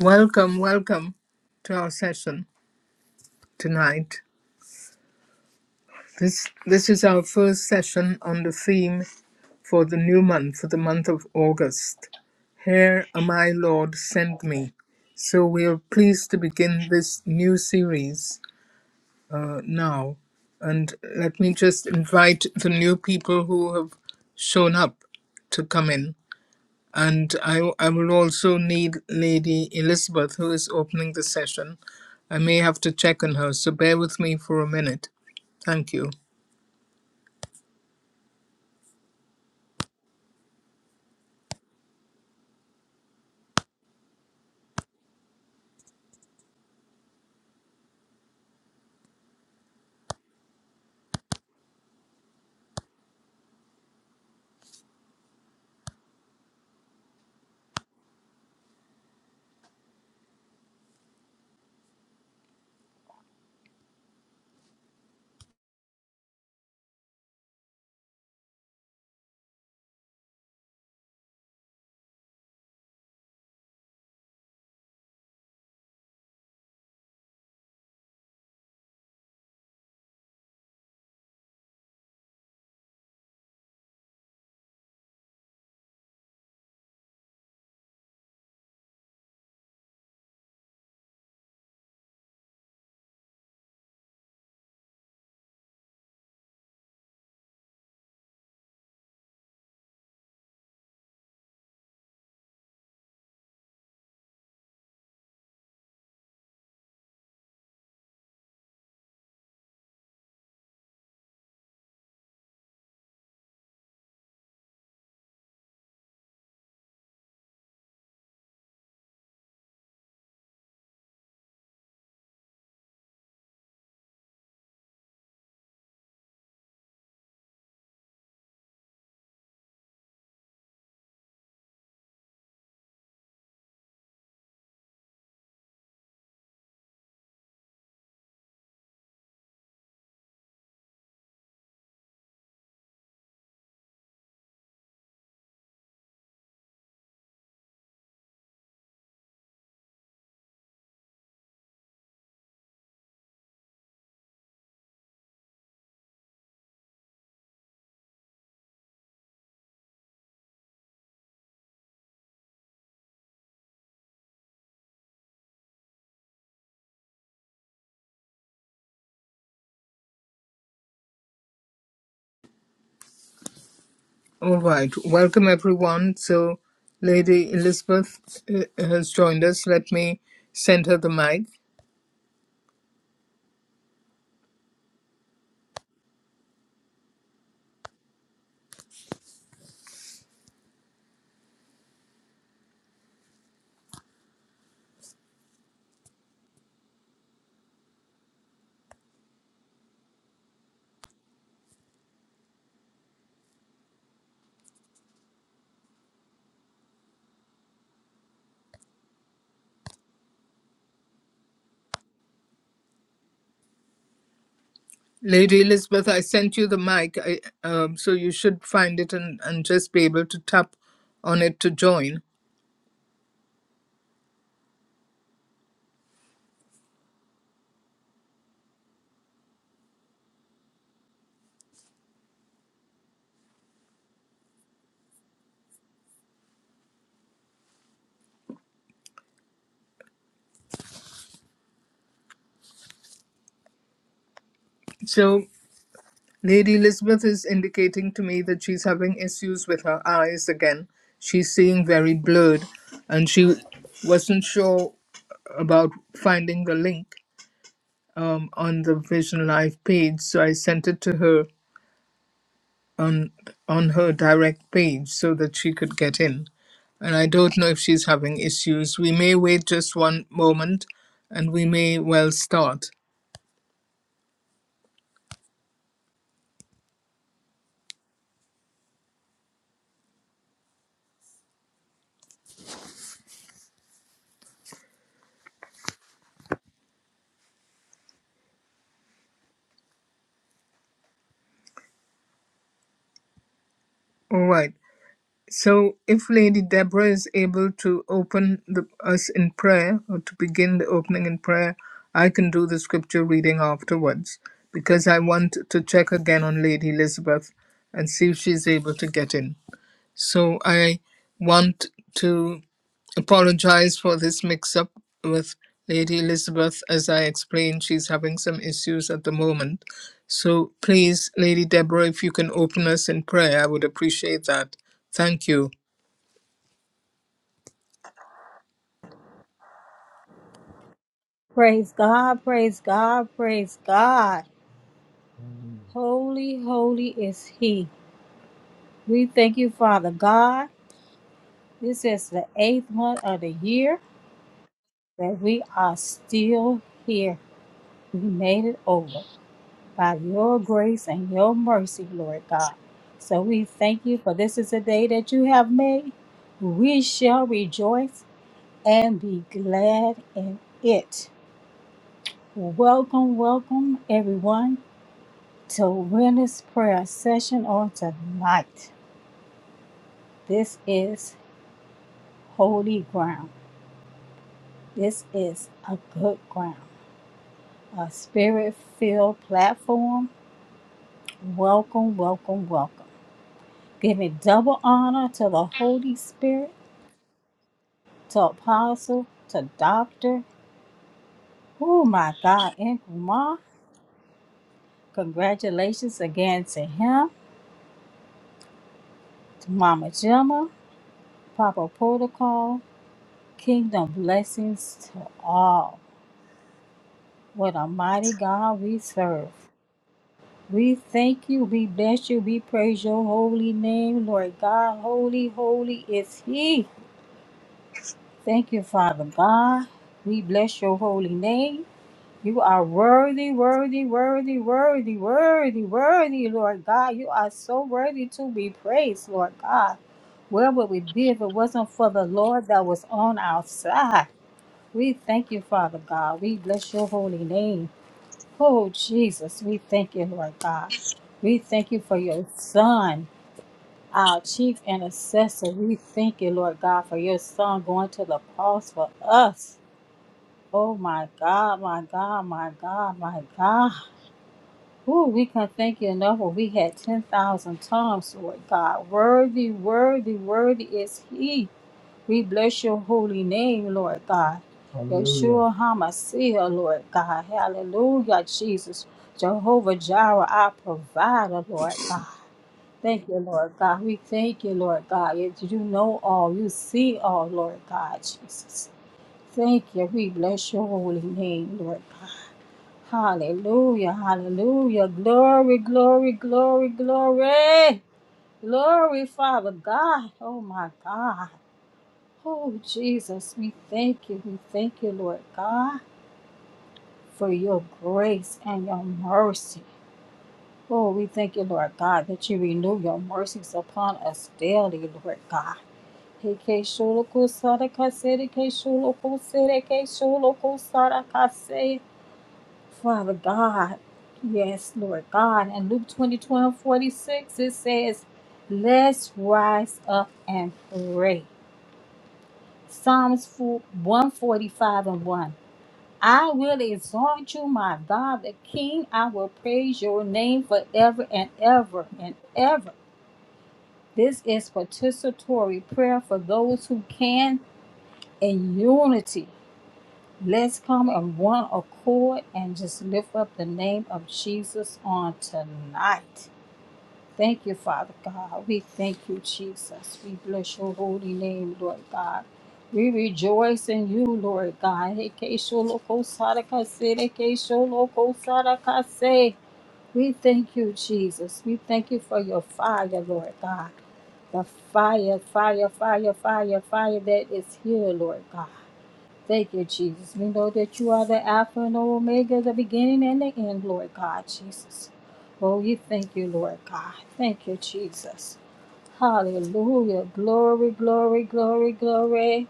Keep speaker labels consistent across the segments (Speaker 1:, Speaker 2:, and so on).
Speaker 1: Welcome, welcome to our session tonight. This this is our first session on the theme for the new month, for the month of August. Here am I, Lord, send me. So we are pleased to begin this new series uh, now. And let me just invite the new people who have shown up to come in. and I, I will also need Lady Elizabeth, who is opening the session. I may have to check on her, so bear with me for a minute. Thank you. All right, welcome everyone. So, Lady Elizabeth uh, has joined us. Let me send her the mic. Lady Elizabeth, I sent you the mic, I, um, so you should find it and, and just be able to tap on it to join. So, Lady Elizabeth is indicating to me that she's having issues with her eyes again. She's seeing very blurred, and she wasn't sure about finding the link um, on the Vision Live page, so I sent it to her on on her direct page so that she could get in. And I don't know if she's having issues. We may wait just one moment, and we may well start. All right. So, if Lady Deborah is able to open the, us in prayer, or to begin the opening in prayer, I can do the scripture reading afterwards because I want to check again on Lady Elizabeth and see if she's able to get in. So, I want to apologize for this mix up with Lady Elizabeth. As I explained, she's having some issues at the moment. So please, Lady Deborah, if you can open us in prayer, I would appreciate that. Thank you.
Speaker 2: Praise God, praise God, praise God. Holy, holy is He. We thank you, Father God. This is the eighth month of the year that we are still here. We made it over by your grace and your mercy, Lord God. So we thank you for this is a day that you have made. We shall rejoice and be glad in it. Welcome, welcome, everyone to Witness Prayer Session on tonight. This is holy ground. This is a good ground, a spirit filled platform. Welcome, welcome, welcome. Giving double honor to the Holy Spirit, to Apostle, to Doctor. Oh my God, and Ma, congratulations again to him, to Mama Gemma, Papa Protocol. Kingdom blessings to all. What a mighty God we serve. We thank you, we bless you, we praise your holy name, Lord God. Holy, holy is He. Thank you, Father God. We bless your holy name. You are worthy, worthy, worthy, worthy, worthy, worthy, Lord God. You are so worthy to be praised, Lord God. Where would we be if it wasn't for the Lord that was on our side? We thank you, Father God. We bless your holy name. Oh, Jesus, we thank you, Lord God. We thank you for your son, our chief intercessor. We thank you, Lord God, for your son going to the cross for us. Oh, my God, my God, my God, my God. Ooh, we can thank you enough when we had 10,000 tongues, Lord God. Worthy, worthy, worthy is he. We bless your holy name, Lord God. Hallelujah. Yeshua HaMashiach, Lord God. Hallelujah, Jesus. Jehovah Jireh, our provider, Lord God. Thank you, Lord God. We thank you, Lord God. You you know all. You see all, Lord God, Jesus. Thank you. We bless your holy name, Lord God. Hallelujah, hallelujah. Glory, glory, glory, glory. Glory, Father God. Oh, my God. Oh, Jesus, we thank you. We thank you, Lord God, for your grace and your mercy. Oh, we thank you, Lord God, that you renew your mercies upon us daily, Lord God. Hey, K. Shula Kusada Kasede, K. Shula Kusede, K. Shula Kusada Kasede. Father God, yes, Lord God. In Luke 20, it says, Let's rise up and pray. Psalms 145 and 1. I will exalt you, my God, the King. I will praise your name forever and ever and ever. This is participatory prayer for those who can in unity. Let's come in one accord and just lift up the name of Jesus on tonight. Thank you, Father God. We thank you, Jesus. We bless your holy name, Lord God. We rejoice in you, Lord God. We thank you, Jesus. We thank you for your fire, Lord God. The fire, fire, fire, fire, fire that is here, Lord God. Thank you, Jesus. We know that you are the Alpha and the Omega, the beginning and the end, Lord God, Jesus. Oh, we thank you, Lord God. Thank you, Jesus. Hallelujah. Glory, glory, glory, glory.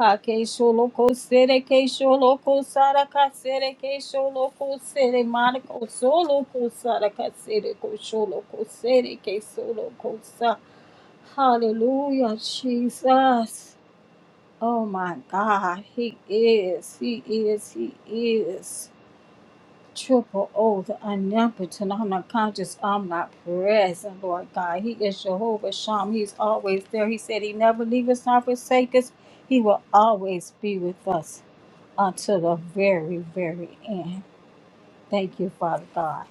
Speaker 2: Hake ke sho lo ko se re ke sho lo ko sa ra ka se re ke sho lo ko se re so ka se ko sho lo ke so sa. Hallelujah, Jesus. Oh my God, he is, he is, he is. Triple O, the omnipotent, I'm not conscious, I'm not present, Lord God. He is Jehovah Sham. He's always there. He said he never leave us nor forsake us. He will always be with us until the very, very end. Thank you, Father God.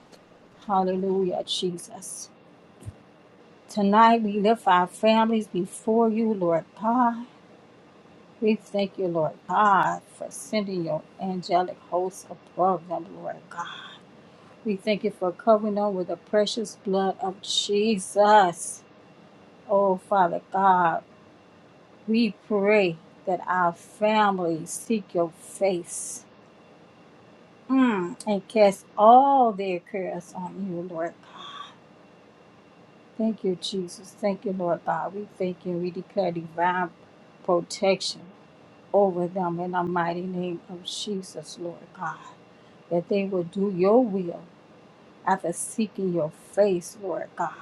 Speaker 2: Hallelujah, Jesus. Tonight we lift our families before you, Lord God. We thank you, Lord God, for sending your angelic hosts above them, Lord God. We thank you for covering them with the precious blood of Jesus. Oh, Father God, we pray that our families seek your face mm, and cast all their cares on you, Lord God. Thank you, Jesus. Thank you, Lord God. We thank you. We declare divine protection over them in the mighty name of Jesus, Lord God. that they will do your will after seeking your face, Lord God.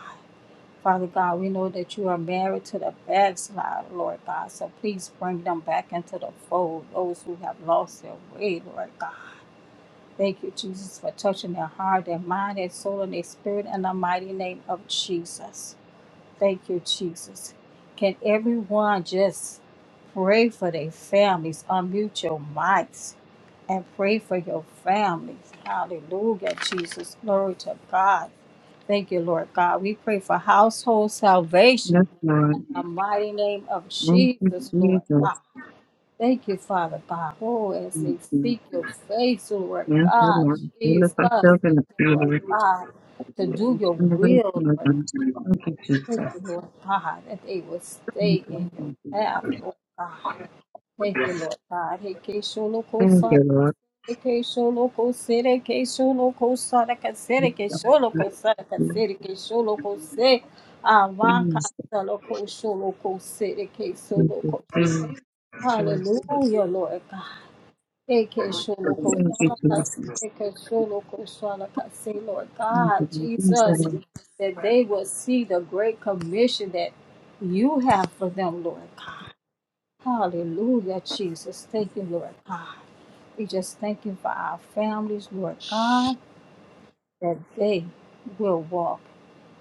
Speaker 2: Father God, we know that you are married to the backslider, Lord God. So please bring them back into the fold, those who have lost their way, Lord God. Thank you, Jesus, for touching their heart, their mind, their soul, and their spirit in the mighty name of Jesus. Thank you, Jesus. Can everyone just pray for their families? Unmute your mics and pray for your families. Hallelujah, Jesus. Glory to God. Thank you, Lord God. We pray for household
Speaker 3: Yes,
Speaker 2: salvation in
Speaker 3: Lord.
Speaker 2: the mighty name of
Speaker 3: Thank you,
Speaker 2: Jesus, Lord
Speaker 3: Jesus.
Speaker 2: God. Thank you, Father God. Oh, as
Speaker 3: Thank
Speaker 2: they
Speaker 3: you.
Speaker 2: seek your face, Lord
Speaker 3: Yes, you,
Speaker 2: God,
Speaker 3: Lord. Heal us
Speaker 2: Jesus.
Speaker 3: ourselves and
Speaker 2: Thank
Speaker 3: the
Speaker 2: you, Lord
Speaker 3: Lord.
Speaker 2: God, to do your
Speaker 3: Turn away
Speaker 2: will,
Speaker 3: from us.
Speaker 2: Lord
Speaker 3: Thank you, Jesus.
Speaker 2: Thank
Speaker 3: Thank
Speaker 2: you, Lord God, that they will stay
Speaker 3: you,
Speaker 2: in your
Speaker 3: Jesus.
Speaker 2: path, Lord God. Thank you, Lord God. Hey, Keisho, Loko,
Speaker 3: Thank you,
Speaker 2: Sada,
Speaker 3: Lord.
Speaker 2: Keisho, Loko, Sere, Keisho, Loko, Sada, Kasere,
Speaker 3: Thank you,
Speaker 2: Keisho, Loko,
Speaker 3: Jesus.
Speaker 2: Sada,
Speaker 3: Thank
Speaker 2: Kasere, Keisho,
Speaker 3: you,
Speaker 2: Loko, Se, Avaka,
Speaker 3: Jesus.
Speaker 2: Loko, Sho, Loko, Sere, Keisho,
Speaker 3: Jesus.
Speaker 2: Loko.
Speaker 3: Thank you, Jesus.
Speaker 2: Hallelujah, Lord God. Eke
Speaker 3: Thank
Speaker 2: sholo ko
Speaker 3: you, Jesus. Thank you, Jesus.
Speaker 2: sala
Speaker 3: Thank
Speaker 2: kase, eke sholo ko sala kase, Lord God, Jesus, that they will see the great commission that you have for them, Lord God. Hallelujah, Jesus. Thank you, Lord God. We just thank you for our families, Lord God, that they will walk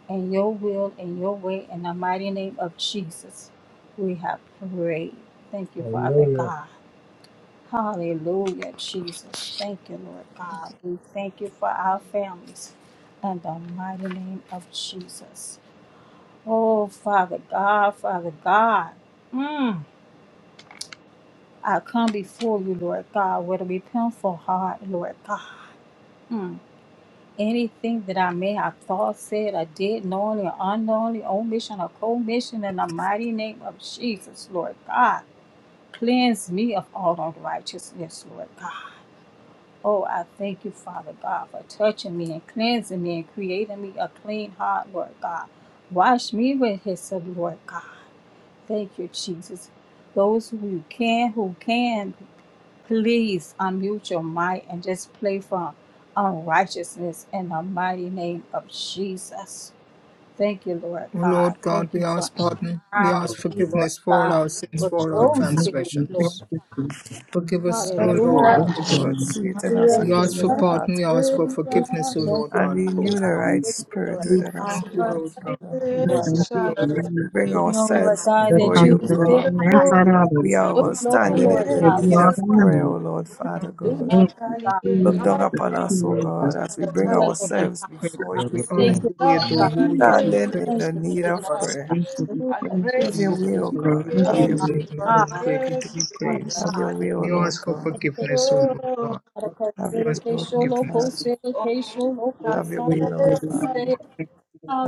Speaker 2: in your will and your way in the mighty name of Jesus. We have prayed. Thank you, Father Hallelujah. God. Hallelujah, Jesus. Thank you, Lord God. We thank you for our families in the mighty name of Jesus. Oh, Father God, Father God. Mm. I come before you, Lord God, with a repentful heart, Lord God. Mm. Anything that I may have thought, said, or did, knowingly or unknowingly, omission or commission, in the mighty name of Jesus, Lord God. Cleanse me of all unrighteousness, Lord God. Oh, I thank you, Father God, for touching me and cleansing me and creating me a clean heart, Lord God. Wash me with hyssop, Lord God. Thank you, Jesus. Those who can, who can, please unmute your mic and just play from unrighteousness in the mighty name of Jesus. Thank you, Lord
Speaker 1: O
Speaker 2: God.
Speaker 1: Lord God,
Speaker 2: Thank
Speaker 1: we
Speaker 2: you for
Speaker 1: ask pardon. We ask
Speaker 2: empowering me, Lord
Speaker 1: forgiveness for all our
Speaker 2: God,
Speaker 1: sins,
Speaker 2: with
Speaker 1: for all our
Speaker 2: your spirit, Lord.
Speaker 1: transgressions. Forgive us, O Lord,
Speaker 2: Hallelujah.
Speaker 4: Father,
Speaker 3: you,
Speaker 1: forgive
Speaker 4: Lord,
Speaker 3: Lord.
Speaker 1: us.
Speaker 4: created us a
Speaker 1: We
Speaker 2: Thank you,
Speaker 1: ask for
Speaker 4: clean
Speaker 2: Lord
Speaker 1: pardon.
Speaker 4: heart,
Speaker 1: We ask
Speaker 4: O
Speaker 1: for
Speaker 4: Lord,
Speaker 2: We
Speaker 1: forgiveness, O
Speaker 2: thank
Speaker 1: Lord
Speaker 2: you,
Speaker 4: and
Speaker 1: God of
Speaker 2: Father
Speaker 4: renew
Speaker 1: hosts.
Speaker 4: the
Speaker 2: God.
Speaker 4: right
Speaker 2: Thank you, Lord
Speaker 4: spirit
Speaker 1: We
Speaker 2: God.
Speaker 4: within us, O
Speaker 1: thank you,
Speaker 4: Lord,
Speaker 1: Lord God.
Speaker 4: Father.
Speaker 2: Thank
Speaker 1: We
Speaker 2: you,
Speaker 1: thank
Speaker 2: Lord
Speaker 3: Thank you,
Speaker 1: you, Lord.
Speaker 2: God.
Speaker 3: Jesus.
Speaker 4: We bring
Speaker 1: We
Speaker 2: We know, Lord
Speaker 4: ourselves
Speaker 2: God,
Speaker 3: The
Speaker 4: before
Speaker 2: that you
Speaker 4: you,
Speaker 3: sons
Speaker 4: O
Speaker 3: and the
Speaker 2: sit
Speaker 4: God.
Speaker 2: high.
Speaker 3: finance
Speaker 1: thank you.
Speaker 3: are
Speaker 4: We
Speaker 3: others.
Speaker 1: We
Speaker 4: are
Speaker 2: We
Speaker 4: all
Speaker 3: We
Speaker 2: know,
Speaker 4: standing
Speaker 3: just
Speaker 4: in
Speaker 2: Lord
Speaker 4: the
Speaker 3: give
Speaker 2: God,
Speaker 3: you
Speaker 4: need
Speaker 2: that
Speaker 3: all the
Speaker 4: of prayer,
Speaker 3: honor.
Speaker 4: O Lord,
Speaker 2: you can
Speaker 4: Father
Speaker 2: do it,
Speaker 4: God.
Speaker 3: Thank you,
Speaker 2: God.
Speaker 4: Look
Speaker 2: Jesus.
Speaker 4: down
Speaker 3: Jesus,
Speaker 4: upon us, O
Speaker 3: Jesus,
Speaker 4: God, as we bring
Speaker 3: Jesus.
Speaker 2: Hallelujah, Lord
Speaker 1: give you
Speaker 4: ourselves
Speaker 1: praise.
Speaker 4: before
Speaker 1: We
Speaker 2: God.
Speaker 4: you,
Speaker 1: honor
Speaker 2: Thank you,
Speaker 1: you. We
Speaker 2: Lord
Speaker 1: adore
Speaker 2: God.
Speaker 1: you. We give you
Speaker 4: standing
Speaker 1: praise,
Speaker 4: in
Speaker 2: Thank
Speaker 4: the
Speaker 2: you,
Speaker 1: O
Speaker 4: need
Speaker 1: Lord
Speaker 2: Jesus.
Speaker 4: of
Speaker 1: God of
Speaker 4: prayer.
Speaker 3: Thank you,
Speaker 2: Hallelujah,
Speaker 3: thank
Speaker 2: Jesus.
Speaker 4: Have your
Speaker 3: you,
Speaker 1: hosts.
Speaker 4: way,
Speaker 1: We
Speaker 4: O
Speaker 1: are
Speaker 3: Lord.
Speaker 4: God.
Speaker 3: thank
Speaker 4: Have
Speaker 3: you,
Speaker 2: Oh,
Speaker 4: your
Speaker 1: great
Speaker 2: my
Speaker 3: Lord. Thank you, Lord. Thank you, Lord. Thank you,
Speaker 1: and
Speaker 4: way, O
Speaker 1: wonderful
Speaker 2: God.
Speaker 4: God.
Speaker 1: and
Speaker 2: Thank
Speaker 1: greatly to be
Speaker 2: you, Lord
Speaker 1: praised.
Speaker 4: Have your
Speaker 2: God.
Speaker 4: way, O
Speaker 1: We
Speaker 3: Lord.
Speaker 4: Lord
Speaker 1: ask for
Speaker 2: Thank
Speaker 4: God.
Speaker 2: you, Jesus.
Speaker 1: forgiveness, O Lord God.
Speaker 4: Have
Speaker 1: We
Speaker 4: your way,
Speaker 1: ask
Speaker 4: O
Speaker 1: for
Speaker 4: Lord Father.
Speaker 1: forgiveness.
Speaker 3: Thank
Speaker 4: Have your way,
Speaker 3: you, Lord. Thank you, Lord. Thank you, Lord. Thank you, Lord. Thank
Speaker 4: Lord
Speaker 3: you,
Speaker 4: Father.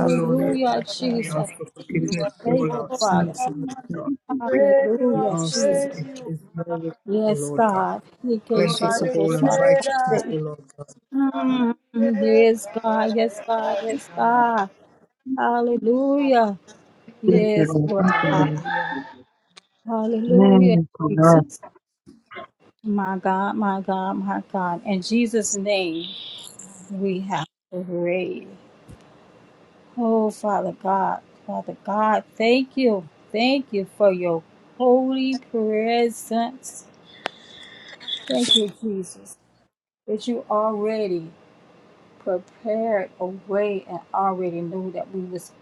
Speaker 1: O
Speaker 4: your
Speaker 1: Lord.
Speaker 4: way, Lord
Speaker 1: We
Speaker 2: Jesus.
Speaker 1: ask for forgiveness for
Speaker 2: Thank
Speaker 1: all
Speaker 2: you,
Speaker 1: our
Speaker 2: Father.
Speaker 1: sins, O
Speaker 3: Lord.
Speaker 1: Lord
Speaker 3: Thank
Speaker 1: God.
Speaker 3: you, Lord.
Speaker 1: We
Speaker 2: Hallelujah,
Speaker 1: ask that
Speaker 2: Jesus.
Speaker 1: if is where we O
Speaker 2: Yes,
Speaker 1: Lord God.
Speaker 2: God.
Speaker 1: Cleanse us of
Speaker 2: Yekeshoroko
Speaker 1: all unrighteousness, O
Speaker 2: sarakate.
Speaker 1: Lord God.
Speaker 2: Mm, Yes, God. Yes, God. Yes, God. Hallelujah. Yes, Lord God. Hallelujah,
Speaker 3: Amen.
Speaker 2: Jesus. My God, my God, my God. In Jesus' name, we have to pray. Oh, Father God, Father God, thank you. Thank you for your holy presence. Thank you, Jesus, that you already prepared a way and already knew that we was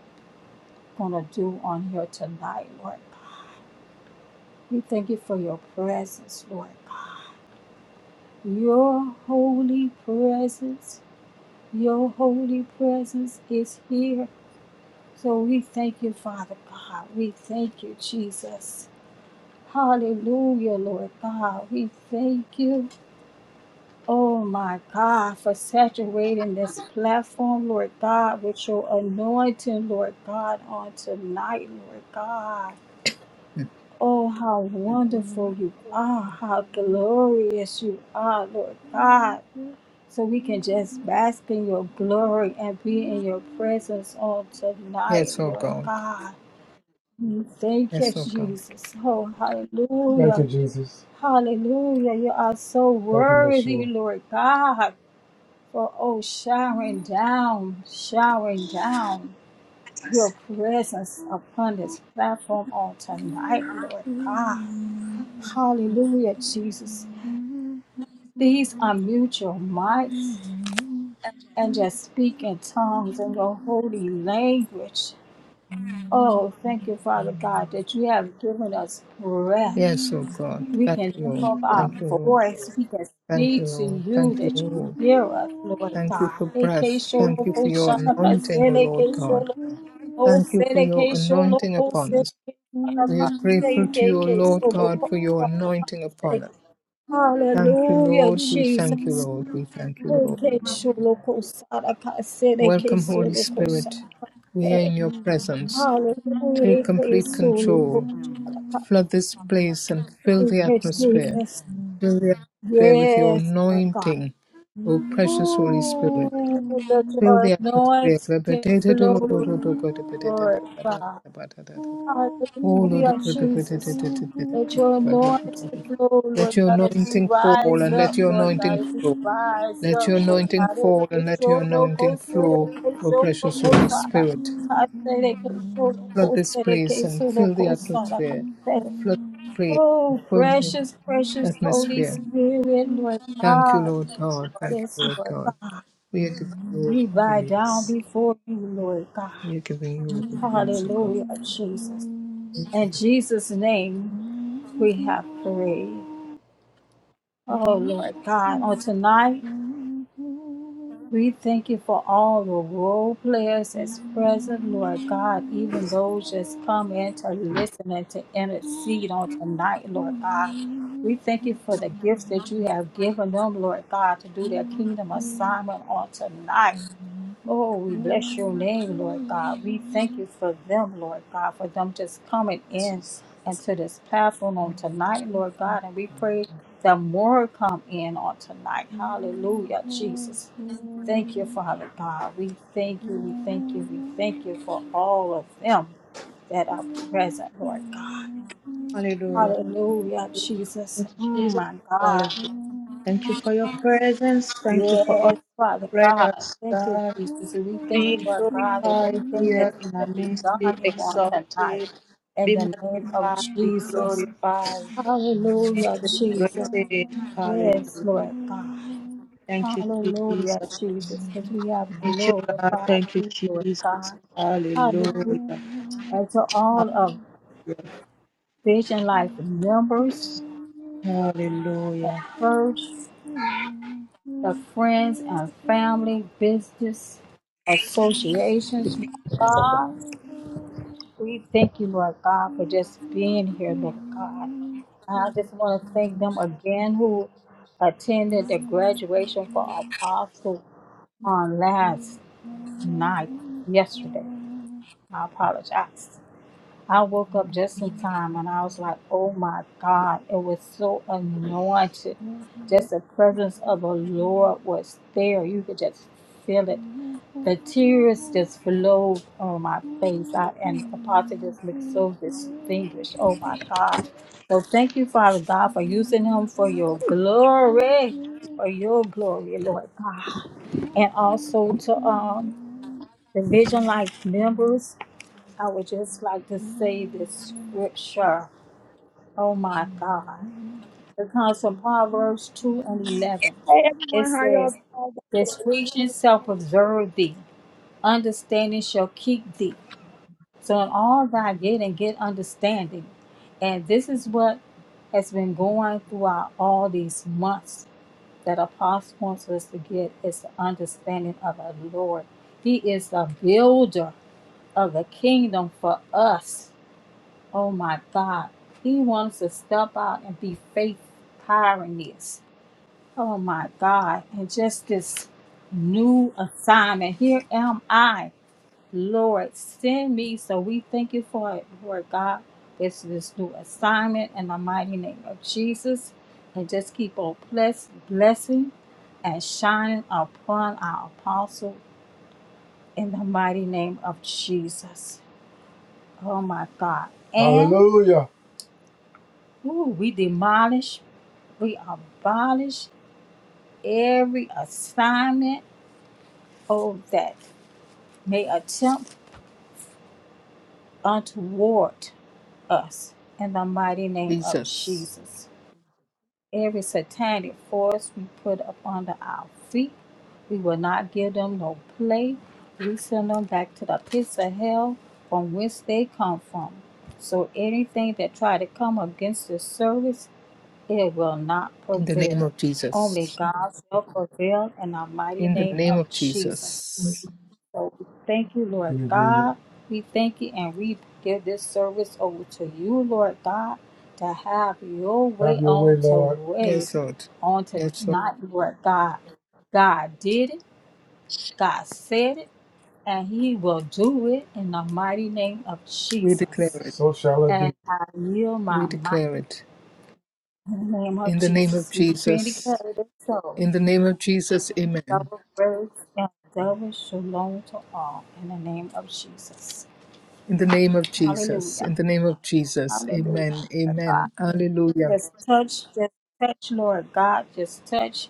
Speaker 2: gonna do on here tonight, Lord God. We thank you for your presence, Lord God. Your holy presence, your holy presence is here. So we thank you, Father God. We thank you, Jesus. Hallelujah, Lord God. We thank you. Oh my God, for saturating this platform, Lord God, with your anointing, Lord God, on tonight, Lord God. Oh, how wonderful you are, how glorious you are, Lord God. So we can just bask in your glory and be in your presence on tonight,
Speaker 1: Yes, O
Speaker 2: Lord
Speaker 1: God.
Speaker 2: God. We Thank you,
Speaker 1: Yes, O God.
Speaker 2: Jesus. Oh, Hallelujah! Thank you, Jesus. Hallelujah. You are so Thank you, worthy, Yeshua. Lord God. For oh, showering down, showering down your presence upon this platform on tonight, Lord God. Hallelujah, Jesus. Please unmute your mics and just speak in tongues in your holy language. Oh, thank you, Father God, that you have given us breath.
Speaker 1: Yes, O God.
Speaker 2: We
Speaker 1: Thank
Speaker 2: can
Speaker 1: you,
Speaker 2: lift
Speaker 1: Lord.
Speaker 2: up our
Speaker 1: Thank you, Lord.
Speaker 2: voice. We can
Speaker 1: Thank you,
Speaker 2: speak to
Speaker 1: Lord.
Speaker 2: you
Speaker 1: Thank you,
Speaker 2: that you
Speaker 1: Lord.
Speaker 2: hear us,
Speaker 4: Father.
Speaker 2: Lord
Speaker 1: Thank you
Speaker 2: God.
Speaker 1: for breath. Thank you for your anointing, O Lord God. Thank you for your anointing upon us.
Speaker 4: Thank
Speaker 1: We are grateful to you, O Lord God, for your anointing upon us. Thank you,
Speaker 2: Hallelujah,
Speaker 1: Lord. We thank you,
Speaker 2: Jesus.
Speaker 1: Lord. We thank you, Lord. Welcome, Holy Spirit. We are in your presence.
Speaker 2: Hallelujah,
Speaker 1: Take complete control. Flood
Speaker 2: Jesus.
Speaker 1: this place and fill the atmosphere. Fill the atmosphere with your
Speaker 2: Yes, Lord God.
Speaker 1: anointing, O precious Holy Spirit.
Speaker 2: Ooh, let
Speaker 1: Fill
Speaker 2: your
Speaker 1: the
Speaker 2: anointing flow, Lord God.
Speaker 1: atmosphere. Oh, Lord,
Speaker 2: Hallelujah, Jesus. Let your anointing flow,
Speaker 1: Let
Speaker 2: Lord
Speaker 1: your
Speaker 2: God, as we
Speaker 1: anointing fall
Speaker 2: rise
Speaker 1: and
Speaker 2: up,
Speaker 1: let your
Speaker 2: Lord
Speaker 1: anointing
Speaker 2: God, as we
Speaker 1: flow.
Speaker 2: rise
Speaker 1: Let
Speaker 2: up,
Speaker 1: your
Speaker 2: Lord
Speaker 1: anointing
Speaker 2: God.
Speaker 1: fall and let your anointing flow, O precious Holy Spirit. Flood this place and fill the atmosphere. Flood this place
Speaker 2: Oh,
Speaker 1: and fill the
Speaker 2: precious, precious Holy
Speaker 1: atmosphere.
Speaker 2: Spirit, Lord
Speaker 1: Thank you,
Speaker 2: God.
Speaker 1: Lord God. Thank
Speaker 2: Yes,
Speaker 1: you, Lord
Speaker 2: Lord
Speaker 1: God.
Speaker 2: God.
Speaker 1: We are giving
Speaker 4: you.
Speaker 1: you all
Speaker 2: We
Speaker 1: the
Speaker 2: bow down
Speaker 1: praise.
Speaker 2: before you, Lord God.
Speaker 1: We are giving you all the praise, O God.
Speaker 2: Hallelujah, Jesus. In Jesus' name, we have prayed. Oh, Lord God. On tonight, we thank you for all the role players that's present, Lord God, even those that's come in to
Speaker 4: Jesus.
Speaker 2: listen and to intercede on tonight, Lord God. We thank you for the gifts that you have given them, Lord God, to do their kingdom assignment on tonight. Oh, we bless your name, Lord God. We thank you for them, Lord God, for them just coming in into this platform on tonight, Lord God. And we pray that more come in on tonight. Hallelujah, Jesus. Thank you, Father God. We thank you, we thank you, we thank you for all of them that are
Speaker 4: Thank
Speaker 2: present, Lord God. Hallelujah, Jesus. Mm, my God. Yes, Father God. Thank you, Jesus. And we thank you, Lord God, that everything that's going to be done here on tonight. In the name of Jesus. Hallelujah, Jesus. Yes, Lord God. Hallelujah, Jesus, because we have glorified you, Lord God. Hallelujah. And to all of Vision Life members at first. the friends and family, business, associations. Lord God, we thank you, Lord God, for just being here, Lord God. And I just want to thank them again who attended the graduation
Speaker 4: you.
Speaker 2: for Apostle on last
Speaker 4: Amen.
Speaker 2: night, yesterday. I apologize. I woke up just in time and I was like, oh my God, it was so anointed. Just the presence of the Lord was there. You could just feel it. The tears just flowed on my face. I, and Apostle just looked so distinguished. Oh my God. So thank you, Father God, for using him for your glory, for your glory, Lord God. And also to um the Vision Life members, I would just like to say this scripture. Oh my God. It comes from Proverbs 2 and 11.
Speaker 5: Hey
Speaker 2: It
Speaker 5: everyone, how are y'all
Speaker 2: says,
Speaker 5: doing today?
Speaker 2: Discretion shall preserve thee, understanding shall keep thee. So, in all thy getting, get understanding. And this is what has been going throughout all these months that Apostle wants us to get is the understanding of the Lord. He is the builder of the kingdom for us Oh my God. He wants us to step out and be faith pioneers. Oh my God. And just this new assignment. Here am I. Lord, send me. So we thank you for it, Lord God. This this new assignment in the mighty name of Jesus. And just keep on bless, blessing and shining upon our apostle in the mighty name of Jesus. Oh my God. And Hallelujah. Ooh, we demolish, we abolish every assignment oh, that may attempt untoward us in the mighty name of
Speaker 1: Jesus.
Speaker 2: Jesus. Every satanic force we put up under our feet, we will not give them no play. We send them back to the pits of hell from whence they come from. So anything that try to come against this service It will not
Speaker 1: In the name
Speaker 2: prevail.
Speaker 1: of Jesus.
Speaker 2: Only God will prevail in the mighty
Speaker 1: in the
Speaker 2: name
Speaker 1: name
Speaker 2: of
Speaker 1: of
Speaker 2: Jesus.
Speaker 1: Jesus.
Speaker 2: So we thank you, Lord Hallelujah. God. We thank you and we give this service over to you, Lord God, to have your Have way your way, on to Lord. today,
Speaker 1: Yes, Lord.
Speaker 2: on
Speaker 1: Yes, Lord.
Speaker 2: tonight, Lord God. God did it, God said it, and He will do it in the mighty name of
Speaker 1: We
Speaker 2: Jesus.
Speaker 1: declare it.
Speaker 2: So shall it be. And I yield my
Speaker 1: We
Speaker 2: might
Speaker 1: declare it.
Speaker 2: in the name of
Speaker 1: In the name of
Speaker 2: Jesus. We decree and
Speaker 1: Jesus.
Speaker 2: declare it is so.
Speaker 1: In the name of Jesus. Amen.
Speaker 2: double grace and double shalom to all in the name of Jesus.
Speaker 1: In the name of Jesus.
Speaker 2: Hallelujah.
Speaker 1: In the name of Jesus.
Speaker 2: Hallelujah.
Speaker 1: Amen.
Speaker 2: Lord God.
Speaker 1: Amen. Hallelujah.
Speaker 2: Just touch, just touch, Lord God. Just touch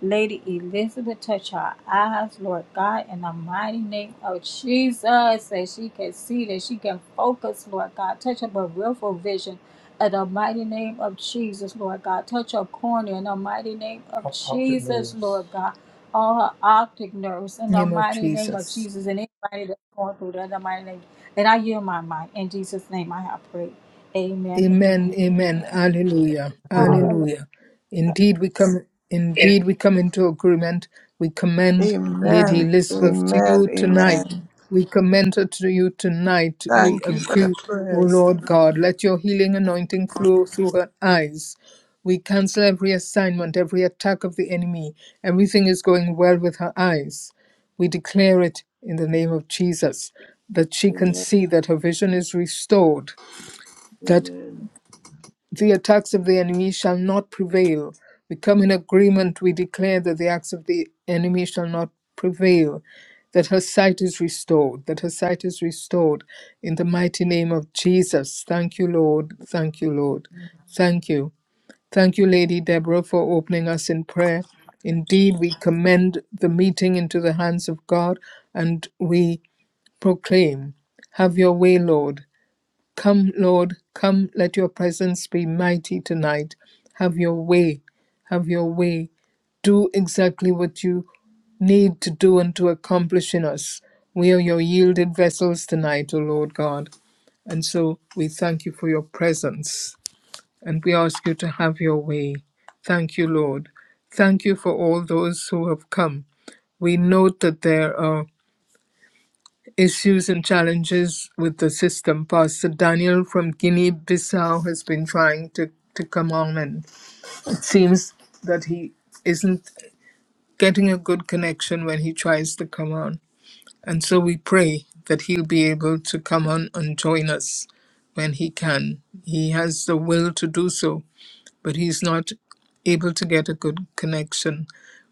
Speaker 2: Lady Elizabeth. Touch her eyes, Lord God, in the mighty name of Jesus. That she can see, that she can focus, Lord God. Touch her peripheral vision. In the mighty name of Jesus, Lord God. Touch her cornea in the mighty name of Op- optic Jesus, nerves. Lord God. All her optic nerves in the
Speaker 1: Name of
Speaker 2: mighty name of
Speaker 1: Jesus.
Speaker 2: Jesus. And anybody that's going through that in the mighty name. And I yield my mind. In Jesus' name I have prayed. Amen,
Speaker 1: Amen.
Speaker 2: amen,
Speaker 1: Amen.
Speaker 2: amen.
Speaker 1: Hallelujah.
Speaker 2: Hallelujah.
Speaker 1: Hallelujah. Indeed, we come indeed we come into agreement. We commend Lady
Speaker 4: Amen.
Speaker 1: Elizabeth to you tonight.
Speaker 4: Amen.
Speaker 1: We commend her to you tonight. We
Speaker 4: Thank you for the
Speaker 1: agree, O
Speaker 4: prayers.
Speaker 1: Lord God. Let your healing anointing flow through her eyes. We cancel every assignment, every attack of the enemy. Everything is going well with her eyes. We declare it in the name of Jesus that she can
Speaker 4: Amen.
Speaker 1: see that her vision is restored, that.
Speaker 4: Amen.
Speaker 1: The attacks of the enemy shall not prevail. We come in agreement. We declare that the acts of the enemy shall not prevail, that her sight is restored, that her sight is restored in the mighty name of Jesus. Thank you, Lord. Thank you, Lord. Thank you. Thank you, Lady Deborah, for opening us in prayer. Indeed, we commend the meeting into the hands of God and we proclaim, Have your way, Lord. Come, Lord, come, let your presence be mighty tonight. Have your way, have your way. Do exactly what you need to do and to accomplish in us. We are your yielded vessels tonight, O Lord God. And so we thank you for your presence and we ask you to have your way. Thank you, Lord. Thank you for all those who have come. We note that there are issues and challenges with the system. Pastor Daniel from Guinea Bissau has been trying to, to come on, and it seems that he isn't getting a good connection when he tries to come on. And so we pray that he'll be able to come on and join us when he can. He has the will to do so but he's not able to get a good connection.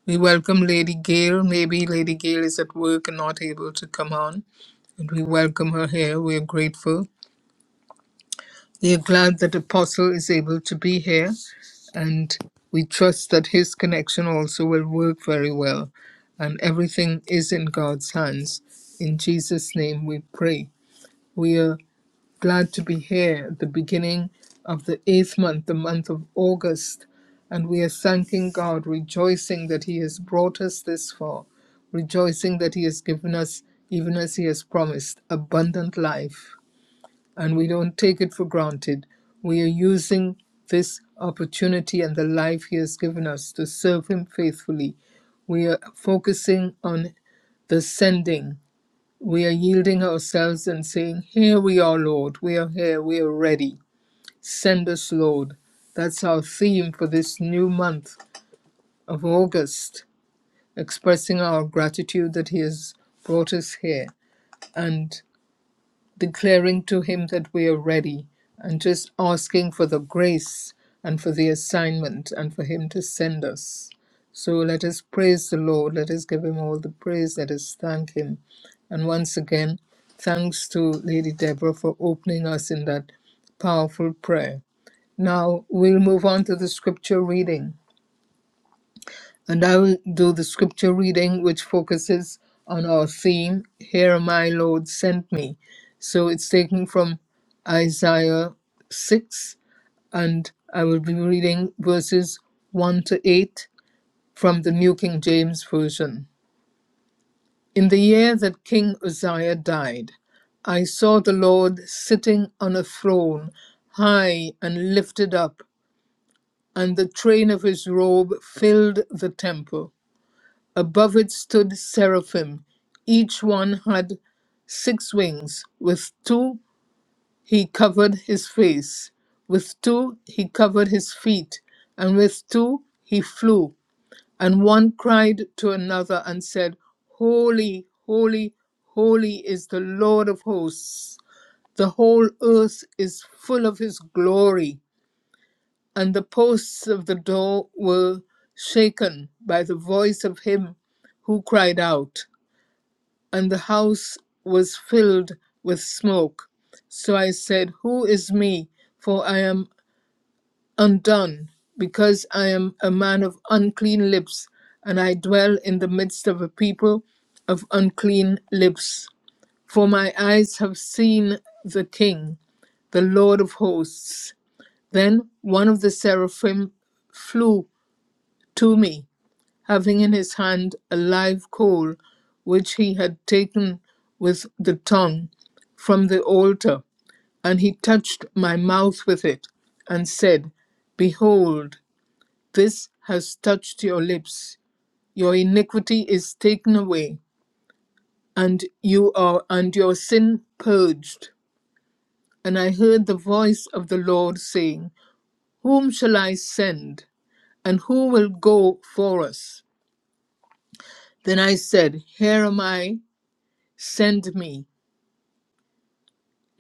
Speaker 1: We welcome Lady Gail. Maybe Lady Gail is at work and not able to come on, and we welcome her here. We are grateful. We are glad that Apostle is able to be here, and we trust that his connection also will work very well. And everything is in God's hands. In Jesus' name we pray. We are. Glad to be here at the beginning of the eighth month, the month of August, and we are thanking God, rejoicing that He has brought us this far, rejoicing that He has given us, even as He has promised, abundant life. And we don't take it for granted. We are using this opportunity and the life He has given us to serve Him faithfully. We are focusing on the sending we are yielding ourselves and saying, Here we are, Lord. We are here. We are ready. Send us, Lord. That's our theme for this new month of August, expressing our gratitude that He has brought us here. And declaring to Him that we are ready and just asking for the grace and for the assignment and for Him to send us. So let us praise the Lord. Let us give Him all the praise. Let us thank Him. And once again, thanks to Lady Deborah for opening us in that powerful prayer. Now we'll move on to the scripture reading and I will do the scripture reading, which focuses on our theme, Here My Lord Sent Me. So it's taken from Isaiah 6, and I will be reading verses 1 to 8 from the New King James Version. In the year that King Uzziah died, I saw the Lord sitting on a throne, high and lifted up, and the train of his robe filled the temple. Above it stood seraphim. Each one had six wings. With two he covered his face, with two he covered his feet, and with two he flew. And one cried to another and said, Holy, holy, holy is the Lord of hosts. The whole earth is full of his glory. And the posts of the door were shaken by the voice of him who cried out and the house was filled with smoke. So I said, Who is me? For I am undone, because I am a man of unclean lips, and I dwell in the midst of a people of unclean lips. For my eyes have seen the King, the Lord of hosts. Then one of the seraphim flew to me having in his hand a live coal which he had taken with the tongue from the altar. And he touched my mouth with it, and said, Behold, this has touched your lips. Your iniquity is taken away, and you are and your sin purged. And I heard the voice of the Lord saying, Whom shall I send? And who will go for us? Then I said, Here am I, Send me.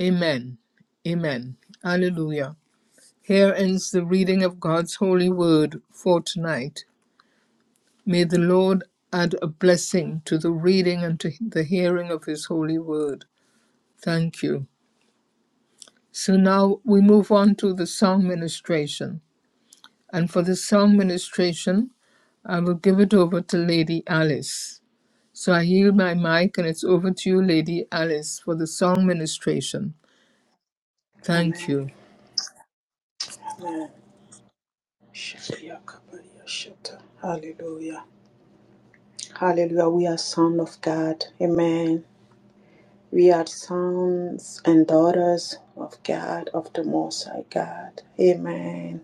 Speaker 1: Amen. Amen. Hallelujah. Here ends the reading of God's holy word for tonight. May the Lord add a blessing to the reading and to the hearing of his holy word. Thank you. So now we move on to the song ministration. And for the song ministration, I will give it over to Lady Alice. So I yield my mic and it's over to you, Lady Alice, for the song ministration. Thank you.
Speaker 6: Hallelujah. Hallelujah. We are sons of God. Amen. We are sons and daughters of God, of the Most High God. Amen.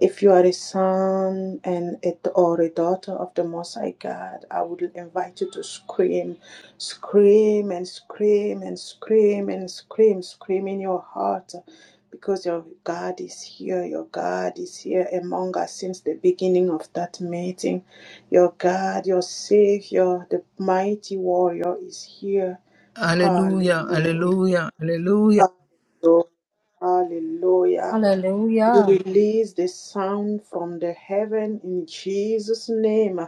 Speaker 6: If you are a son and a, or a daughter of the Most High God, I would invite you to scream, scream and scream and scream and scream, scream in your heart, because your God is here. Your God is here among us since the beginning of that meeting. Your God, your Savior, the mighty warrior is here.
Speaker 1: Hallelujah,
Speaker 6: Hallelujah.
Speaker 1: hallelujah, hallelujah,
Speaker 6: Hallelujah. Hallelujah. We
Speaker 2: Hallelujah.
Speaker 6: release the sound from the heaven in Jesus' name.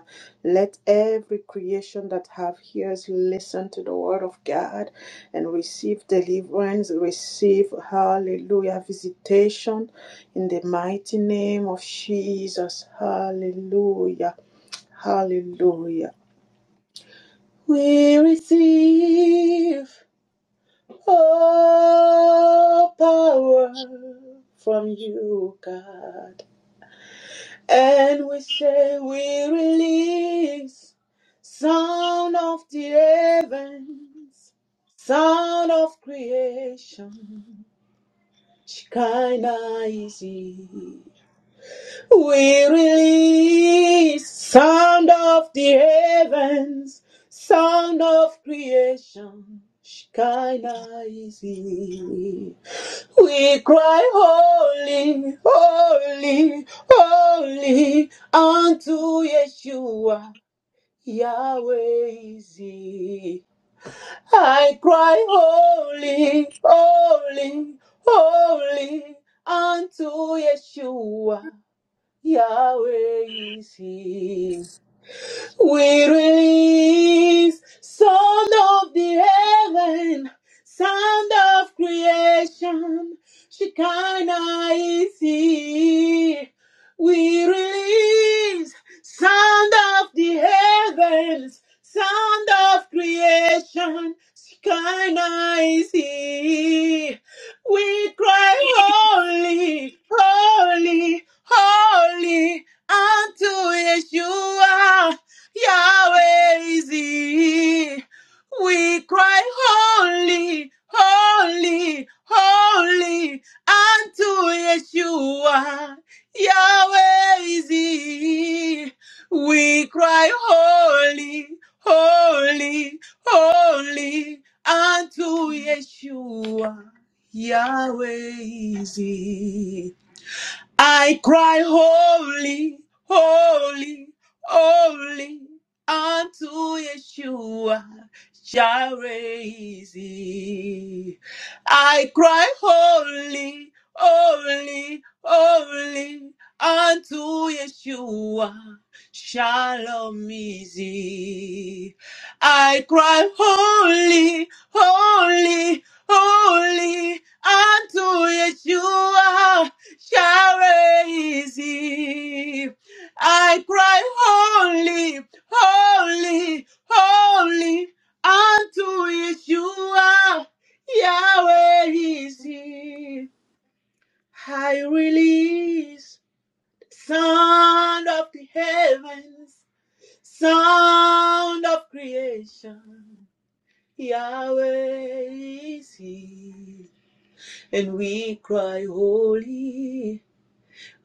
Speaker 6: Let every creation that have ears listen to the word of God and receive deliverance, receive hallelujah visitation in the mighty name of Jesus. Hallelujah. Hallelujah. We receive all power from you, God. And we say we release sound of the heavens, sound of creation. Shekinah is he. We release sound of the heavens, sound of creation. Shekinah is he. We cry, Holy, Holy, Holy, unto Yeshua, Yahweh is I cry, Holy, Holy, Holy, unto Yeshua, Yahweh is we release sound of the heaven, sound of creation. Shekinah is here. We release sound of the heavens, sound of creation. Shekinah is here. We cry holy, holy, holy unto Yeshua. Yahweh is he. We cry holy, holy, holy unto Yeshua. Yahweh is he. We cry holy, holy, holy unto Yeshua. Yahweh is he. I cry, Holy, Holy, Holy, unto Yeshua Jireh. I cry, Holy, Holy, Holy, unto Yeshua Shalom. Easy. I cry, Holy, Holy, Holy, unto Yeshua. Shall raise him. I cry, Holy, Holy, Holy, unto Yeshua, Yahweh is he. I release sound of the heavens, sound of creation, Yahweh is he. And we cry, Holy.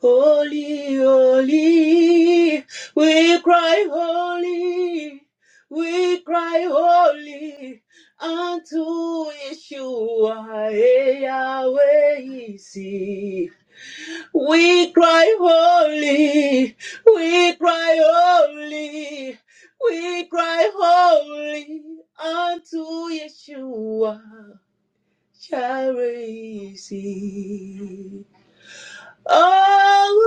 Speaker 6: Holy, holy, we cry holy, we cry holy unto Yeshua, eh, Yahweh is We cry holy, we cry holy, we cry holy unto Yeshua, Yahweh Nissi. Holy,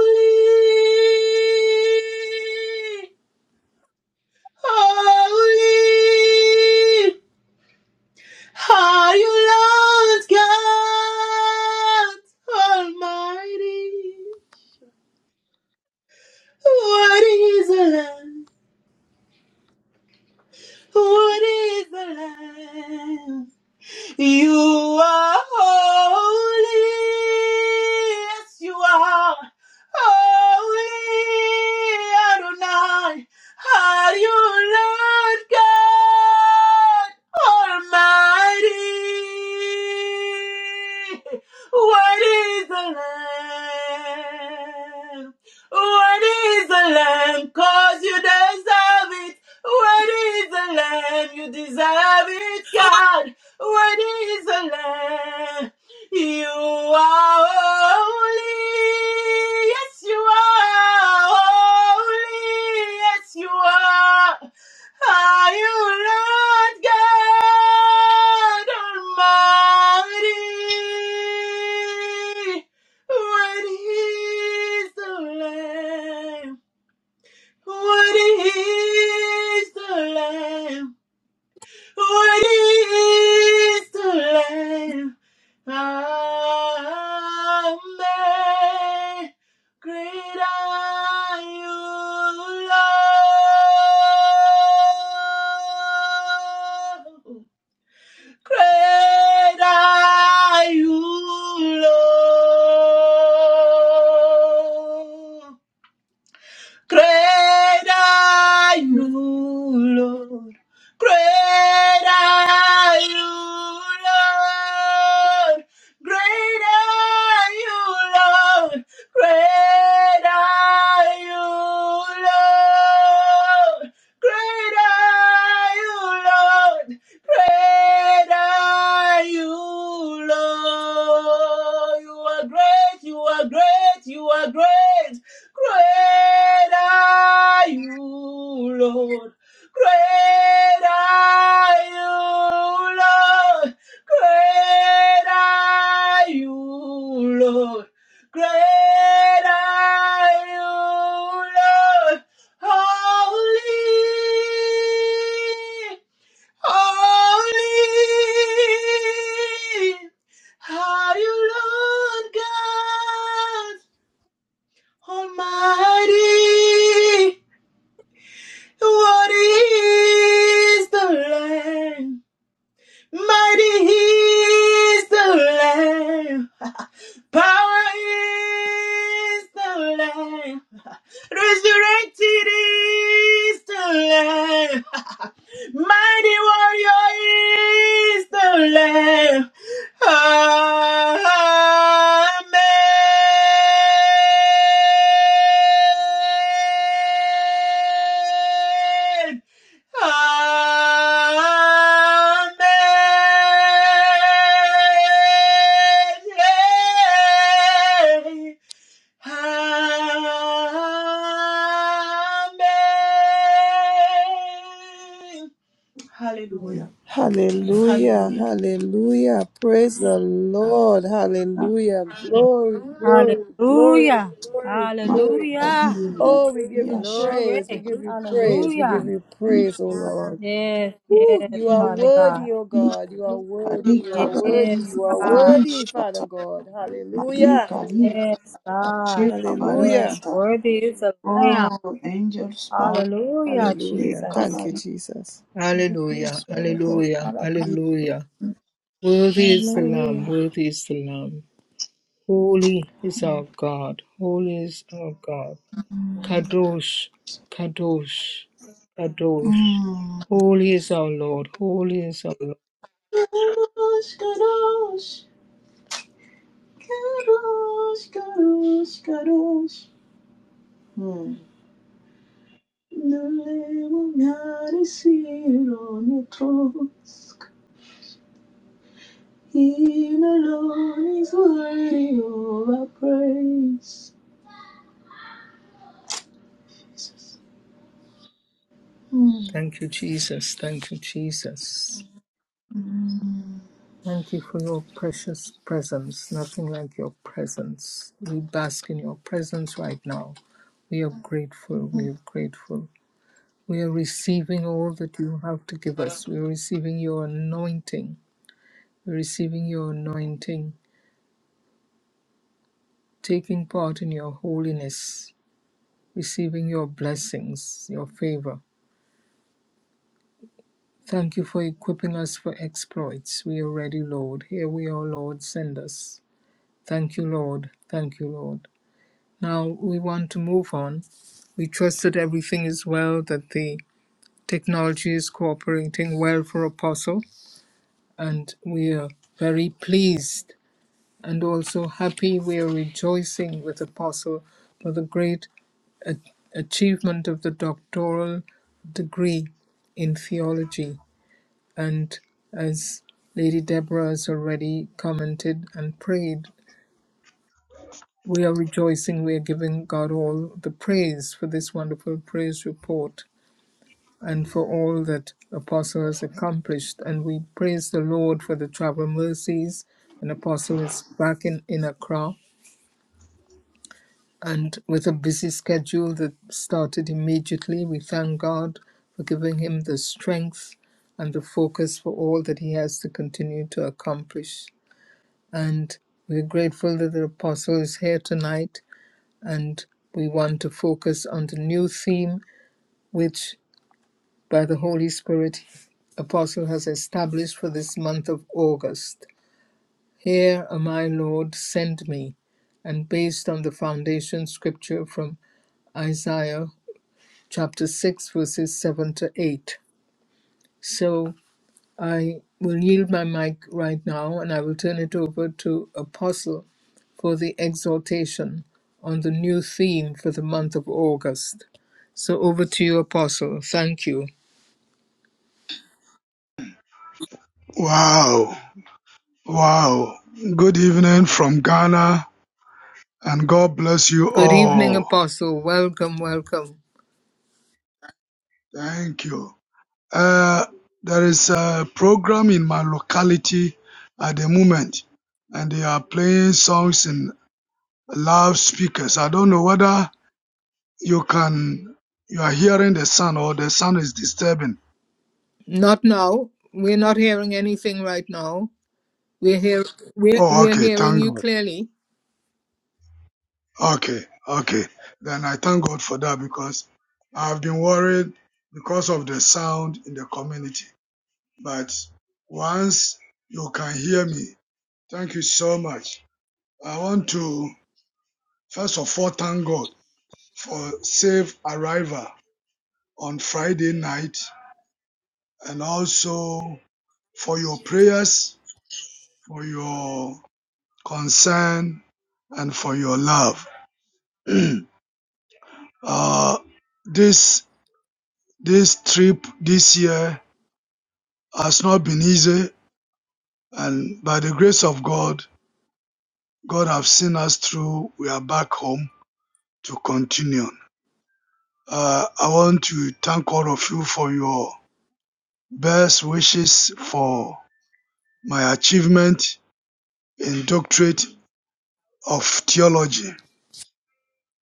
Speaker 6: holy, are you Lord God Almighty? What is the Lamb? What is the Lamb? You are holy. Yes, you are holy. Adonai. Are you Lord God Almighty? What is the Lamb? What is the Lamb? Cause you deserve it. What is the Lamb? You deserve it, God. What is the Lamb? You are holy. Yes, you are holy. Yes, you are. Are you Lord God Almighty? What is the land? What is the Lamb? Holy is the Lamb. Amen. Great are you, Lord. Great are you, Lord. Great are you, Lord. Great are you, Lord. Great are you, Lord. Great are you, Lord. Great are you, Lord. Great are you, Lord. You are great. You are great. You are great. Great are you, Lord. Great are you, Lord. Great are you, Lord. Great are you, Lord. Holy, holy, are you, Lord God? Almighty, what is the land? Mighty is the Lamb. Power is the Lamb. Resurrected is the Lamb. Mighty warrior is the Lamb. Amen. Hallelujah.
Speaker 4: Hallelujah.
Speaker 6: Hallelujah.
Speaker 4: Hallelujah. Praise the Lord. Hallelujah. Glory, glory, glory,
Speaker 2: Hallelujah.
Speaker 4: glory, glory.
Speaker 2: Hallelujah.
Speaker 6: Makarinda,
Speaker 4: Oh, we give you praise. We
Speaker 2: Glory.
Speaker 4: give you praise. We give
Speaker 2: Hallelujah.
Speaker 4: you praise, oh Lord.
Speaker 2: Yes,
Speaker 4: Woo,
Speaker 2: yes,
Speaker 4: you are
Speaker 2: Father God.
Speaker 4: worthy, oh God. You are worthy. You are worthy.
Speaker 2: Yes,
Speaker 4: You are
Speaker 2: God.
Speaker 4: worthy, Father God. Hallelujah.
Speaker 2: Yes, God.
Speaker 4: Hallelujah.
Speaker 2: Yes, worthy is the Lamb.
Speaker 6: Oh, angels bow to
Speaker 2: Hallelujah,
Speaker 6: the
Speaker 4: Hallelujah.
Speaker 2: Jesus.
Speaker 4: Thank you,
Speaker 6: Kabari.
Speaker 4: Jesus.
Speaker 1: hallelujah, hallelujah, hallelujah. Worthy is the Lamb,
Speaker 2: Hallelujah.
Speaker 1: worthy is the Lamb. Holy is
Speaker 6: Hallelujah.
Speaker 1: our God, holy is our God. Kadosh, Kadosh, Kadosh.
Speaker 6: Mm.
Speaker 1: Holy is our Lord, holy is our Lord.
Speaker 6: Kadosh, kadosh, kadosh, kadosh, kadosh. Mm. Nalemu ngari siro natosk. Him alone is worthy of our praise. Mm.
Speaker 1: Thank you, Jesus, thank you, Jesus.
Speaker 6: Mm.
Speaker 1: Thank you for your precious presence. Nothing like your presence. We bask in your presence right now. We are grateful. We are grateful. We are receiving all that you have to give us. We are receiving your anointing. We're receiving your anointing, taking part in your holiness, receiving your blessings, your favor. Thank you for equipping us for exploits. We are ready, Lord. Here we are, Lord. Send us. Thank you, Lord. Thank you, Lord. Now we want to move on. We trust that everything is well, that the technology is cooperating well for Apostle, and we are very pleased and also happy. We are rejoicing with Apostle for the great a- achievement of the doctoral degree in theology. And as Lady Deborah has already commented and prayed We are rejoicing, we are giving God all the praise for this wonderful praise report and for all that Apostle has accomplished. And we praise the Lord for the travel mercies. And Apostle is back in, in Accra and with a busy schedule that started immediately. We thank God for giving him the strength and the focus for all that he has to continue to accomplish. And we're grateful that the Apostle is here tonight and we want to focus on the new theme which by the holy spirit apostle has established for this month of august here am i lord send me and based on the foundation scripture from isaiah chapter 6 verses 7 to 8 So. I will yield my mic right now and I will turn it over to Apostle for the exhortation on the new theme for the month of August. So over to you, Apostle. Thank you.
Speaker 7: Wow. Wow. Good evening from Ghana and God bless you
Speaker 1: Good evening,
Speaker 7: all.
Speaker 1: Apostle. Welcome, welcome.
Speaker 7: Thank you. Uh, there is a program in my locality at the moment and they are playing songs in loudspeakers. I don't know whether you can, you are hearing the sound or the sound is disturbing.
Speaker 1: Not now. We're not hearing anything right now. We're hear we're
Speaker 7: Oh,
Speaker 1: we're
Speaker 7: okay.
Speaker 1: hearing
Speaker 7: Thank
Speaker 1: you
Speaker 7: God.
Speaker 1: clearly.
Speaker 7: Okay. Okay. Then I thank God for that because I've been worried because of the sound in the community. but once you can hear me, thank you so much. I want to first of all thank God for safe arrival on Friday night and also for your prayers, for your concern, and for your love. uh, this this trip this year has not been easy, and by the grace of God, God have seen us through. We are back home to continue. Uh, I want to thank all of you for your best wishes for my achievement in doctorate of theology.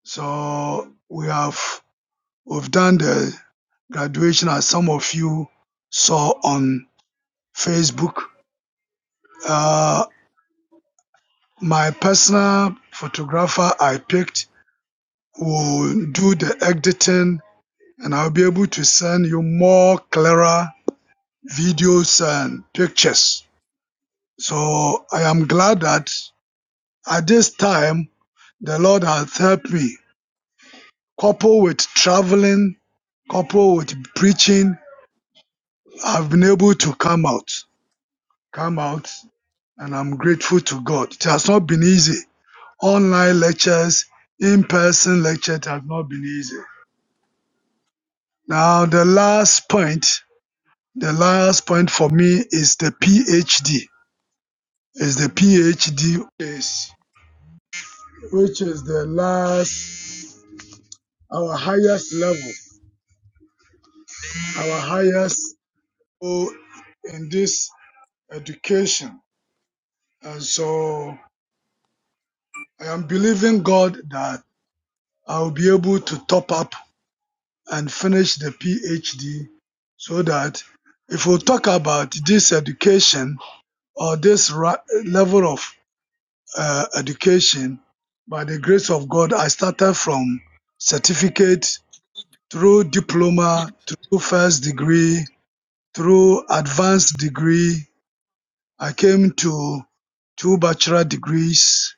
Speaker 7: So we have we've done the graduation as some of you saw on Facebook. Uh, my personal photographer I picked will do the editing and I'll be able to send you more clearer videos and pictures. So I am glad that at this time the Lord has helped me. Couple with traveling, couple with preaching, I've been able to come out. Come out and I'm grateful to God. It has not been easy. Online lectures, in-person lectures have not been easy. Now the last point, the last point for me is the PhD. Is the PhD is which is the last our highest level. our highest goal in this education. And so I am believing God that I'll be able to top up and finish the PhD so that if we talk about this education or this ra- level of uh, education, by the grace of God, I started from certificate through diploma, through first degree, through advanced degree, I came to two bachelor degrees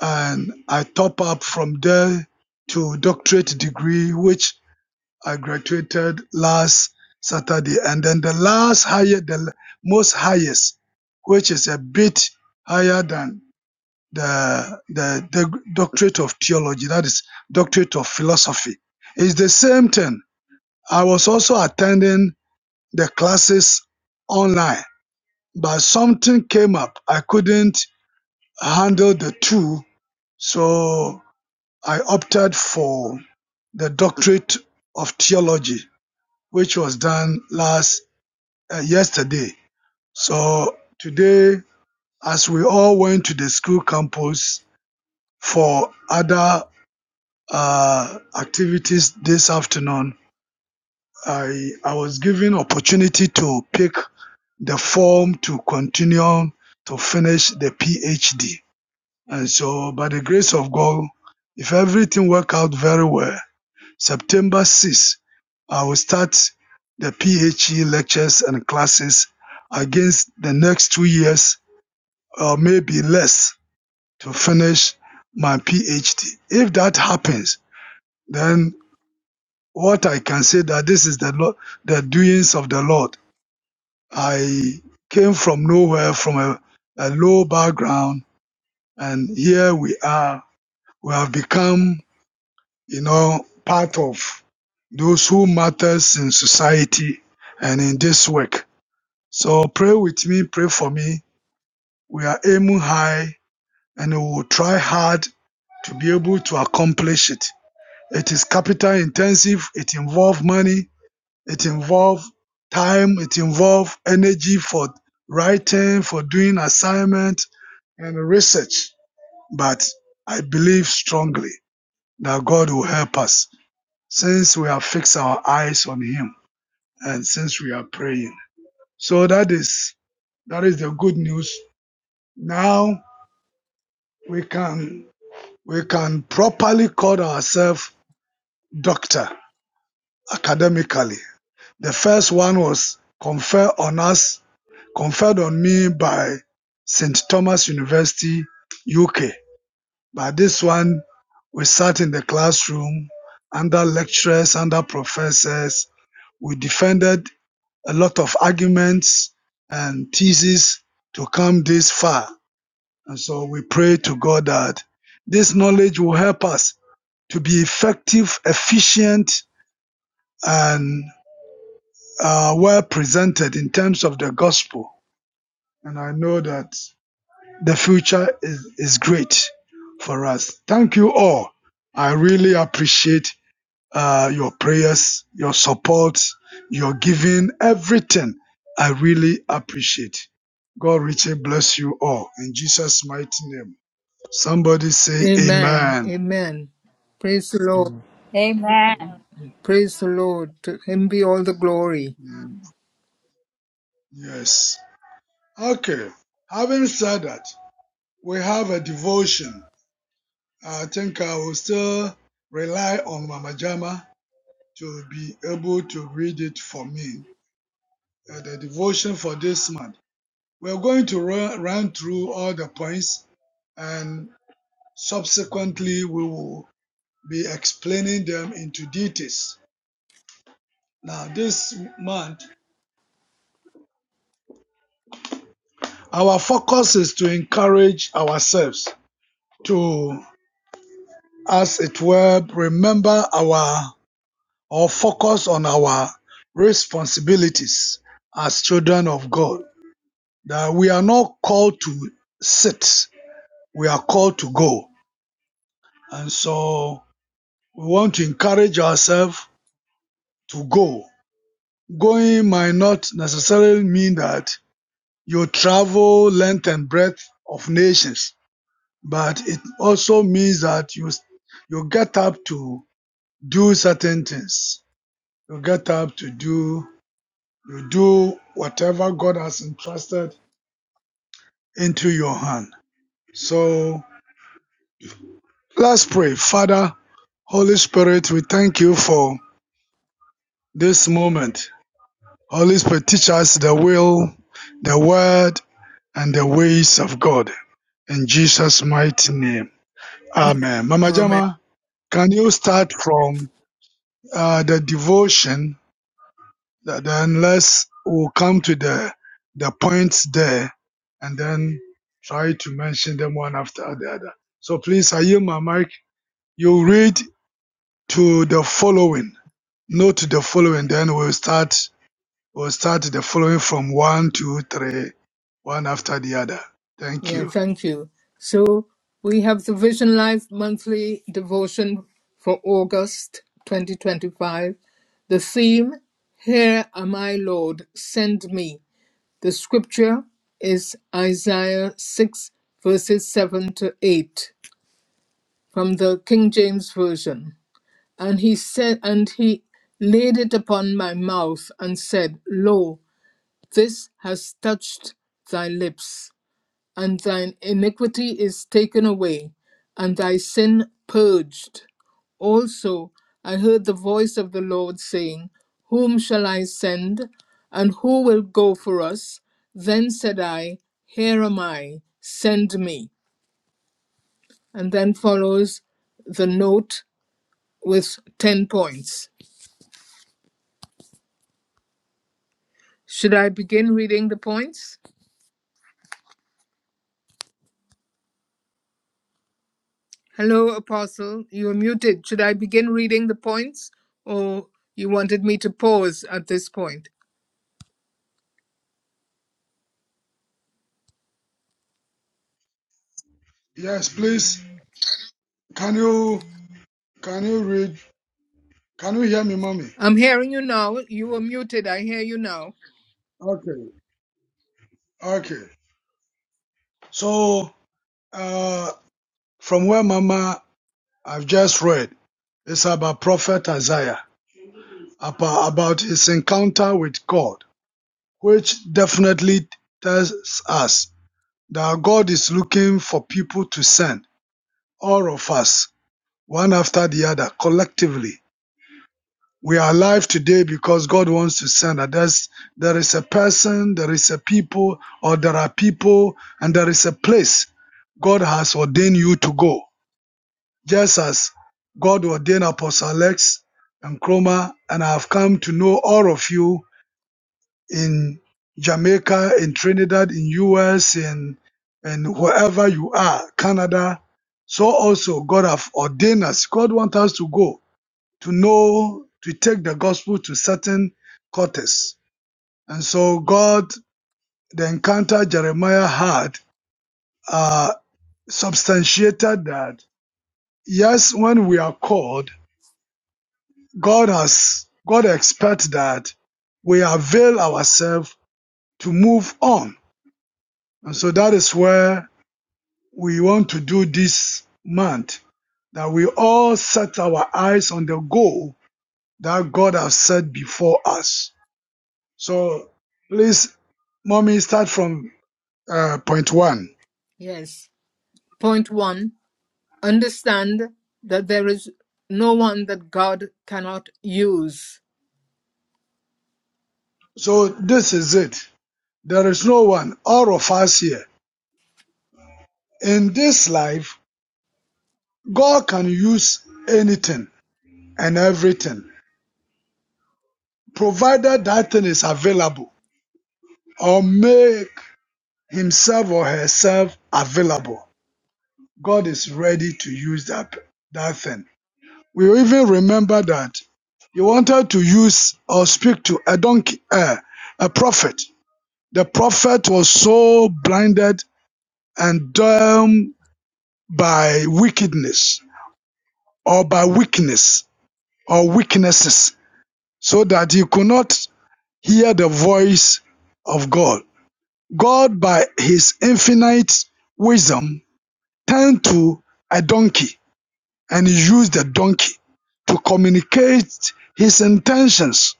Speaker 7: and I top up from there to doctorate degree, which I graduated last Saturday. And then the last higher, the most highest, which is a bit higher than the, the, the doctorate of theology, that is doctorate of philosophy. It's the same thing. I was also attending the classes online, but something came up. I couldn't handle the two. So I opted for the doctorate of theology, which was done last uh, yesterday. So today, as we all went to the school campus for other uh, activities this afternoon, I I was given opportunity to pick the form to continue to finish the PhD. And so, by the grace of God, if everything works out very well, September 6th, I will start the PHE lectures and classes against the next two years, or maybe less, to finish my PhD. If that happens, then what I can say that this is the Lord, the doings of the Lord. I came from nowhere, from a, a low background, and here we are. We have become you know, part of those who matters in society and in this work. So pray with me, pray for me. We are aiming high and we will try hard to be able to accomplish it. It is capital intensive, it involves money, it involves time, it involves energy for writing, for doing assignment and research. But I believe strongly that God will help us. since we have fixed our eyes on him and since we are praying so that is that is the good news now we can we can properly call ourselves doctor academically the first one was conferred on us conferred on me by st thomas university uk but this one we sat in the classroom under lecturers under professors we defended a lot of arguments and theses to come this far. And so we pray to God that this knowledge will help us to be effective, efficient, and uh, well presented in terms of the gospel. And I know that the future is, is great for us. Thank you all. I really appreciate uh, your prayers, your support, your giving, everything. I really appreciate. God richly bless you all in Jesus' mighty name. Somebody say
Speaker 1: Amen.
Speaker 7: Amen.
Speaker 1: Amen. Praise the Lord.
Speaker 2: Amen.
Speaker 1: Praise the Lord. To him be all the glory.
Speaker 7: Mm, Yes. Okay. Having said that, we have a devotion. I think I will still rely on Mama Jama to be able to read it for me. Uh, the devotion for this month. We're going to run, run through all the points and subsequently we will be explaining them into details. Now, this month, our focus is to encourage ourselves to, as it were, remember our or focus on our responsibilities as children of God. That we are not called to sit, we are called to go. And so we want to encourage ourselves to go. Going might not necessarily mean that you travel length and breadth of nations, but it also means that you you get up to do certain things. You get up to do you do whatever God has entrusted into your hand. So let's pray. Father, Holy Spirit, we thank you for this moment. Holy Spirit, teach us the will, the word, and the ways of God. In Jesus' mighty name.
Speaker 1: Amen.
Speaker 7: Amen. Mama
Speaker 1: Amen.
Speaker 7: Jama, can you start from uh, the devotion? Th- Then let's we'll come to the the points there and then try to mention them one after the other. So please, I yield my mic. You read to the following, note the following, then we'll start we'll start the following from one, two, three, one after the other. Thank
Speaker 1: Yeah,
Speaker 7: you.
Speaker 1: thank you. So we have the Vision Life monthly devotion for August 2025. The theme, Here Am I, Lord, send me. The scripture is Isaiah 6, verses 7 to 8 from the King James Version. And he said, and he laid it upon my mouth and said, Lo, this has touched thy lips and thine iniquity is taken away, and thy sin purged. Also I heard the voice of the Lord saying, Whom shall I send, and who will go for us? Then said I, Here am I, send me. And then follows the note with 10 points. Should I begin reading the points? Hello, Apostle, you are muted. Should I begin reading the points, or you wanted me to pause at this point?
Speaker 7: Yes, please. Can you can you read? Can you hear me, mommy?
Speaker 1: I'm hearing you now. You were muted. I hear you now.
Speaker 7: Okay, okay. So uh, from where Mama I've just read, it's about Prophet Isaiah about, about his encounter with God, which definitely tells us that God is looking for people to send all of us one after the other collectively we are alive today because God wants to send us. There's, there is a person, there is a people, or there are people, and there is a place God has ordained you to go. Just as God ordained Apostle Alex and Chroma, and I have come to know all of you in Jamaica, in Trinidad, in US, in and wherever you are, Canada. So also God have ordained us. God wants us to go to know, to take the gospel to certain quarters. And so God, the encounter Jeremiah had, uh, substantiated that, yes, when we are called, God has, God expects that we avail ourselves to move on. And so that is where we want to do this month, that we all set our eyes on the goal that God has set before us. So please, mommy, start from uh, point one.
Speaker 1: Yes. Point one understand that there is no one that God cannot use.
Speaker 7: So this is it. There is no one, all of us here. In this life, God can use anything and everything, provided that thing is available or make himself or herself available. God is ready to use that, that thing. We even remember that he wanted to use or speak to a donkey, uh, a prophet, The prophet was so blinded and dumb by wickedness or by weakness or weaknesses so that he could not hear the voice of God. God, by his infinite wisdom, turned to a donkey and he used the donkey to communicate his intentions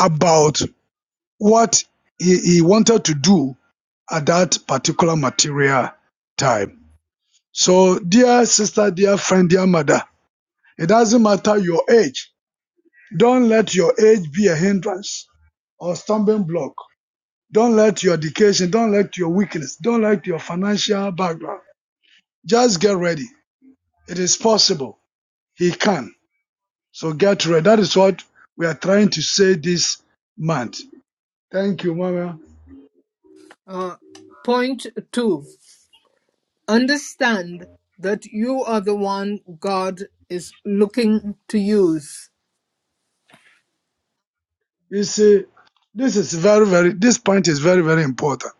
Speaker 7: about what he, he wanted to do at that particular material time. So, dear sister, dear friend, dear mother, it doesn't matter your age. Don't let your age be a hindrance or stumbling block. Don't let your education, don't let your weakness, don't let your financial background. Just get ready. It is possible. He can. So get ready. That is what we are trying to say this month. Thank you, Mama.
Speaker 1: Uh, point two understand that you are the one God is looking to use.
Speaker 7: You see, this is very, very, this point is very, very important.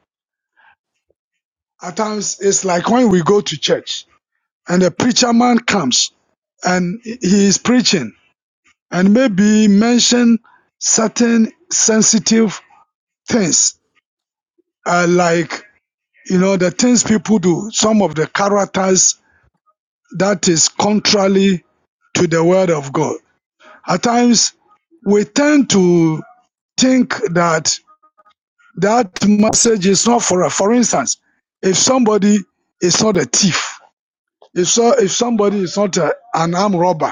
Speaker 7: At times, it's like when we go to church and a preacher man comes and he is preaching and maybe mention certain sensitive things uh, like you know the things people do some of the characters that is contrary to the word of god at times we tend to think that that message is not for us. For instance, if somebody is not a thief, if so, if somebody is not a, an armed robber,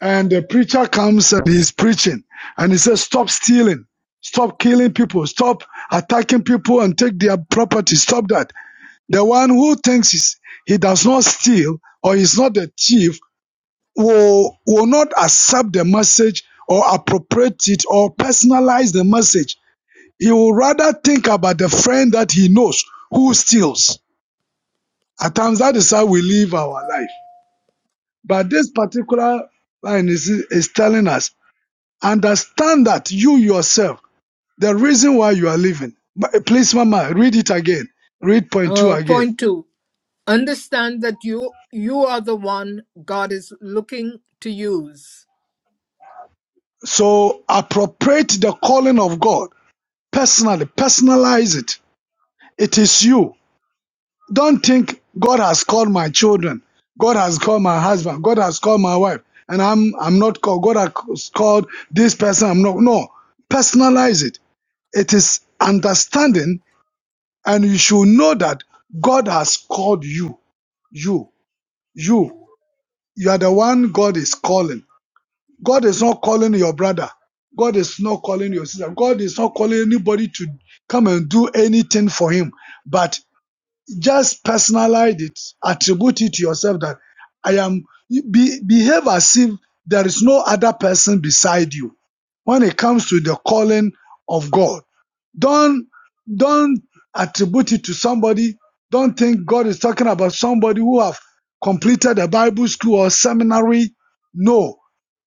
Speaker 7: and the preacher comes and he's preaching and he says stop stealing stop killing people stop attacking people and take their property stop that the one who thinks he's, he does not steal or is not a thief will will not accept the message or appropriate it or personalize the message he will rather think about the friend that he knows who steals at times that is how we live our life but this particular line is, is telling us Understand that you yourself, the reason why you are living. But uh, please, Mama, read it again. Read point two
Speaker 1: Uh,
Speaker 7: again.
Speaker 1: point two understand that you you are the one God is looking to use.
Speaker 7: So appropriate the calling of God personally, personalize it. It is you. Don't think God has called my children. God has called my husband. God has called my wife. And I'm I'm not called. God has called this person. I'm not. No. Personalize it. It is understanding, and you should know that God has called you. You. You, you are the one God is calling. God is not calling your brother. God is not calling your sister. God is not calling anybody to come and do anything for him. But just personalize it, attribute it to yourself that I am, be, behave as if there is no other person beside you when it comes to the calling of God. Don't don't attribute it to somebody. Don't think God is talking about somebody who have completed a Bible school or seminary. No,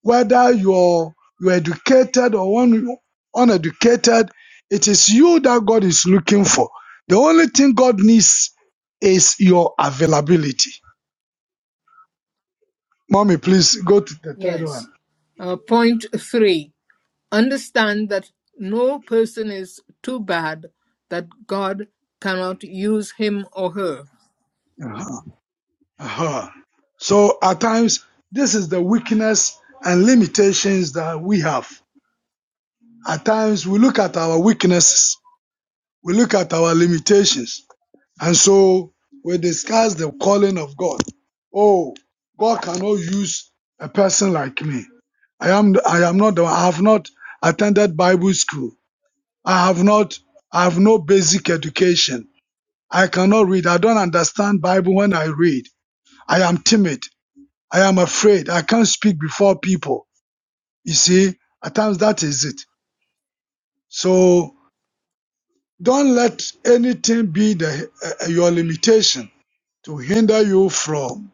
Speaker 7: whether you're you're educated or un, uneducated, it is you that God is looking for. The only thing God needs is your availability. Mommy, please go to the third one.
Speaker 1: Yes. Uh, point three Understand that no person is too bad that God cannot use him or her.
Speaker 7: Uh-huh. Uh-huh. So at times, this is the weakness and limitations that we have. At times we look at our weaknesses, we look at our limitations, and so we discuss the calling of God. Oh, God cannot use a person like me. I am I am not I have not attended Bible school. I have not I have no basic education. I cannot read. I don't understand Bible when I read. I am timid. I am afraid. I can't speak before people. You see, at times that is it. So Don't let anything be the, uh, your limitation to hinder you from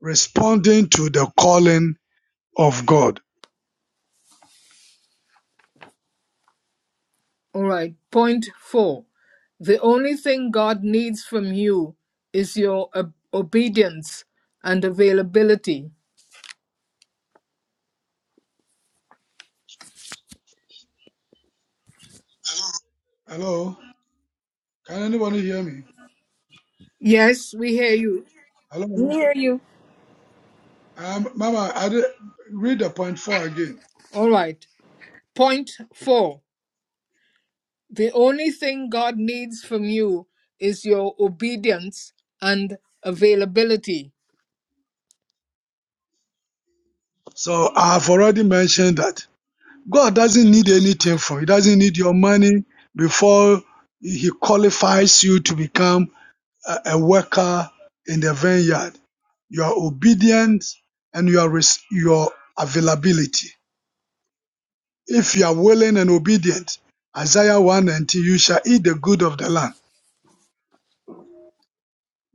Speaker 7: responding to the calling of God.
Speaker 1: All right, point four. The only thing God needs from you is your ob- obedience and availability.
Speaker 7: Hello? Can anybody hear me?
Speaker 1: Yes, we hear you.
Speaker 2: We
Speaker 7: Hello?
Speaker 2: hear you.
Speaker 7: Um, Mama, I did, read the point four again.
Speaker 1: All right, point four. The only thing God needs from you is your obedience and availability.
Speaker 7: So I've already mentioned that God doesn't need anything from you. He doesn't need your money before he qualifies you to become a, a worker in the vineyard. Your obedience and your res- your availability. If you are willing and obedient, Isaiah 1 and you shall eat the good of the land.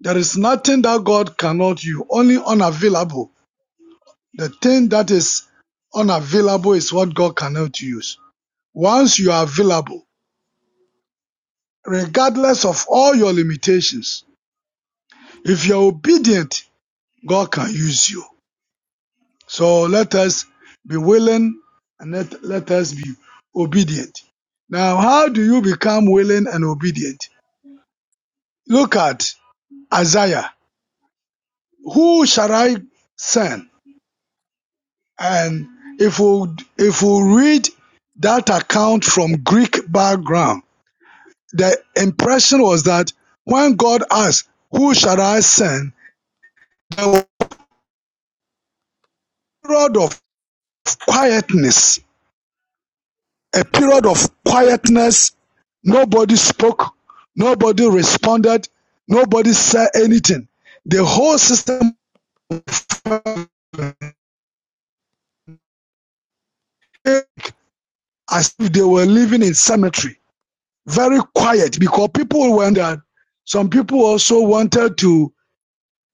Speaker 7: There is nothing that God cannot you, only unavailable. The thing that is unavailable is what God cannot use. Once you are available, regardless of all your limitations, if you're obedient, God can use you. So let us be willing and let, let us be obedient. Now, how do you become willing and obedient? Look at Isaiah. Who shall I send? And if we, if we read that account from Greek background, the impression was that when God asked, Who shall I send? the word of quietness a period of quietness. Nobody spoke. Nobody responded. Nobody said anything. The whole system as if they were living in cemetery. Very quiet because people wondered. Some people also wanted to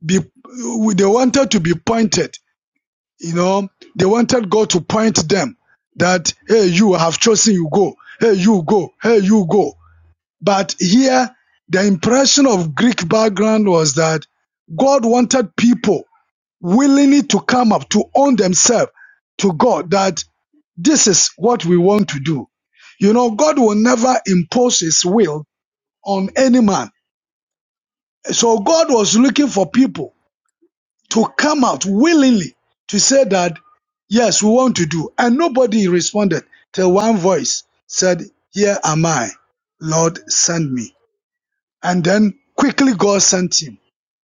Speaker 7: be, they wanted to be pointed. You know, they wanted God to point them that, hey, you have chosen, you go. Hey, you go. Hey, you go. But here, the impression of Greek background was that God wanted people willingly to come up, to own themselves to God, that this is what we want to do. You know, God will never impose his will on any man. So God was looking for people to come out willingly to say that, yes, we want to do. And nobody responded till one voice said, Here am I, Lord, send me. and then quickly God sent him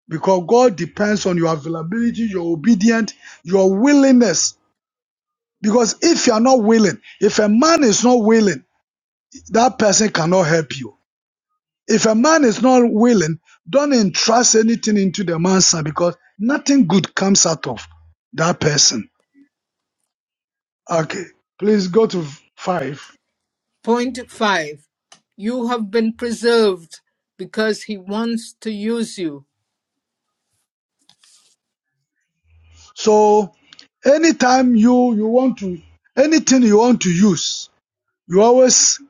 Speaker 7: because God depends on your availability, your obedience, your willingness. Because if you are not willing, if a man is not willing, that person cannot help you. If a man is not willing, don't entrust anything into the man's hand because nothing good comes out of that person. Okay, please go to five.
Speaker 1: Point 5. You have been preserved because he wants to use you.
Speaker 7: So, anytime you you want to anything you want to use, you always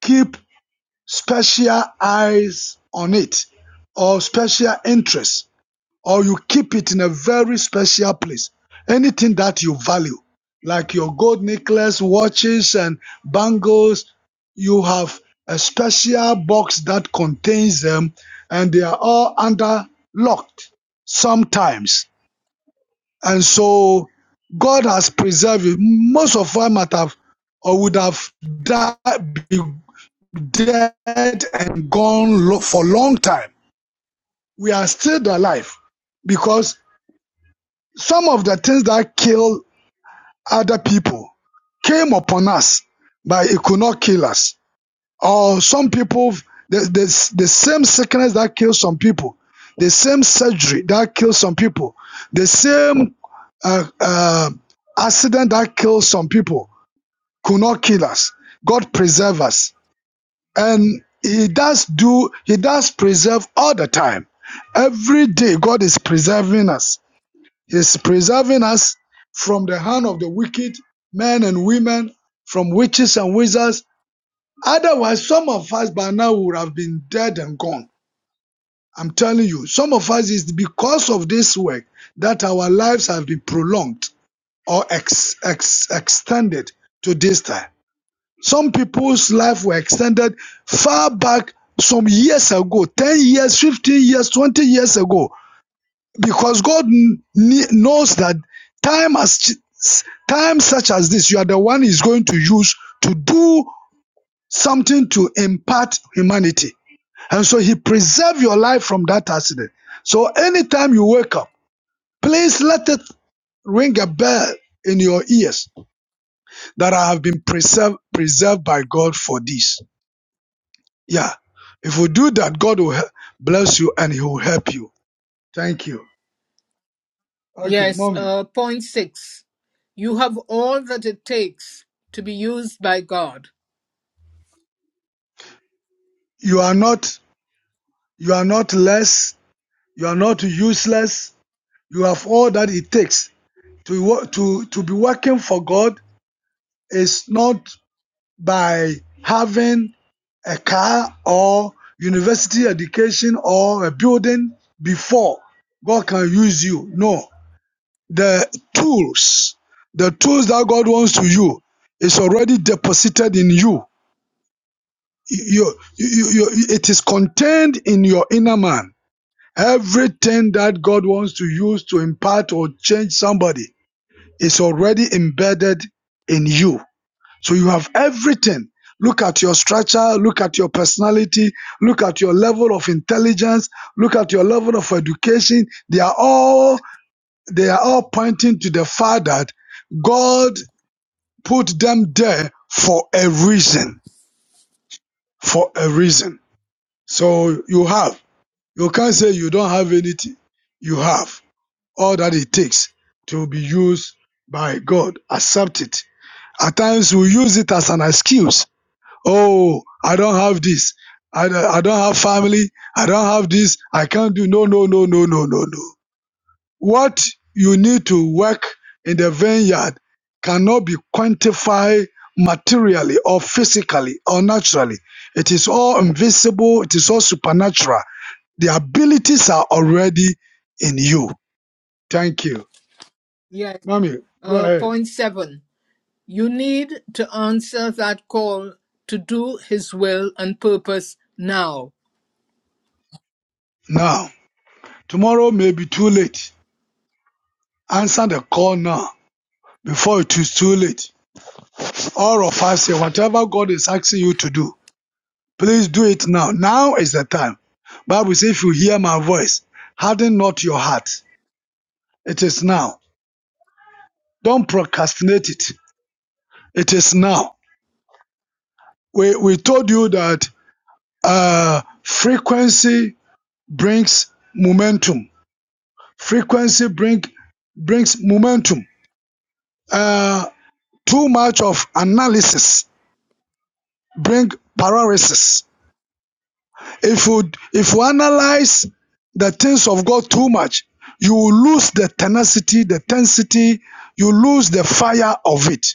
Speaker 7: keep special eyes on it or special interest or you keep it in a very special place anything that you value like your gold necklace watches and bangles you have a special box that contains them and they are all under locked sometimes and so god has preserved you most of us might have or would have died dead and gone lo- for a long time. We are still alive because some of the things that kill other people came upon us, but it could not kill us. Or some people, the, the, the same sickness that kills some people, the same surgery that kills some people, the same uh, uh, accident that kills some people could not kill us. God preserve us. and he does do he does preserve all the time every day god is preserving us he's preserving us from the hand of the wicked men and women from witches and wizards otherwise some of us by now would have been dead and gone i'm telling you some of us is because of this work that our lives have been prolonged or ex, ex, extended to this time some people's life were extended far back some years ago, 10 years, 15 years, 20 years ago, because God kn- knows that time as time such as this, you are the one He's going to use to do something to impart humanity. And so He preserved your life from that accident. So anytime you wake up, please let it ring a bell in your ears that I have been preserved preserved by God for this. Yeah. If we do that, God will he- bless you and He will help you. Thank you. Okay,
Speaker 1: Yes,
Speaker 7: mommy.
Speaker 1: uh, point 6. You have all that it takes to be used by God.
Speaker 7: You are not you are not less. You are not useless. You have all that it takes to wo- to to be working for God. Is not by having a car or university education or a building before God can use you. No, The tools, the tools that God wants to you, is already deposited in you. You, you, you, It is contained in your inner man. Everything that God wants to use to impart or change somebody is already embedded in you. So you have everything. Look at your structure, look at your personality, look at your level of intelligence, look at your level of education. They are all they are all pointing to the fact that God put them there for a reason. For a reason. So you have. You can't say you don't have anything. You have all that it takes to be used by God. Accept it. At times we use it as an excuse. Oh, I don't have this. I, don't- I don't have family. I don't have this. I can't do. No, no, no, no, no, no, no. What you need to work in the vineyard cannot be quantified materially or physically or naturally. It is all invisible, it is all supernatural. The abilities are already in you. Thank you.
Speaker 1: Yes,
Speaker 7: Mommy, go
Speaker 1: uh,
Speaker 7: ahead.
Speaker 1: point 7. You need to answer that call to do his will and purpose now.
Speaker 7: Now, tomorrow may be too late. Answer the call now before it is too late. All of us say whatever God is asking you to do. Please do it now. Now is the time. Bible says, if you hear my voice, harden not your heart. It is now. Don't procrastinate it. It is now. We, we told you that uh, frequency brings momentum. Frequency bring, brings momentum. Uh, too much of analysis bring paralysis. If you if you analyze the things of God too much, you will lose the tenacity, the tensity, you lose the fire of it.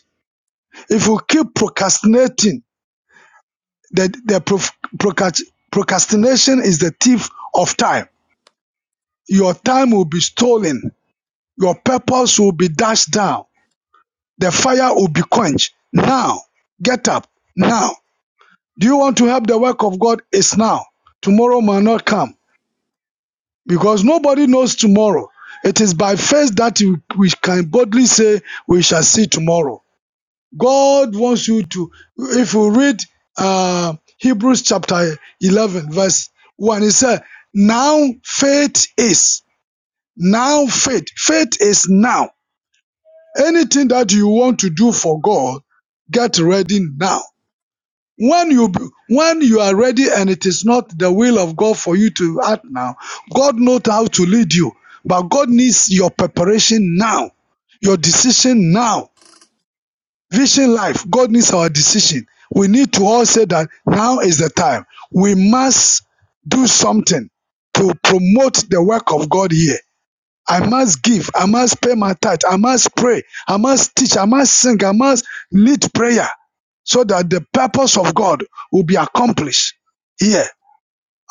Speaker 7: If you keep procrastinating, the, the prof- procrastination is the thief of time. Your time will be stolen, your purpose will be dashed down, the fire will be quenched. Now, get up. Now. Do you want to help the work of God? It's now. Tomorrow may not come. because nobody knows tomorrow. It is by faith that we can boldly say we shall see tomorrow. God wants you to, if you read uh, Hebrews chapter 11, verse 1, it says, Now faith is, now faith, faith is now. Anything that you want to do for God, get ready now. When you when you are ready and it is not the will of God for you to act now, God knows how to lead you, but God needs your preparation now, your decision now. Vision life, God needs our decision. We need to all say that now is the time. We must do something to promote the work of God here I must give. I must pay my tithe. I must pray. I must teach. I must sing. I must lead prayer so that the purpose of God will be accomplished. Yeah.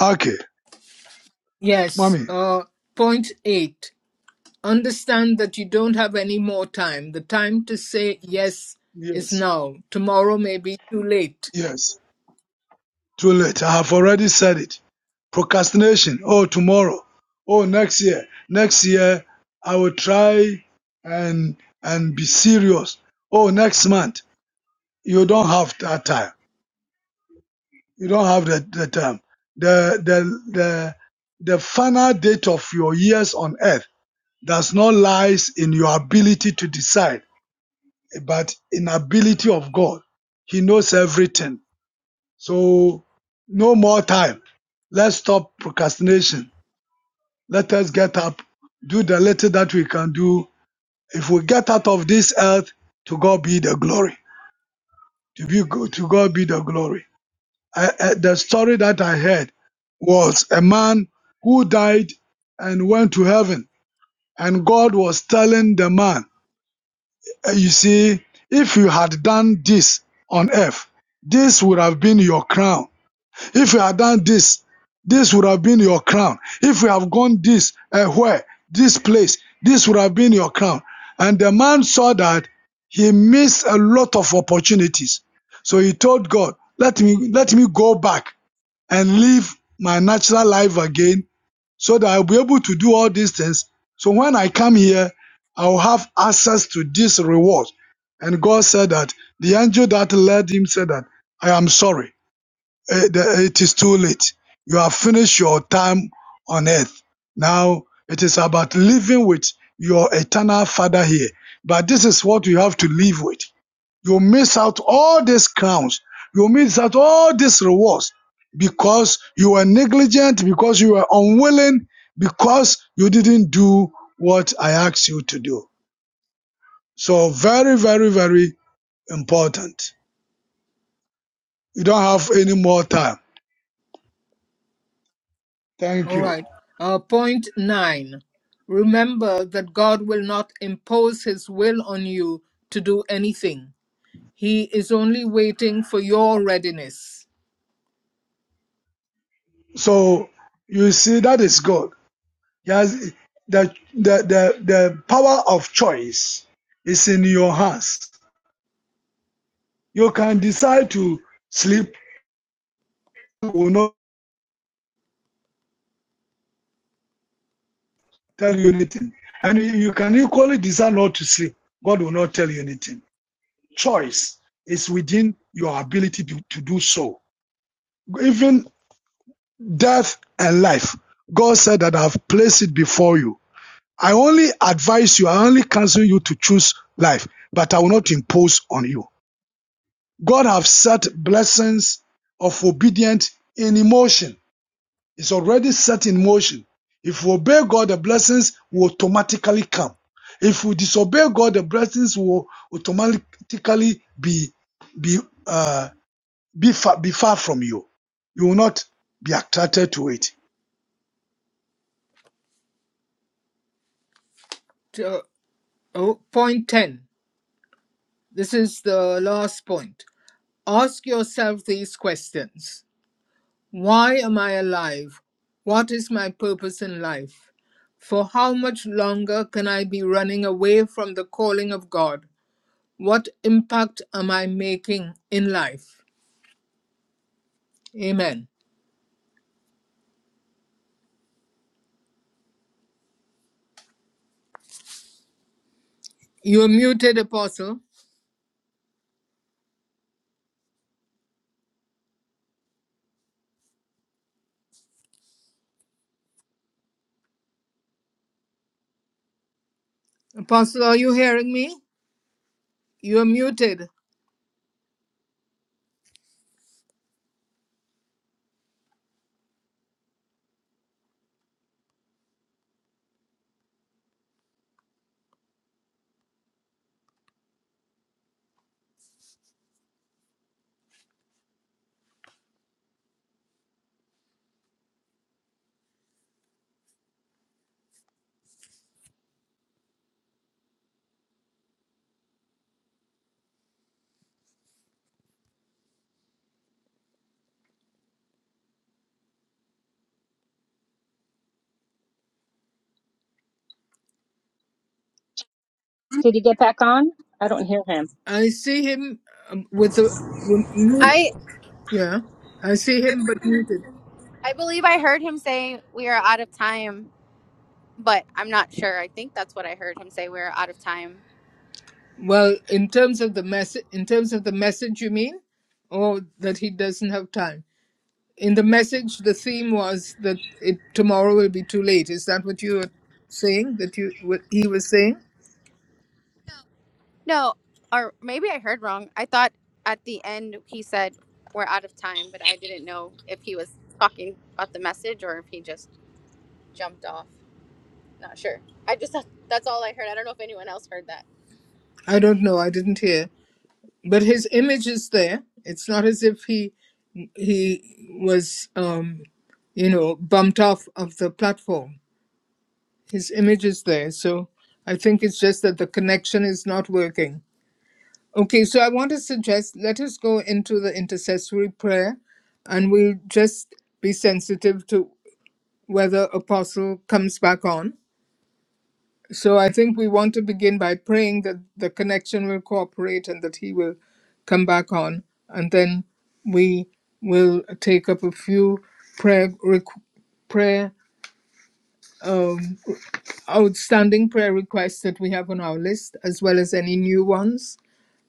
Speaker 7: Okay.
Speaker 1: Yes,
Speaker 7: Mommy.
Speaker 1: uh, point 8. Understand that you don't have any more time. The time to say yes is
Speaker 7: Yes.
Speaker 1: now. Tomorrow may be too late.
Speaker 7: Yes. Too late. I have already said it. Procrastination. Oh, tomorrow. Oh, next year. Next year, I will try and and be serious. Oh, next month. You don't have that time. You don't have the the term. The the the the final date of your years on earth does not lies in your ability to decide, but in ability of God. He knows everything. So no more time. Let's stop procrastination. Let us get up, do the little that we can do. If we get out of this earth, to God be the glory. To be to God be the glory. I, I- the story that I heard was a man who died and went to heaven, and God was telling the man, "Eh, "You see, if you had done this on earth, this would have been your crown. If you had done this, this would have been your crown. If you have gone this, uh, where, this place, this would have been your crown." And the man saw that he missed a lot of opportunities, so he told God, "Let me, let me go back." and live my natural life again so that I'll be able to do all these things. So when I come here, I'll have access to this reward. And God said that the angel that led him said that I am sorry. Eh, the- It is too late. You have finished your time on earth. Now it is about living with your eternal father here. But this is what you have to live with. You miss out all these crowns. You miss out all these rewards because you were negligent, because you were unwilling, because you didn't do what I asked you to do. So very, very, very important. You don't have any more time. Thank
Speaker 1: All
Speaker 7: you.
Speaker 1: right. Uh, point nine. Remember that God will not impose his will on you to do anything. He is only waiting for your readiness.
Speaker 7: So you see, that is God. Yes, the, the, the, the power of choice is in your hands. You can decide to sleep. You will not tell you anything. And you, you can equally desire not to sleep. God will not tell you anything. Choice is within your ability to, to do so. Even death and life, God said that I've placed it before you. I only advise you, I only counsel you to choose life, but I will not impose on you. God have set blessings of obedience in emotion. It's already set in motion. If we obey God, the blessings will automatically come. If we disobey God, the blessings will automatically be be uh, be far be far from you. You will not be attracted to it.
Speaker 1: To- oh, point 10. This is the last point. Ask yourself these questions Why am I alive? What is my purpose in life? For how much longer can I be running away from the calling of God? What impact am I making in life? Amen. You are muted, Apostle. Apostle, are you hearing me? You are muted.
Speaker 8: Did he get back on? I don't hear him.
Speaker 1: I see him um, with a with mute.
Speaker 9: I
Speaker 1: Yeah, I see him but muted.
Speaker 9: I believe I heard him say we are out of time, but I'm not sure. I think that's what I heard him say. We are out of time.
Speaker 1: Well, in terms of the message, in terms of the message, you mean, or that he doesn't have time. In the message, the theme was that it tomorrow will be too late. Is that what you were saying? That you what he was saying?
Speaker 9: No, or maybe I heard wrong. I thought at the end he said we're out of time, but I didn't know if he was talking about the message or if he just jumped off. Not sure. I just that's all I heard. I don't know if anyone else heard that.
Speaker 1: I don't know. I didn't hear. but his image is there. It's not as if he he was um, you know bumped off of the platform. His image is there, so I think it's just that the connection is not working. Okay, so I want to suggest let us go into the intercessory prayer, and we'll just be sensitive to whether Apostle comes back on. So I think we want to begin by praying that the connection will cooperate and that he will come back on. And then we will take up a few prayer, requ- prayer um, outstanding prayer requests that we have on our list, as well as any new ones.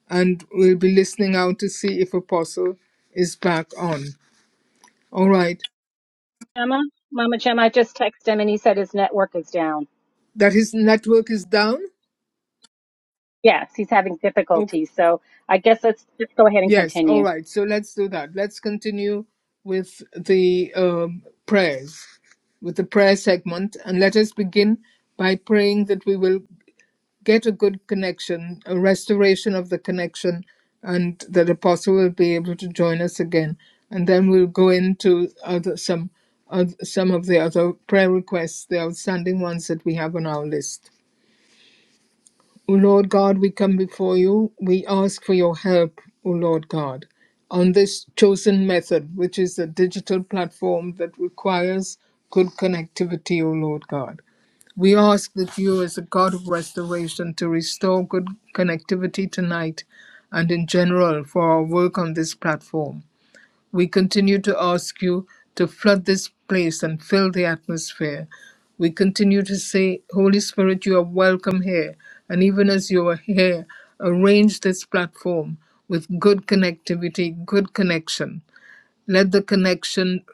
Speaker 1: And we'll be listening out to see if Apostle is back on. All right.
Speaker 8: Gemma, Mama Gemma, I just texted him and he said his network is down.
Speaker 1: That his network is down.
Speaker 8: Yes, he's having
Speaker 1: Okay.
Speaker 8: difficulties. So I guess let's just go ahead and
Speaker 1: Yes, all
Speaker 8: continue.
Speaker 1: right. So let's do that. Let's continue with the um, prayers, with the prayer segment, and let us begin by praying that we will get a good connection, a restoration of the connection, and that Apostle will be able to join us again. And then we'll go into other some oth- some of the other prayer requests, the outstanding ones that we have on our list. O Lord God, we come before you. We ask for your help, O Lord God, on this chosen method, which is a digital platform that requires good connectivity, O Lord God. We ask that you, as a God of restoration, to restore good connectivity tonight and in general for our work on this platform. We continue to ask you to flood this place and fill the atmosphere. We continue to say, Holy Spirit, you are welcome here. And even as you are here, arrange this platform with good connectivity, good connection. Let the connection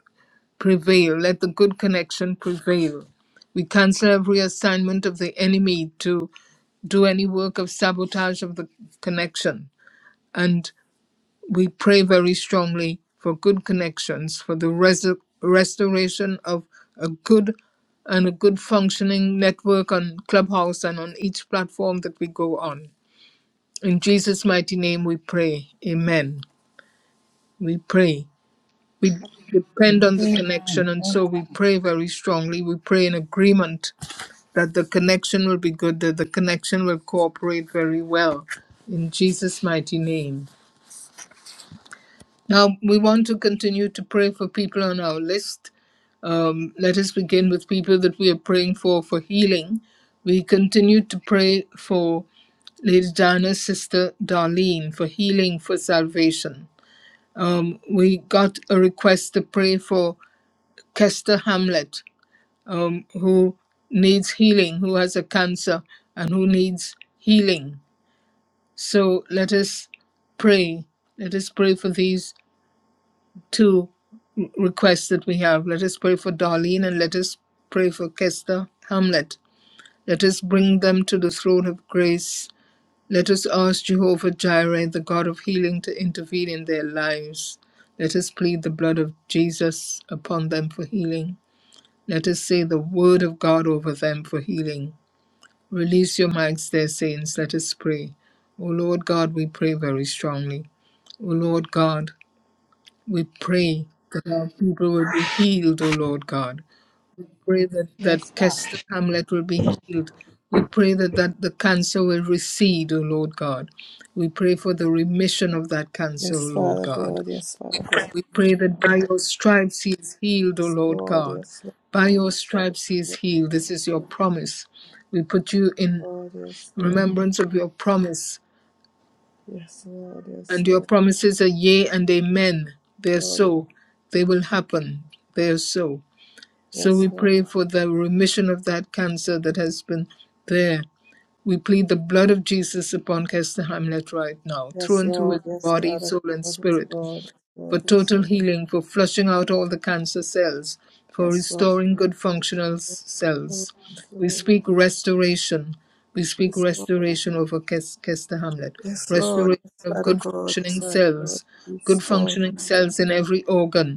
Speaker 1: prevail. Let the good connection prevail. We cancel every assignment of the enemy to do any work of sabotage of the connection. and. We pray very strongly for good connections, for the res- restoration of a good and a good functioning network on Clubhouse and on each platform that we go on. In Jesus' mighty name we pray. Amen. We pray. We depend on the connection,
Speaker 2: Amen.
Speaker 1: and so we pray very strongly. We pray in agreement that the connection will be good, that the connection will cooperate very well. In Jesus' mighty name. Now, we want to continue to pray for people on our list. Um, let us begin with people that we are praying for for healing. We continue to pray for Lady Diana's sister Darlene for healing, for salvation. Um, we got a request to pray for Kester Hamlet, um, who needs healing, who has a cancer, and who needs healing. So let us pray. Let us pray for these two requests that we have. Let us pray for Darlene and let us pray for Kester Hamlet. Let us bring them to the throne of grace. Let us ask Jehovah Jireh, the God of healing, to intervene in their lives. Let us plead the blood of Jesus upon them for healing. Let us say the word of God over them for healing. Release your minds, dear saints. Let us pray. O Lord God, we pray very strongly. O Lord God, we pray that our people will be healed, O Lord God. Pray that, that
Speaker 2: Yes, God.
Speaker 1: Kester Hamlet will be healed. We pray that, that the cancer will recede, O Lord God. We pray for the remission of that cancer, O
Speaker 4: Yes,
Speaker 1: Lord
Speaker 4: Father
Speaker 1: God.
Speaker 4: God. Yes, Father God.
Speaker 1: We pray that by your stripes he is healed, O
Speaker 4: Yes,
Speaker 1: Lord
Speaker 4: Lord.
Speaker 1: God.
Speaker 4: Yes, Lord.
Speaker 1: By your stripes he is
Speaker 4: Yes,
Speaker 1: healed. This is your promise. We put you in
Speaker 4: Lord. Yes, Lord.
Speaker 1: remembrance of your promise.
Speaker 4: Yes, Lord. Yes, Lord. Yes,
Speaker 1: And your
Speaker 4: Lord.
Speaker 1: promises are yea and amen. They are
Speaker 4: Yes, Lord.
Speaker 1: so. They will happen. They are so. So we pray for the remission of that cancer that has been there. We plead the blood of Jesus upon Kester Hamlet right now, through
Speaker 4: Yes,
Speaker 1: and through his
Speaker 4: Lord. Yes,
Speaker 1: body,
Speaker 4: Father
Speaker 1: soul, and
Speaker 4: God. Yes,
Speaker 1: spirit,
Speaker 4: Lord. Yes,
Speaker 1: for
Speaker 4: Lord. Yes,
Speaker 1: total
Speaker 4: Lord.
Speaker 1: healing, for flushing out all the cancer cells, for
Speaker 4: Yes, Lord.
Speaker 1: restoring
Speaker 4: Yes,
Speaker 1: good functional cells. We
Speaker 4: Lord.
Speaker 1: speak restoration. We speak
Speaker 4: Yes, Lord. Yes, Lord.
Speaker 1: restoration over Kes- Kester Hamlet,
Speaker 4: Yes, Lord.
Speaker 1: restoration
Speaker 4: Yes,
Speaker 1: of
Speaker 4: Father
Speaker 1: good
Speaker 4: God. Yes,
Speaker 1: functioning
Speaker 4: Father God.
Speaker 1: cells, good
Speaker 4: Restore
Speaker 1: functioning
Speaker 4: him, Lord
Speaker 1: cells in
Speaker 4: God.
Speaker 1: every organ,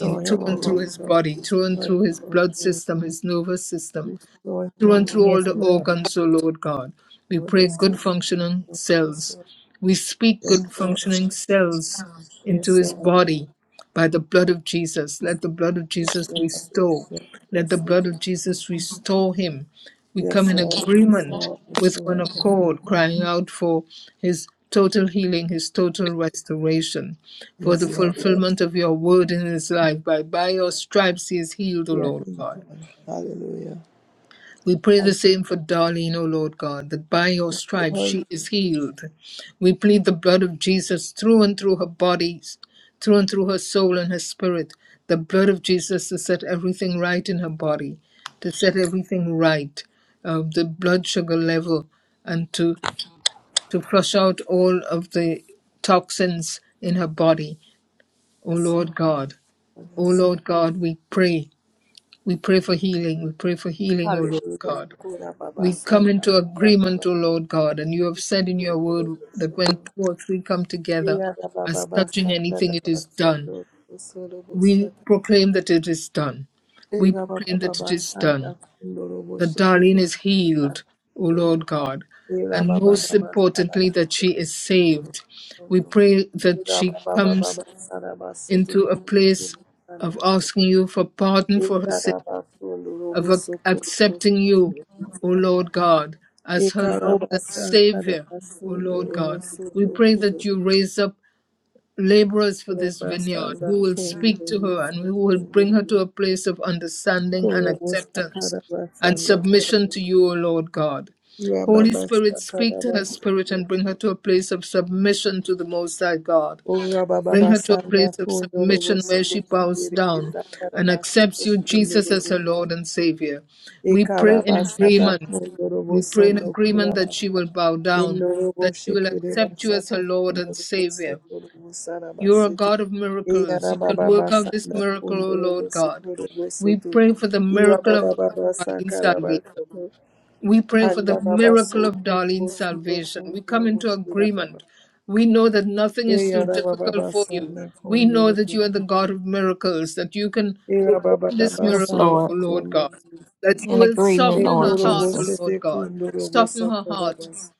Speaker 1: in through
Speaker 4: him, O
Speaker 1: and through
Speaker 4: Lord
Speaker 1: his
Speaker 4: God.
Speaker 1: body, through and
Speaker 4: Restore him,
Speaker 1: through his
Speaker 4: Lord
Speaker 1: blood
Speaker 4: God.
Speaker 1: system, his nervous system,
Speaker 4: Restore him, O
Speaker 1: through and through
Speaker 4: Lord
Speaker 1: all
Speaker 2: Yes,
Speaker 1: the
Speaker 4: God.
Speaker 2: Lord.
Speaker 1: organs, O Lord God. We
Speaker 4: Lord,
Speaker 1: pray
Speaker 4: Yes,
Speaker 1: good
Speaker 4: Lord.
Speaker 1: functioning
Speaker 4: God. Yes,
Speaker 1: cells.
Speaker 4: Lord.
Speaker 1: We speak good
Speaker 4: Yes, Lord.
Speaker 1: functioning cells into
Speaker 4: Yes,
Speaker 1: his
Speaker 4: Lord.
Speaker 1: body by the blood of Jesus. Let the blood of
Speaker 4: Yes,
Speaker 1: Jesus
Speaker 4: Lord.
Speaker 1: restore. Let the
Speaker 4: Yes,
Speaker 1: blood
Speaker 4: Lord.
Speaker 1: of Jesus restore him. We come
Speaker 4: Yes, Lord. Yes,
Speaker 1: in
Speaker 4: Lord. Yes,
Speaker 1: agreement
Speaker 4: Lord. Yes,
Speaker 1: with one
Speaker 4: Lord.
Speaker 1: accord, crying out for his total healing, his total restoration, for the
Speaker 4: Yes, Lord.
Speaker 1: fulfillment of your word in his life. By, by your stripes he is healed, O
Speaker 4: Yes, Lord.
Speaker 1: Lord
Speaker 4: Yes,
Speaker 1: God.
Speaker 4: Lord. Hallelujah.
Speaker 1: We pray the
Speaker 4: Hallelujah.
Speaker 1: same for Darlene, O Lord God, that by your
Speaker 4: Yes,
Speaker 1: stripes
Speaker 4: Lord.
Speaker 1: she is healed. We plead the blood of Jesus through and through her body, through and through her soul and her spirit, the blood of Jesus to set everything right in her body, to set everything right, uh, the blood sugar level, and to, to flush out all of the toxins in her body. O
Speaker 4: Yes,
Speaker 1: Lord
Speaker 4: Lord.
Speaker 1: God, O
Speaker 4: Yes, Lord.
Speaker 1: Lord God, we pray. We pray for healing. We pray for healing, O Lord
Speaker 4: Hallelujah.
Speaker 1: God.
Speaker 4: Kura baba
Speaker 1: We come
Speaker 4: sanda.
Speaker 1: into
Speaker 4: Kura baba
Speaker 1: agreement, O Lord God, and you have said in
Speaker 4: kura
Speaker 1: your word that when
Speaker 4: busondo.
Speaker 1: two or three come together
Speaker 4: Eya baba
Speaker 1: as
Speaker 4: baba
Speaker 1: touching
Speaker 4: sanda
Speaker 1: anything, it
Speaker 4: baba
Speaker 1: is done.
Speaker 4: sondo. Busoro
Speaker 1: We
Speaker 4: busata.
Speaker 1: proclaim that it is done. We
Speaker 4: Eya baba
Speaker 1: proclaim that it
Speaker 4: baba
Speaker 1: is
Speaker 4: sanda.
Speaker 1: done.
Speaker 4: Kundoro
Speaker 1: That
Speaker 4: boshiki
Speaker 1: Darlene is
Speaker 4: busata.
Speaker 1: healed, O Lord
Speaker 4: Sondo.
Speaker 1: God,
Speaker 4: Eya
Speaker 1: and
Speaker 4: baba
Speaker 1: most
Speaker 4: baba sanda baba
Speaker 1: importantly, that she is
Speaker 4: sondo.
Speaker 1: saved. We pray that
Speaker 4: Eya
Speaker 1: she
Speaker 4: baba
Speaker 1: comes
Speaker 4: baba sanda baba soto
Speaker 1: into a
Speaker 4: kundu
Speaker 1: place
Speaker 4: kundu sanda
Speaker 1: of
Speaker 4: baba.
Speaker 1: asking you for pardon
Speaker 4: Eya
Speaker 1: for her sins
Speaker 4: baba sondo
Speaker 1: of
Speaker 4: robo
Speaker 1: ac-
Speaker 4: sokuru
Speaker 1: accepting you, O
Speaker 4: busanda.
Speaker 1: Lord God, as her Lord and
Speaker 4: Ekarabasa
Speaker 1: Savior, O
Speaker 4: karabasundo
Speaker 1: Lord
Speaker 4: robo
Speaker 1: God. We pray that you raise up laborers for this vineyard
Speaker 4: Rabasanda
Speaker 1: who will speak to her and
Speaker 4: Kundurisi
Speaker 1: who will bring her to
Speaker 4: Kunduri
Speaker 1: a place of understanding and
Speaker 4: Kurobo
Speaker 1: acceptance
Speaker 4: Sakara
Speaker 1: and
Speaker 4: Basanda
Speaker 1: submission
Speaker 4: Karabo
Speaker 1: to you, O Lord God. Holy
Speaker 4: Rababa
Speaker 1: Spirit, speak
Speaker 4: Sakara
Speaker 1: to her spirit
Speaker 4: Basende
Speaker 1: and bring her to a place of submission to the Most High God.
Speaker 4: Urababa
Speaker 1: Bring her to a
Speaker 4: Basanda
Speaker 1: place of
Speaker 4: Kundurubo
Speaker 1: submission where
Speaker 4: Sete
Speaker 1: she bows down
Speaker 4: Sakara
Speaker 1: and
Speaker 4: Basete
Speaker 1: accepts you, Jesus, as
Speaker 4: Kundurubo
Speaker 1: her Lord and Savior. We pray in
Speaker 4: Ekaraba Sata
Speaker 1: agreement.
Speaker 4: Kundurubo
Speaker 1: We pray in
Speaker 4: Sondo
Speaker 1: agreement that she
Speaker 4: Kurabasa
Speaker 1: will bow down,
Speaker 4: Endurubo
Speaker 1: that she will
Speaker 4: Shekere
Speaker 1: accept you as her
Speaker 4: Basata
Speaker 1: Lord and
Speaker 4: Kundurubo
Speaker 1: Savior.
Speaker 4: Sondo
Speaker 1: You're a
Speaker 4: Sarabasi
Speaker 1: God of miracles. You can
Speaker 4: Eyarababa
Speaker 1: work out this
Speaker 4: sanda
Speaker 1: miracle, O
Speaker 4: kundoro
Speaker 1: Lord God.
Speaker 4: bosokoro
Speaker 1: We
Speaker 4: bosoto.
Speaker 1: pray for the miracle of
Speaker 4: Irababa
Speaker 1: Arlene's
Speaker 4: sakara
Speaker 1: salvation.
Speaker 4: basoto.
Speaker 1: We pray for the
Speaker 4: Anda baba
Speaker 1: miracle of
Speaker 4: sokoro
Speaker 1: Darlene's
Speaker 4: bosoto
Speaker 1: salvation. We
Speaker 4: kundoro
Speaker 1: come into
Speaker 4: boshira baba.
Speaker 1: agreement. We know that nothing is too difficult
Speaker 4: Eyarababa
Speaker 1: for you.
Speaker 4: sanda
Speaker 1: We know
Speaker 4: kundoro
Speaker 1: that you are the
Speaker 4: bosoto.
Speaker 1: God of miracles, that you can perform
Speaker 4: Irababa baba
Speaker 1: this
Speaker 4: Baba
Speaker 10: Yes,
Speaker 4: sanda
Speaker 1: miracle,
Speaker 10: Lord.
Speaker 1: O Lord God,
Speaker 4: kundoro.
Speaker 1: that you
Speaker 10: In
Speaker 1: will
Speaker 10: agreement,
Speaker 1: soften
Speaker 10: Lord
Speaker 1: her
Speaker 4: Ekoro
Speaker 1: heart, O
Speaker 10: Jesus.
Speaker 1: Lord
Speaker 4: bosete
Speaker 1: God.
Speaker 4: kundoro
Speaker 1: Soften her
Speaker 4: bosakara
Speaker 1: heart.
Speaker 4: bas.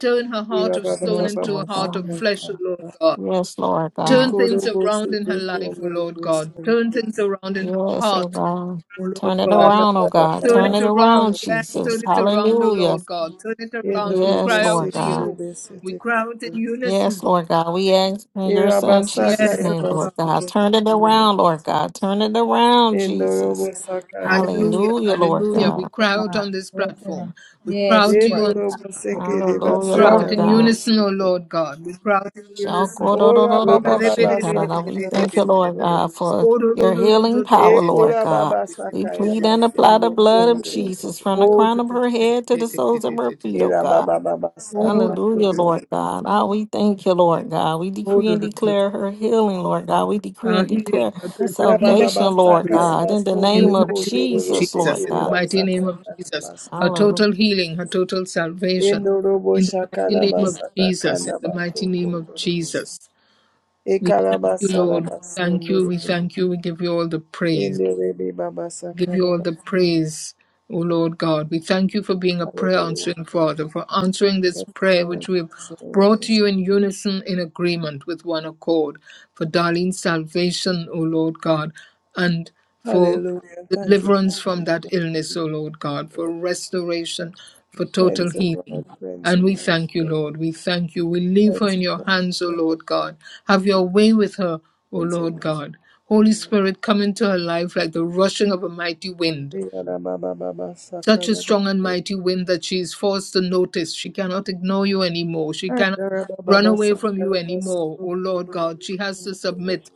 Speaker 1: Turn her heart of
Speaker 4: Irababa
Speaker 1: stone
Speaker 4: baba
Speaker 10: Yes,
Speaker 4: Baba
Speaker 1: into a
Speaker 10: Lord
Speaker 4: Basa
Speaker 1: heart of
Speaker 4: sanda
Speaker 10: God.
Speaker 1: flesh, O Lord
Speaker 4: kara.
Speaker 1: God.
Speaker 10: Yes, Lord
Speaker 1: Turn
Speaker 10: God.
Speaker 4: Ikoro
Speaker 1: things around in her
Speaker 4: bosete
Speaker 1: life, O
Speaker 4: kundoro
Speaker 1: Lord God.
Speaker 4: bosoto.
Speaker 1: Turn things around in her
Speaker 10: Yes, oh
Speaker 1: heart,
Speaker 10: God.
Speaker 1: O Lord
Speaker 10: Turn it
Speaker 1: God.
Speaker 4: Anda
Speaker 10: around, oh
Speaker 4: baba
Speaker 10: God.
Speaker 1: Turn
Speaker 10: Turn
Speaker 1: it
Speaker 10: it
Speaker 4: Basa.
Speaker 10: around,
Speaker 1: around. Yes, turn
Speaker 10: Jesus.
Speaker 1: it around, O
Speaker 10: Hallelujah.
Speaker 1: Lord God. Turn it around. We
Speaker 4: Enoro
Speaker 10: Yes,
Speaker 1: cry out
Speaker 10: Lord
Speaker 1: to
Speaker 10: God.
Speaker 1: you.
Speaker 4: sekerebe
Speaker 1: We
Speaker 4: sete
Speaker 1: cry out in
Speaker 4: kundo.
Speaker 10: Yes,
Speaker 1: unison.
Speaker 10: Lord God. We ask in your son
Speaker 4: Irabasaka
Speaker 10: Jesus'
Speaker 1: Yes, O
Speaker 10: name, Lord
Speaker 1: God.
Speaker 10: God.
Speaker 4: yabasuke
Speaker 10: Turn it
Speaker 4: kundo.
Speaker 10: around, Lord God. Turn it around,
Speaker 4: Enoro
Speaker 10: Jesus.
Speaker 4: sakara
Speaker 1: Hallelujah.
Speaker 10: Hallelujah,
Speaker 4: basakara
Speaker 10: Lord
Speaker 2: Yes,
Speaker 1: Hallelujah.
Speaker 2: Lord
Speaker 1: We
Speaker 10: God.
Speaker 1: cry out
Speaker 4: basundo.
Speaker 2: God.
Speaker 1: on this
Speaker 2: Yes, Lord.
Speaker 1: platform. We cry
Speaker 2: Yes,
Speaker 1: out to
Speaker 2: Lord.
Speaker 1: you on
Speaker 4: Enoro
Speaker 1: this platform.
Speaker 4: sekere
Speaker 1: We
Speaker 10: Hallelujah,
Speaker 1: cry
Speaker 2: you.
Speaker 1: out
Speaker 10: Lord
Speaker 1: in
Speaker 4: basakara
Speaker 2: that
Speaker 10: God.
Speaker 2: is
Speaker 1: unison, O
Speaker 4: basundo.
Speaker 1: Lord God. We cry out in unison.
Speaker 4: Ora baba baba
Speaker 10: Shakorororoboshikarara. We
Speaker 4: sakara
Speaker 10: thank you, Lord
Speaker 4: basundo.
Speaker 10: God, for your healing power, Lord
Speaker 4: Ekora
Speaker 10: God.
Speaker 4: baba
Speaker 10: We
Speaker 4: sakaya
Speaker 10: plead and apply the
Speaker 4: basundo
Speaker 10: blood of
Speaker 4: kundo.
Speaker 10: Jesus from the
Speaker 1: Oh,
Speaker 10: crown of her head to the soles of her feet, oh
Speaker 4: Ira
Speaker 10: God.
Speaker 4: baba baba
Speaker 1: Oh,
Speaker 4: sanda
Speaker 10: Hallelujah,
Speaker 4: kundo.
Speaker 10: Lord God. Ah, we thank you, Lord God. We
Speaker 1: oh,
Speaker 10: decree and declare her healing, Lord God. We decree
Speaker 1: our
Speaker 10: and declare
Speaker 1: healing, our total
Speaker 4: Ira
Speaker 1: healing
Speaker 4: baba baba
Speaker 10: salvation,
Speaker 1: and
Speaker 10: Lord
Speaker 4: sakara
Speaker 1: salvation.
Speaker 10: God, in the
Speaker 1: In
Speaker 4: basundo
Speaker 1: the
Speaker 10: name of
Speaker 1: mighty name of
Speaker 4: kundo.
Speaker 10: Jesus, Lord
Speaker 1: Jesus, in
Speaker 4: Sekere
Speaker 1: the
Speaker 10: God.
Speaker 1: mighty name of
Speaker 4: basakara
Speaker 1: Jesus, her
Speaker 10: Hallelujah.
Speaker 4: basundo.
Speaker 1: total healing, her total salvation.
Speaker 4: Indorobo
Speaker 1: In the mighty name of
Speaker 4: shakarabasa
Speaker 1: Jesus, in the
Speaker 4: takanabaso
Speaker 1: mighty name of
Speaker 4: kondorobos.
Speaker 1: Jesus, we thank you,
Speaker 4: Ekarabasa
Speaker 1: Lord. We
Speaker 4: namaso
Speaker 1: thank you, we
Speaker 4: norobos.
Speaker 1: thank you, we give you all the praise.
Speaker 4: Inderebe babasa
Speaker 1: give you all the
Speaker 4: karabas.
Speaker 1: praise, O Lord God. We thank you for being a prayer
Speaker 4: Hallelujah.
Speaker 1: answering Father, for answering this
Speaker 4: Yes,
Speaker 1: prayer which
Speaker 4: Lord.
Speaker 1: we have
Speaker 4: Yes, Lord.
Speaker 1: brought to
Speaker 4: Yes.
Speaker 1: you in unison, in agreement with one accord, for Darlene's salvation, O Lord God, and for
Speaker 4: Hallelujah. Thank you,
Speaker 1: deliverance
Speaker 4: Jesus.
Speaker 1: from that
Speaker 4: Thank
Speaker 1: illness, O Lord God,
Speaker 4: you,
Speaker 1: for
Speaker 4: Lord.
Speaker 1: restoration, for total
Speaker 4: Cleanse the
Speaker 1: healing.
Speaker 4: Lord. Cleanse the
Speaker 1: And we
Speaker 4: Lord.
Speaker 1: thank you, Lord. We thank you. We leave her
Speaker 4: Cleanse the
Speaker 1: in your
Speaker 4: Lord.
Speaker 1: hands, O Lord God. Have
Speaker 4: Cleanse the
Speaker 1: your
Speaker 4: Lord.
Speaker 1: way with her, O
Speaker 4: Cleanse the
Speaker 1: Lord God. Holy
Speaker 4: Lord.
Speaker 1: Spirit, come into her life like the rushing of a mighty wind,
Speaker 4: Yarababa babasa
Speaker 1: such a strong and
Speaker 4: karabaso.
Speaker 1: mighty wind that she is forced to notice. She cannot ignore you anymore. She cannot
Speaker 4: Andarababa
Speaker 1: run away
Speaker 4: babasa
Speaker 1: from you
Speaker 4: karabaso.
Speaker 1: anymore. O Lord God, she has to submit.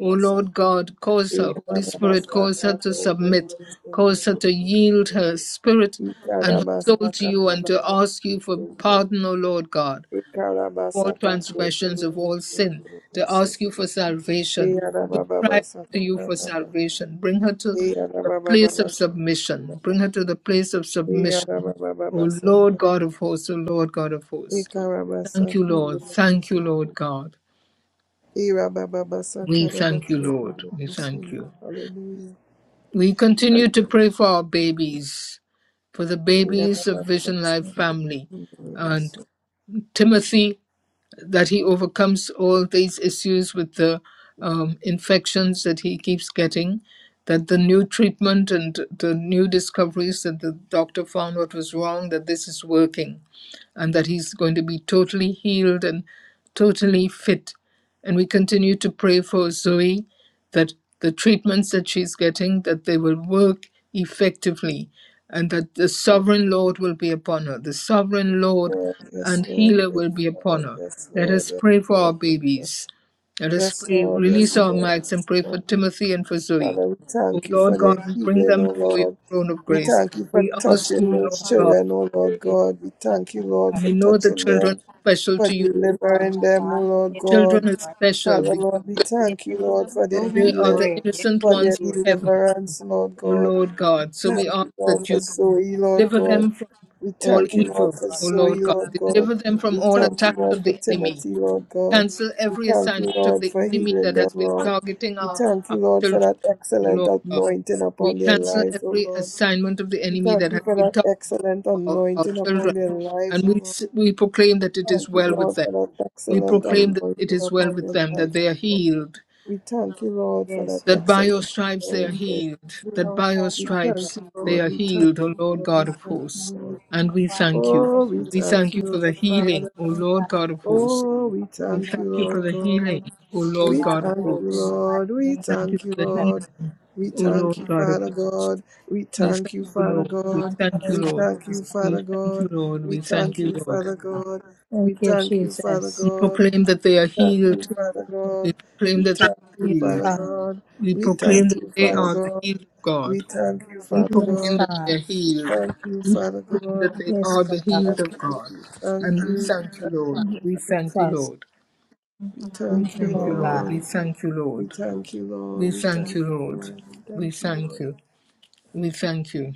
Speaker 1: O Lord God, cause her, Holy Spirit, cause
Speaker 4: Ikarabasaka
Speaker 1: her to submit,
Speaker 4: kurubusuno
Speaker 1: cause her to yield her spirit and her soul to
Speaker 4: ikarabasaka
Speaker 1: you and to
Speaker 4: kurubusuno
Speaker 1: ask you for pardon, O Lord God all
Speaker 4: ikarabasata
Speaker 1: transgressions of all sin, to
Speaker 4: kurubusuno
Speaker 1: ask you for salvation, to cry
Speaker 4: ikarabababasata
Speaker 1: to you for
Speaker 4: kanaba
Speaker 1: salvation. Bring her to a place of
Speaker 4: ikarabababasata
Speaker 1: submission. Bring her to the place of submission. O Lord
Speaker 4: ikarabababasaka
Speaker 1: God of hosts, O Lord God of hosts. Thank
Speaker 4: ikarabasaka
Speaker 1: you, Lord. Thank you,
Speaker 4: kurubusuno
Speaker 1: Lord God.
Speaker 4: irabababasaka
Speaker 1: We thank you, Lord. We thank
Speaker 4: kurubusuno
Speaker 1: you.
Speaker 4: hallelujah
Speaker 1: We continue to pray for our babies, for the babies of Vision Life family. And
Speaker 4: ikarabababasaka
Speaker 1: Timothy that he overcomes all these issues with the um, infections that he keeps getting, that the new treatment and the new discoveries that the doctor found what was wrong, that this is working, and that he's going to be totally healed and totally fit. And we continue to pray for Zoe that the treatments that she's getting that they will work effectively and that the sovereign lord will be upon her the sovereign lord
Speaker 4: Yes,
Speaker 1: and
Speaker 4: Lord.
Speaker 1: healer
Speaker 4: Yes,
Speaker 1: will be upon
Speaker 4: Lord.
Speaker 1: her
Speaker 4: Yes,
Speaker 1: let
Speaker 4: Lord.
Speaker 1: us
Speaker 4: Yes,
Speaker 1: pray for our
Speaker 4: Lord.
Speaker 1: babies let us
Speaker 4: Yes, Lord. Yes,
Speaker 1: pray
Speaker 4: Lord. Yes, Lord.
Speaker 1: release
Speaker 4: Yes,
Speaker 1: our
Speaker 4: Lord.
Speaker 1: mics and
Speaker 4: yes,
Speaker 1: pray for
Speaker 4: Lord.
Speaker 1: timothy and for zoe
Speaker 4: Father, we
Speaker 1: O
Speaker 4: thank you
Speaker 1: Lord
Speaker 4: for their
Speaker 1: God, we bring
Speaker 4: healing, oh
Speaker 1: them before your
Speaker 4: Lord.
Speaker 1: throne of
Speaker 4: We
Speaker 1: grace.
Speaker 4: thank you for
Speaker 1: We
Speaker 2: not
Speaker 1: ask
Speaker 2: to
Speaker 4: touching
Speaker 1: you,
Speaker 2: have a
Speaker 1: Lord
Speaker 4: those
Speaker 1: God,
Speaker 4: children, oh Lord God. We thank you, Lord, for
Speaker 1: we know the
Speaker 4: touching
Speaker 1: children
Speaker 4: them,
Speaker 1: are special
Speaker 4: for
Speaker 1: to you, O
Speaker 2: God
Speaker 1: Lord.
Speaker 4: delivering them, oh
Speaker 2: about
Speaker 4: Lord
Speaker 2: his
Speaker 1: God. Children
Speaker 4: God.
Speaker 1: are
Speaker 2: right.
Speaker 1: special
Speaker 4: Father,
Speaker 1: because
Speaker 4: Lord, we thank you,
Speaker 2: Healing is
Speaker 4: Lord,
Speaker 2: the
Speaker 4: for their
Speaker 1: they
Speaker 2: children's
Speaker 1: are
Speaker 4: healing,
Speaker 1: the
Speaker 2: bread. Yes,
Speaker 1: innocent
Speaker 4: for
Speaker 2: it
Speaker 1: ones
Speaker 4: their
Speaker 1: of
Speaker 2: is.
Speaker 1: heaven.
Speaker 4: deliverance, Lord
Speaker 1: O
Speaker 4: God.
Speaker 1: Lord God. So we
Speaker 4: Thank
Speaker 1: ask
Speaker 4: you, Lord,
Speaker 1: that
Speaker 4: for
Speaker 1: you
Speaker 2: That's
Speaker 4: Zoe, Lord
Speaker 2: right.
Speaker 1: deliver
Speaker 4: God.
Speaker 1: them from
Speaker 4: We
Speaker 1: all
Speaker 4: thank you, Lord,
Speaker 1: evil,
Speaker 4: for
Speaker 1: O
Speaker 4: Zoe,
Speaker 1: Lord God.
Speaker 4: Lord God.
Speaker 1: Deliver them from
Speaker 4: We
Speaker 2: That's
Speaker 1: all
Speaker 4: thank you,
Speaker 1: attacks
Speaker 4: Lord,
Speaker 1: of
Speaker 4: for
Speaker 1: the enemy.
Speaker 4: Timothy, Lord God.
Speaker 1: Cancel
Speaker 4: We
Speaker 1: every
Speaker 4: thank you,
Speaker 1: assignment of
Speaker 4: Lord,
Speaker 1: the
Speaker 4: for
Speaker 1: enemy
Speaker 4: healing
Speaker 1: that has
Speaker 4: them,
Speaker 1: been
Speaker 4: Lord.
Speaker 1: targeting
Speaker 4: We
Speaker 1: our,
Speaker 2: right.
Speaker 4: thank you,
Speaker 1: our
Speaker 4: Lord, for
Speaker 1: children,
Speaker 4: that
Speaker 1: O
Speaker 4: excellent
Speaker 1: Lord God.
Speaker 4: anointing
Speaker 1: We
Speaker 4: upon their
Speaker 1: cancel
Speaker 4: lives, O
Speaker 1: every
Speaker 4: Lord.
Speaker 1: assignment of the
Speaker 4: We
Speaker 1: enemy
Speaker 4: thank
Speaker 1: that
Speaker 4: you
Speaker 1: has
Speaker 4: for
Speaker 1: been
Speaker 4: that
Speaker 1: targeting
Speaker 4: excellent
Speaker 1: our, our
Speaker 4: anointing upon
Speaker 1: children.
Speaker 4: their lives,
Speaker 1: And
Speaker 4: O
Speaker 1: we,
Speaker 4: Lord.
Speaker 1: s- we proclaim that it is
Speaker 4: Thank you,
Speaker 1: well with
Speaker 4: Lord,
Speaker 1: them.
Speaker 4: for that
Speaker 1: We
Speaker 4: excellent
Speaker 1: proclaim that it
Speaker 4: anointing
Speaker 1: is well
Speaker 4: upon
Speaker 1: with
Speaker 4: their
Speaker 1: them, that
Speaker 4: life. O
Speaker 1: they are
Speaker 4: Lord.
Speaker 1: healed,
Speaker 4: We thank you, Lord, for that
Speaker 2: Yes,
Speaker 1: that
Speaker 2: Lord.
Speaker 1: by your
Speaker 4: excellent
Speaker 1: stripes they are
Speaker 4: anointing.
Speaker 1: healed,
Speaker 2: We
Speaker 1: that
Speaker 2: will
Speaker 1: by your
Speaker 2: tell
Speaker 4: We
Speaker 2: them that
Speaker 4: thank
Speaker 1: stripes
Speaker 4: you,
Speaker 1: they
Speaker 4: Lord.
Speaker 1: are
Speaker 4: We thank
Speaker 1: healed, O
Speaker 4: you,
Speaker 1: Lord
Speaker 4: Lord. We
Speaker 1: God of
Speaker 4: thank
Speaker 1: hosts.
Speaker 4: you,
Speaker 2: we
Speaker 4: Lord.
Speaker 1: And we
Speaker 2: supply their
Speaker 1: thank you.
Speaker 4: Oh,
Speaker 2: precious
Speaker 4: we
Speaker 1: We
Speaker 4: thank
Speaker 1: thank you for
Speaker 4: you,
Speaker 1: the
Speaker 4: Lord
Speaker 1: healing,
Speaker 4: Father.
Speaker 1: O Lord
Speaker 2: requirements
Speaker 1: God of hosts.
Speaker 2: to the
Speaker 4: Oh, we
Speaker 1: We
Speaker 4: thank
Speaker 1: thank
Speaker 2: Lord,
Speaker 4: you,
Speaker 1: you for
Speaker 4: Lord
Speaker 1: the healing,
Speaker 4: God.
Speaker 1: O
Speaker 2: We
Speaker 1: Lord
Speaker 4: We
Speaker 2: are
Speaker 1: God of
Speaker 4: thank
Speaker 2: filled
Speaker 4: you,
Speaker 2: in the
Speaker 1: hosts.
Speaker 2: mighty
Speaker 4: Lord. We
Speaker 1: We
Speaker 2: name
Speaker 1: thank you
Speaker 4: thank
Speaker 1: for
Speaker 4: you,
Speaker 1: the
Speaker 2: of
Speaker 4: Lord.
Speaker 1: healing,
Speaker 4: We
Speaker 1: O
Speaker 4: thank
Speaker 1: Lord
Speaker 4: you,
Speaker 1: God of
Speaker 4: Father
Speaker 1: hosts.
Speaker 4: God. We
Speaker 1: We thank
Speaker 4: thank you,
Speaker 1: you,
Speaker 4: Father
Speaker 1: Lord. We
Speaker 4: God.
Speaker 1: thank
Speaker 2: the
Speaker 1: you,
Speaker 2: Son, Lord
Speaker 4: We
Speaker 1: Lord.
Speaker 4: thank
Speaker 2: Jesus.
Speaker 4: you,
Speaker 1: We
Speaker 4: Father
Speaker 1: thank you,
Speaker 4: God.
Speaker 1: Lord.
Speaker 4: We
Speaker 1: We thank
Speaker 4: thank
Speaker 1: you,
Speaker 4: you,
Speaker 1: Lord.
Speaker 4: Father God.
Speaker 2: Thank
Speaker 4: We
Speaker 2: you,
Speaker 4: thank you, Father
Speaker 2: Jesus.
Speaker 1: We
Speaker 4: God.
Speaker 1: proclaim that they
Speaker 4: We
Speaker 1: are
Speaker 4: thank
Speaker 2: Thank
Speaker 4: you,
Speaker 1: healed.
Speaker 2: you,
Speaker 4: Father
Speaker 2: Jesus.
Speaker 1: We
Speaker 4: God.
Speaker 1: proclaim
Speaker 4: We
Speaker 1: that they
Speaker 4: thank
Speaker 1: are
Speaker 4: you, Father
Speaker 1: healed.
Speaker 2: Yes,
Speaker 4: God.
Speaker 1: We
Speaker 4: We
Speaker 1: proclaim
Speaker 4: thank
Speaker 1: that
Speaker 4: you,
Speaker 1: they
Speaker 4: Father
Speaker 1: are the
Speaker 4: God.
Speaker 1: healed of
Speaker 4: We
Speaker 1: God.
Speaker 4: thank you,
Speaker 1: We
Speaker 4: Father
Speaker 2: Yes,
Speaker 1: proclaim
Speaker 4: God.
Speaker 1: that
Speaker 2: God.
Speaker 1: they are healed,
Speaker 4: Thank you, Father
Speaker 1: We proclaim
Speaker 4: God.
Speaker 1: that they are
Speaker 2: Yes,
Speaker 1: the
Speaker 2: Lord God.
Speaker 1: healed
Speaker 4: Thank
Speaker 1: of
Speaker 4: you,
Speaker 1: God.
Speaker 4: thank
Speaker 1: And we
Speaker 4: you,
Speaker 1: thank you,
Speaker 4: thank
Speaker 1: Lord.
Speaker 4: you.
Speaker 2: Yes,
Speaker 1: We thank you,
Speaker 2: Jesus.
Speaker 1: Lord.
Speaker 4: We
Speaker 1: We
Speaker 4: thank
Speaker 2: Thank you,
Speaker 4: you,
Speaker 1: thank you,
Speaker 2: Lord
Speaker 1: Lord.
Speaker 2: God.
Speaker 1: We
Speaker 4: Lord.
Speaker 1: thank you,
Speaker 4: We
Speaker 1: Lord.
Speaker 4: thank you,
Speaker 1: We
Speaker 4: Lord. We
Speaker 1: thank
Speaker 4: thank
Speaker 1: you,
Speaker 4: you,
Speaker 1: Lord.
Speaker 4: Lord. We
Speaker 1: We
Speaker 4: thank you,
Speaker 1: thank
Speaker 4: Lord.
Speaker 1: you. We thank you.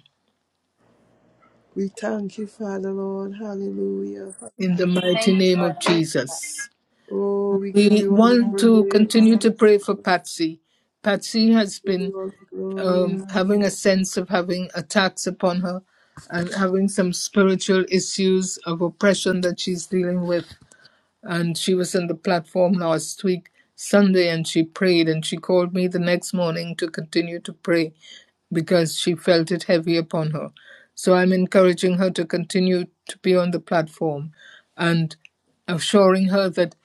Speaker 4: We thank you, Father, Lord. Hallelujah.
Speaker 1: In the
Speaker 9: Thank
Speaker 1: mighty
Speaker 9: you,
Speaker 1: name of Jesus.
Speaker 4: Oh, we give
Speaker 1: We
Speaker 4: you all the
Speaker 1: want to
Speaker 4: praise.
Speaker 1: continue to pray for Patsy. Patsy has
Speaker 4: We give
Speaker 1: been
Speaker 4: you all the glory,
Speaker 1: um, having a
Speaker 4: Lord.
Speaker 1: sense of having attacks upon her and having some spiritual issues of oppression that she's dealing with and she was on the platform last week Sunday and she prayed and she called me the next morning to continue to pray because she felt it heavy upon her. So I'm encouraging her to continue to be on the platform and assuring her that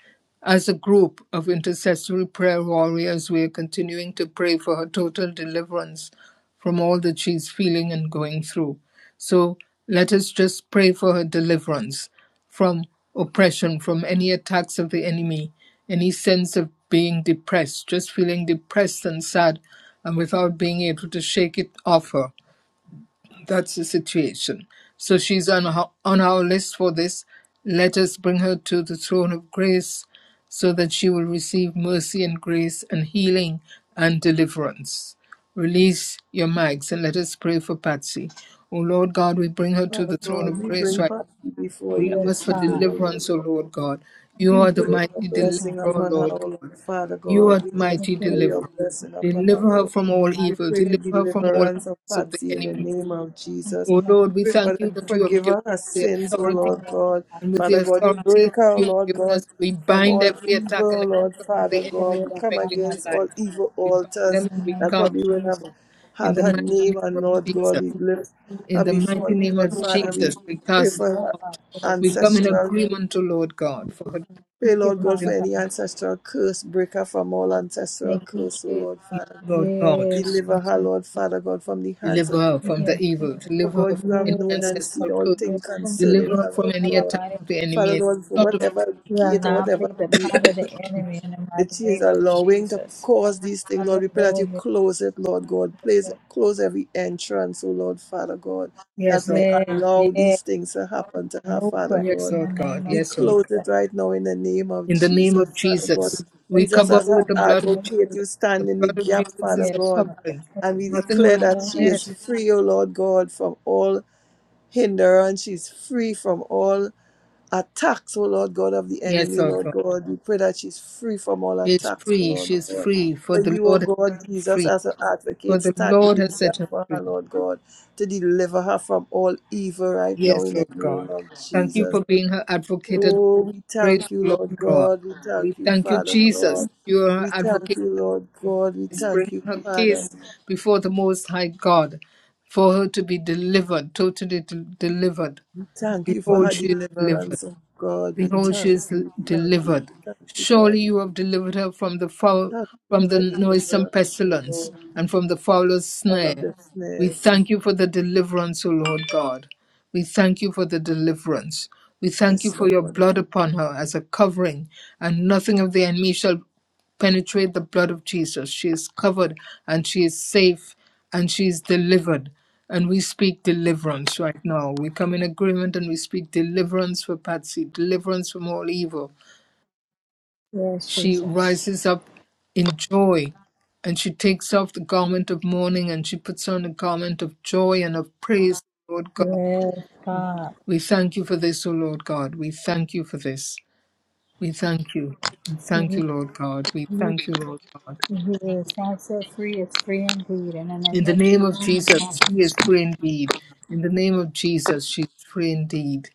Speaker 1: as a group of intercessory prayer warriors, we are continuing to pray for her total deliverance from all that she's feeling and going through. So let us just pray for her deliverance from oppression, from any attacks of the enemy, any sense of being depressed, just feeling depressed and sad and without being able to shake it off her. That's the situation. So she's on our, on our list for this. Let us bring her to the throne of grace so that she will receive mercy and grace and healing and deliverance. Release your mics and let us pray for Patsy. O Lord God, we bring her to
Speaker 4: Father
Speaker 1: the throne
Speaker 4: God,
Speaker 1: of
Speaker 4: we
Speaker 1: grace
Speaker 4: bring
Speaker 1: right
Speaker 4: Patsy before
Speaker 1: we
Speaker 4: you
Speaker 2: Yes,
Speaker 1: ask
Speaker 4: this
Speaker 1: for
Speaker 4: evening,
Speaker 2: God.
Speaker 4: O Lord
Speaker 1: deliverance, O
Speaker 4: God.
Speaker 1: Lord God. You
Speaker 4: We
Speaker 1: are the
Speaker 4: pray your
Speaker 1: mighty
Speaker 2: Thank you,
Speaker 1: deliverer,
Speaker 2: God.
Speaker 4: blessing
Speaker 1: O
Speaker 4: upon her,
Speaker 1: Lord
Speaker 4: O Lord
Speaker 1: God.
Speaker 4: Father
Speaker 1: You
Speaker 4: God.
Speaker 1: are the
Speaker 4: We just
Speaker 1: mighty
Speaker 2: Thank you, Lord
Speaker 4: pray your
Speaker 1: deliverer.
Speaker 4: blessing
Speaker 2: Jesus.
Speaker 4: upon her,
Speaker 1: Deliver her
Speaker 4: Lord.
Speaker 1: from
Speaker 2: In the
Speaker 1: all
Speaker 4: We
Speaker 2: mighty
Speaker 1: evil.
Speaker 4: pray
Speaker 1: Deliver her from all
Speaker 4: deliverance of
Speaker 1: attacks of the
Speaker 4: Patsy in the
Speaker 1: enemy.
Speaker 4: name of
Speaker 2: name
Speaker 4: Jesus.
Speaker 2: of
Speaker 1: O
Speaker 2: Lord
Speaker 1: Lord, we
Speaker 4: Pray, God,
Speaker 1: thank you
Speaker 4: that you
Speaker 1: that
Speaker 2: Jesus.
Speaker 1: you have
Speaker 4: forgive
Speaker 1: given
Speaker 4: her
Speaker 1: us
Speaker 4: her
Speaker 2: Lord
Speaker 1: the
Speaker 4: sins, O
Speaker 1: authority.
Speaker 2: God,
Speaker 4: Lord
Speaker 2: Lord
Speaker 4: God.
Speaker 2: God.
Speaker 1: And with the
Speaker 4: Father God, you
Speaker 1: authority
Speaker 4: break her,
Speaker 1: that
Speaker 4: O
Speaker 1: you have
Speaker 4: Lord
Speaker 1: given
Speaker 4: God,
Speaker 1: us, we
Speaker 4: from
Speaker 1: bind
Speaker 4: all
Speaker 1: every attack
Speaker 4: evil,
Speaker 2: Jesus,
Speaker 1: and
Speaker 4: O
Speaker 1: every
Speaker 4: Lord
Speaker 1: curse of
Speaker 2: The
Speaker 4: Father
Speaker 1: the
Speaker 4: God.
Speaker 1: enemy
Speaker 4: We
Speaker 2: Spirit of
Speaker 4: come
Speaker 2: God,
Speaker 1: affecting her
Speaker 2: Lord
Speaker 4: against all
Speaker 1: life.
Speaker 2: God.
Speaker 4: evil
Speaker 1: We bind
Speaker 2: In
Speaker 4: altars
Speaker 1: them and
Speaker 2: the
Speaker 1: we
Speaker 2: name
Speaker 4: that
Speaker 2: of
Speaker 1: cast
Speaker 4: probably would have
Speaker 1: them out
Speaker 2: Jesus.
Speaker 1: in
Speaker 4: had
Speaker 1: the
Speaker 4: her
Speaker 1: mighty
Speaker 4: name
Speaker 1: name
Speaker 4: and
Speaker 1: of
Speaker 2: Thank
Speaker 4: Lord
Speaker 2: you,
Speaker 4: God.
Speaker 1: Jesus.
Speaker 4: We
Speaker 2: Jesus.
Speaker 4: lift
Speaker 1: In
Speaker 4: her
Speaker 1: the
Speaker 2: Thank
Speaker 4: before
Speaker 1: mighty
Speaker 4: you,
Speaker 2: you,
Speaker 1: name
Speaker 4: Lord
Speaker 1: of
Speaker 2: Spirit
Speaker 4: Father. We
Speaker 1: Jesus, we
Speaker 4: pray
Speaker 1: cast them
Speaker 4: for
Speaker 2: of
Speaker 4: her
Speaker 1: out.
Speaker 2: God, God.
Speaker 1: We come in
Speaker 4: ancestral
Speaker 1: agreement, O Lord God, for her
Speaker 2: Thank
Speaker 4: Pray,
Speaker 2: you,
Speaker 4: Lord God, for
Speaker 1: deliverance.
Speaker 2: Father
Speaker 4: any
Speaker 2: God.
Speaker 4: ancestral curse, breaker from all
Speaker 2: Thank
Speaker 4: ancestral
Speaker 2: you,
Speaker 4: curse, O
Speaker 2: Jesus.
Speaker 4: Lord
Speaker 1: Yes,
Speaker 4: Father God.
Speaker 1: Lord God,
Speaker 2: Yes,
Speaker 4: Deliver her,
Speaker 2: Jesus.
Speaker 4: Lord Father God, from the hands
Speaker 1: deliver
Speaker 4: of the
Speaker 1: her from the
Speaker 2: Yes,
Speaker 4: enemy.
Speaker 1: evil,
Speaker 4: For
Speaker 1: deliver her
Speaker 4: God,
Speaker 1: from
Speaker 4: you have
Speaker 1: any
Speaker 4: known and
Speaker 2: yes,
Speaker 4: seen
Speaker 1: ancestral
Speaker 4: all
Speaker 1: curse,
Speaker 2: Father.
Speaker 4: things
Speaker 2: From the
Speaker 4: concerning
Speaker 1: deliver her
Speaker 4: her,
Speaker 2: evil
Speaker 1: from
Speaker 4: Lord
Speaker 2: in
Speaker 1: any
Speaker 2: the
Speaker 1: attack
Speaker 4: God.
Speaker 2: mighty
Speaker 1: of the
Speaker 4: Father
Speaker 1: enemy. And
Speaker 4: Lord, for
Speaker 1: not of,
Speaker 4: whatever gate or whatever
Speaker 2: of the enemy in the
Speaker 4: that
Speaker 2: mighty
Speaker 4: she is
Speaker 2: name of
Speaker 4: allowing to
Speaker 2: Jesus.
Speaker 4: cause these things, Lord. We pray that you
Speaker 2: Hallelujah.
Speaker 4: close it, Lord God. Please close every entrance, oh Lord, Father God, that
Speaker 1: yes, Lord
Speaker 4: may
Speaker 1: God.
Speaker 2: Yes,
Speaker 4: allow
Speaker 2: yes.
Speaker 4: these things to happen to her,
Speaker 2: No
Speaker 4: Father
Speaker 2: quick
Speaker 1: Yes,
Speaker 4: God.
Speaker 2: in the
Speaker 1: Lord God.
Speaker 2: name of
Speaker 4: We
Speaker 1: Yes,
Speaker 2: Jesus.
Speaker 1: Lord
Speaker 4: close
Speaker 1: God.
Speaker 4: it right now in the name of
Speaker 1: In the name of
Speaker 4: Jesus, Father God.
Speaker 1: Jesus,
Speaker 2: Yes,
Speaker 1: we
Speaker 4: Jesus,
Speaker 1: cover
Speaker 4: as
Speaker 1: with
Speaker 4: her
Speaker 1: the
Speaker 2: In the
Speaker 1: blood
Speaker 2: name
Speaker 1: of
Speaker 2: of
Speaker 1: Jesus.
Speaker 4: advocate,
Speaker 2: Jesus.
Speaker 4: you
Speaker 1: The
Speaker 4: stand in the
Speaker 1: blood of
Speaker 4: gap,
Speaker 1: Jesus
Speaker 4: Father
Speaker 1: is a
Speaker 2: Yes,
Speaker 4: God.
Speaker 2: Father.
Speaker 1: covering.
Speaker 4: And we
Speaker 2: Precious,
Speaker 1: Nothing
Speaker 2: precious
Speaker 4: declare
Speaker 1: will come
Speaker 4: that
Speaker 2: blood
Speaker 4: she
Speaker 2: of
Speaker 1: near.
Speaker 4: is
Speaker 2: Jesus.
Speaker 4: free, O Lord God, from all hindrance. She's free from all attacks, oh Lord God of the
Speaker 1: Yes,
Speaker 4: enemy,
Speaker 1: Lord
Speaker 4: Lord
Speaker 1: God.
Speaker 4: God. We pray that she's free from all
Speaker 1: She is
Speaker 4: attacks, oh
Speaker 1: free.
Speaker 4: Lord
Speaker 1: She is
Speaker 4: God.
Speaker 1: free, for
Speaker 4: For
Speaker 1: the
Speaker 4: you, oh
Speaker 1: Lord has set
Speaker 4: God,
Speaker 1: her
Speaker 4: Jesus,
Speaker 1: free.
Speaker 4: as her
Speaker 1: for
Speaker 4: advocate,
Speaker 1: the
Speaker 4: stand
Speaker 1: Lord
Speaker 4: in
Speaker 1: has
Speaker 4: the
Speaker 1: set
Speaker 4: gap
Speaker 1: her
Speaker 4: for her,
Speaker 1: free.
Speaker 4: Lord God, to deliver her from all evil right now
Speaker 1: Yes,
Speaker 4: in the
Speaker 1: Lord
Speaker 4: name
Speaker 1: God.
Speaker 4: of
Speaker 1: Thank you
Speaker 4: Jesus.
Speaker 1: for being her advocate. at the
Speaker 4: Oh, we
Speaker 1: Praise,
Speaker 4: thank you,
Speaker 1: Lord
Speaker 4: Lord
Speaker 1: God.
Speaker 4: God. We
Speaker 1: We
Speaker 4: thank you,
Speaker 1: thank you,
Speaker 4: Father
Speaker 1: Jesus, that
Speaker 4: God.
Speaker 1: you are her
Speaker 4: We thank
Speaker 1: advocate
Speaker 4: you,
Speaker 1: at the
Speaker 4: Lord
Speaker 1: throne
Speaker 4: God. We thank
Speaker 1: bringing
Speaker 4: you,
Speaker 1: her
Speaker 4: Father.
Speaker 1: case before the Most High God for her to be delivered, totally de- delivered.
Speaker 4: We thank you for
Speaker 1: Behold,
Speaker 4: her
Speaker 1: she is delivered.
Speaker 4: deliverance, oh God. We
Speaker 1: Behold, she
Speaker 4: thank
Speaker 1: is l-
Speaker 4: you. We thank you. We
Speaker 1: delivered.
Speaker 4: thank you for her.
Speaker 1: Surely you
Speaker 4: deliverance.
Speaker 1: have delivered her from the foul,
Speaker 4: Thank you
Speaker 1: from
Speaker 4: for
Speaker 1: the
Speaker 4: her
Speaker 1: noisome
Speaker 4: deliverance, O Lord.
Speaker 1: pestilence and from the fowler's
Speaker 4: all of
Speaker 1: snare.
Speaker 4: this
Speaker 1: We
Speaker 4: is
Speaker 1: thank you for the deliverance, O Lord God. We thank you for the deliverance. We thank you
Speaker 4: yes,
Speaker 1: for your
Speaker 4: Lord.
Speaker 1: blood upon her as a covering, and nothing of the enemy shall penetrate the blood of Jesus. She is covered and she is safe and she is delivered. And we speak deliverance right now. We come in agreement and we speak deliverance for Patsy, deliverance from all evil,
Speaker 2: Yes,
Speaker 1: she
Speaker 2: Jesus.
Speaker 1: rises up in joy and she takes off the garment of mourning and she puts on a garment of joy and of praise, Lord God.
Speaker 2: Yes, God.
Speaker 1: We thank you for this, O Lord God. We thank you for this. We thank you. We thank you, Lord God. We thank you, Lord God.
Speaker 2: Yes, I'm set free. It's free indeed in the
Speaker 1: In
Speaker 2: name
Speaker 1: the
Speaker 2: of
Speaker 1: name of
Speaker 2: Jesus.
Speaker 1: Jesus, she is free indeed. In the name of Jesus, she is free indeed.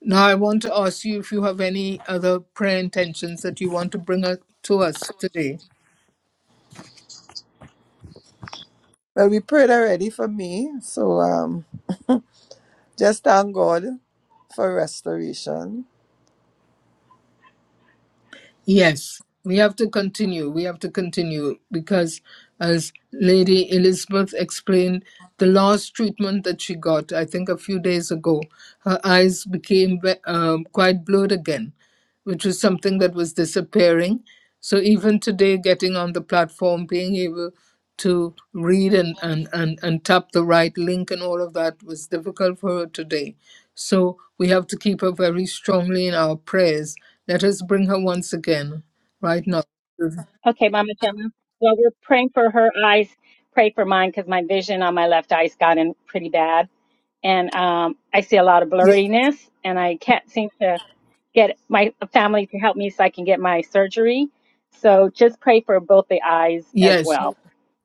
Speaker 1: Now, I want to ask you if you have any other prayer intentions that you want to bring up to us today.
Speaker 4: Well, we prayed already for me, so um, just thank God for restoration.
Speaker 1: Yes, we have to continue. We have to continue because, as Lady Elizabeth explained, the last treatment that she got, I think a few days ago, her eyes became ve- um, quite blurred again which was something that was disappearing. So even today, getting on the platform, being able to read and, and, and, and tap the right link and all of that was difficult for her today. So we have to keep her very strongly in our prayers. Let us bring her once again, right now.
Speaker 8: Okay, Mama Gemma. Well, we're praying for her eyes. Pray for mine because my vision on my left eye's gotten pretty bad, and um, I see a lot of
Speaker 1: Ye-
Speaker 8: blurriness, and I can't seem to get my family to help me so I can get my surgery. So just pray for both the eyes as
Speaker 1: Yes,
Speaker 8: well,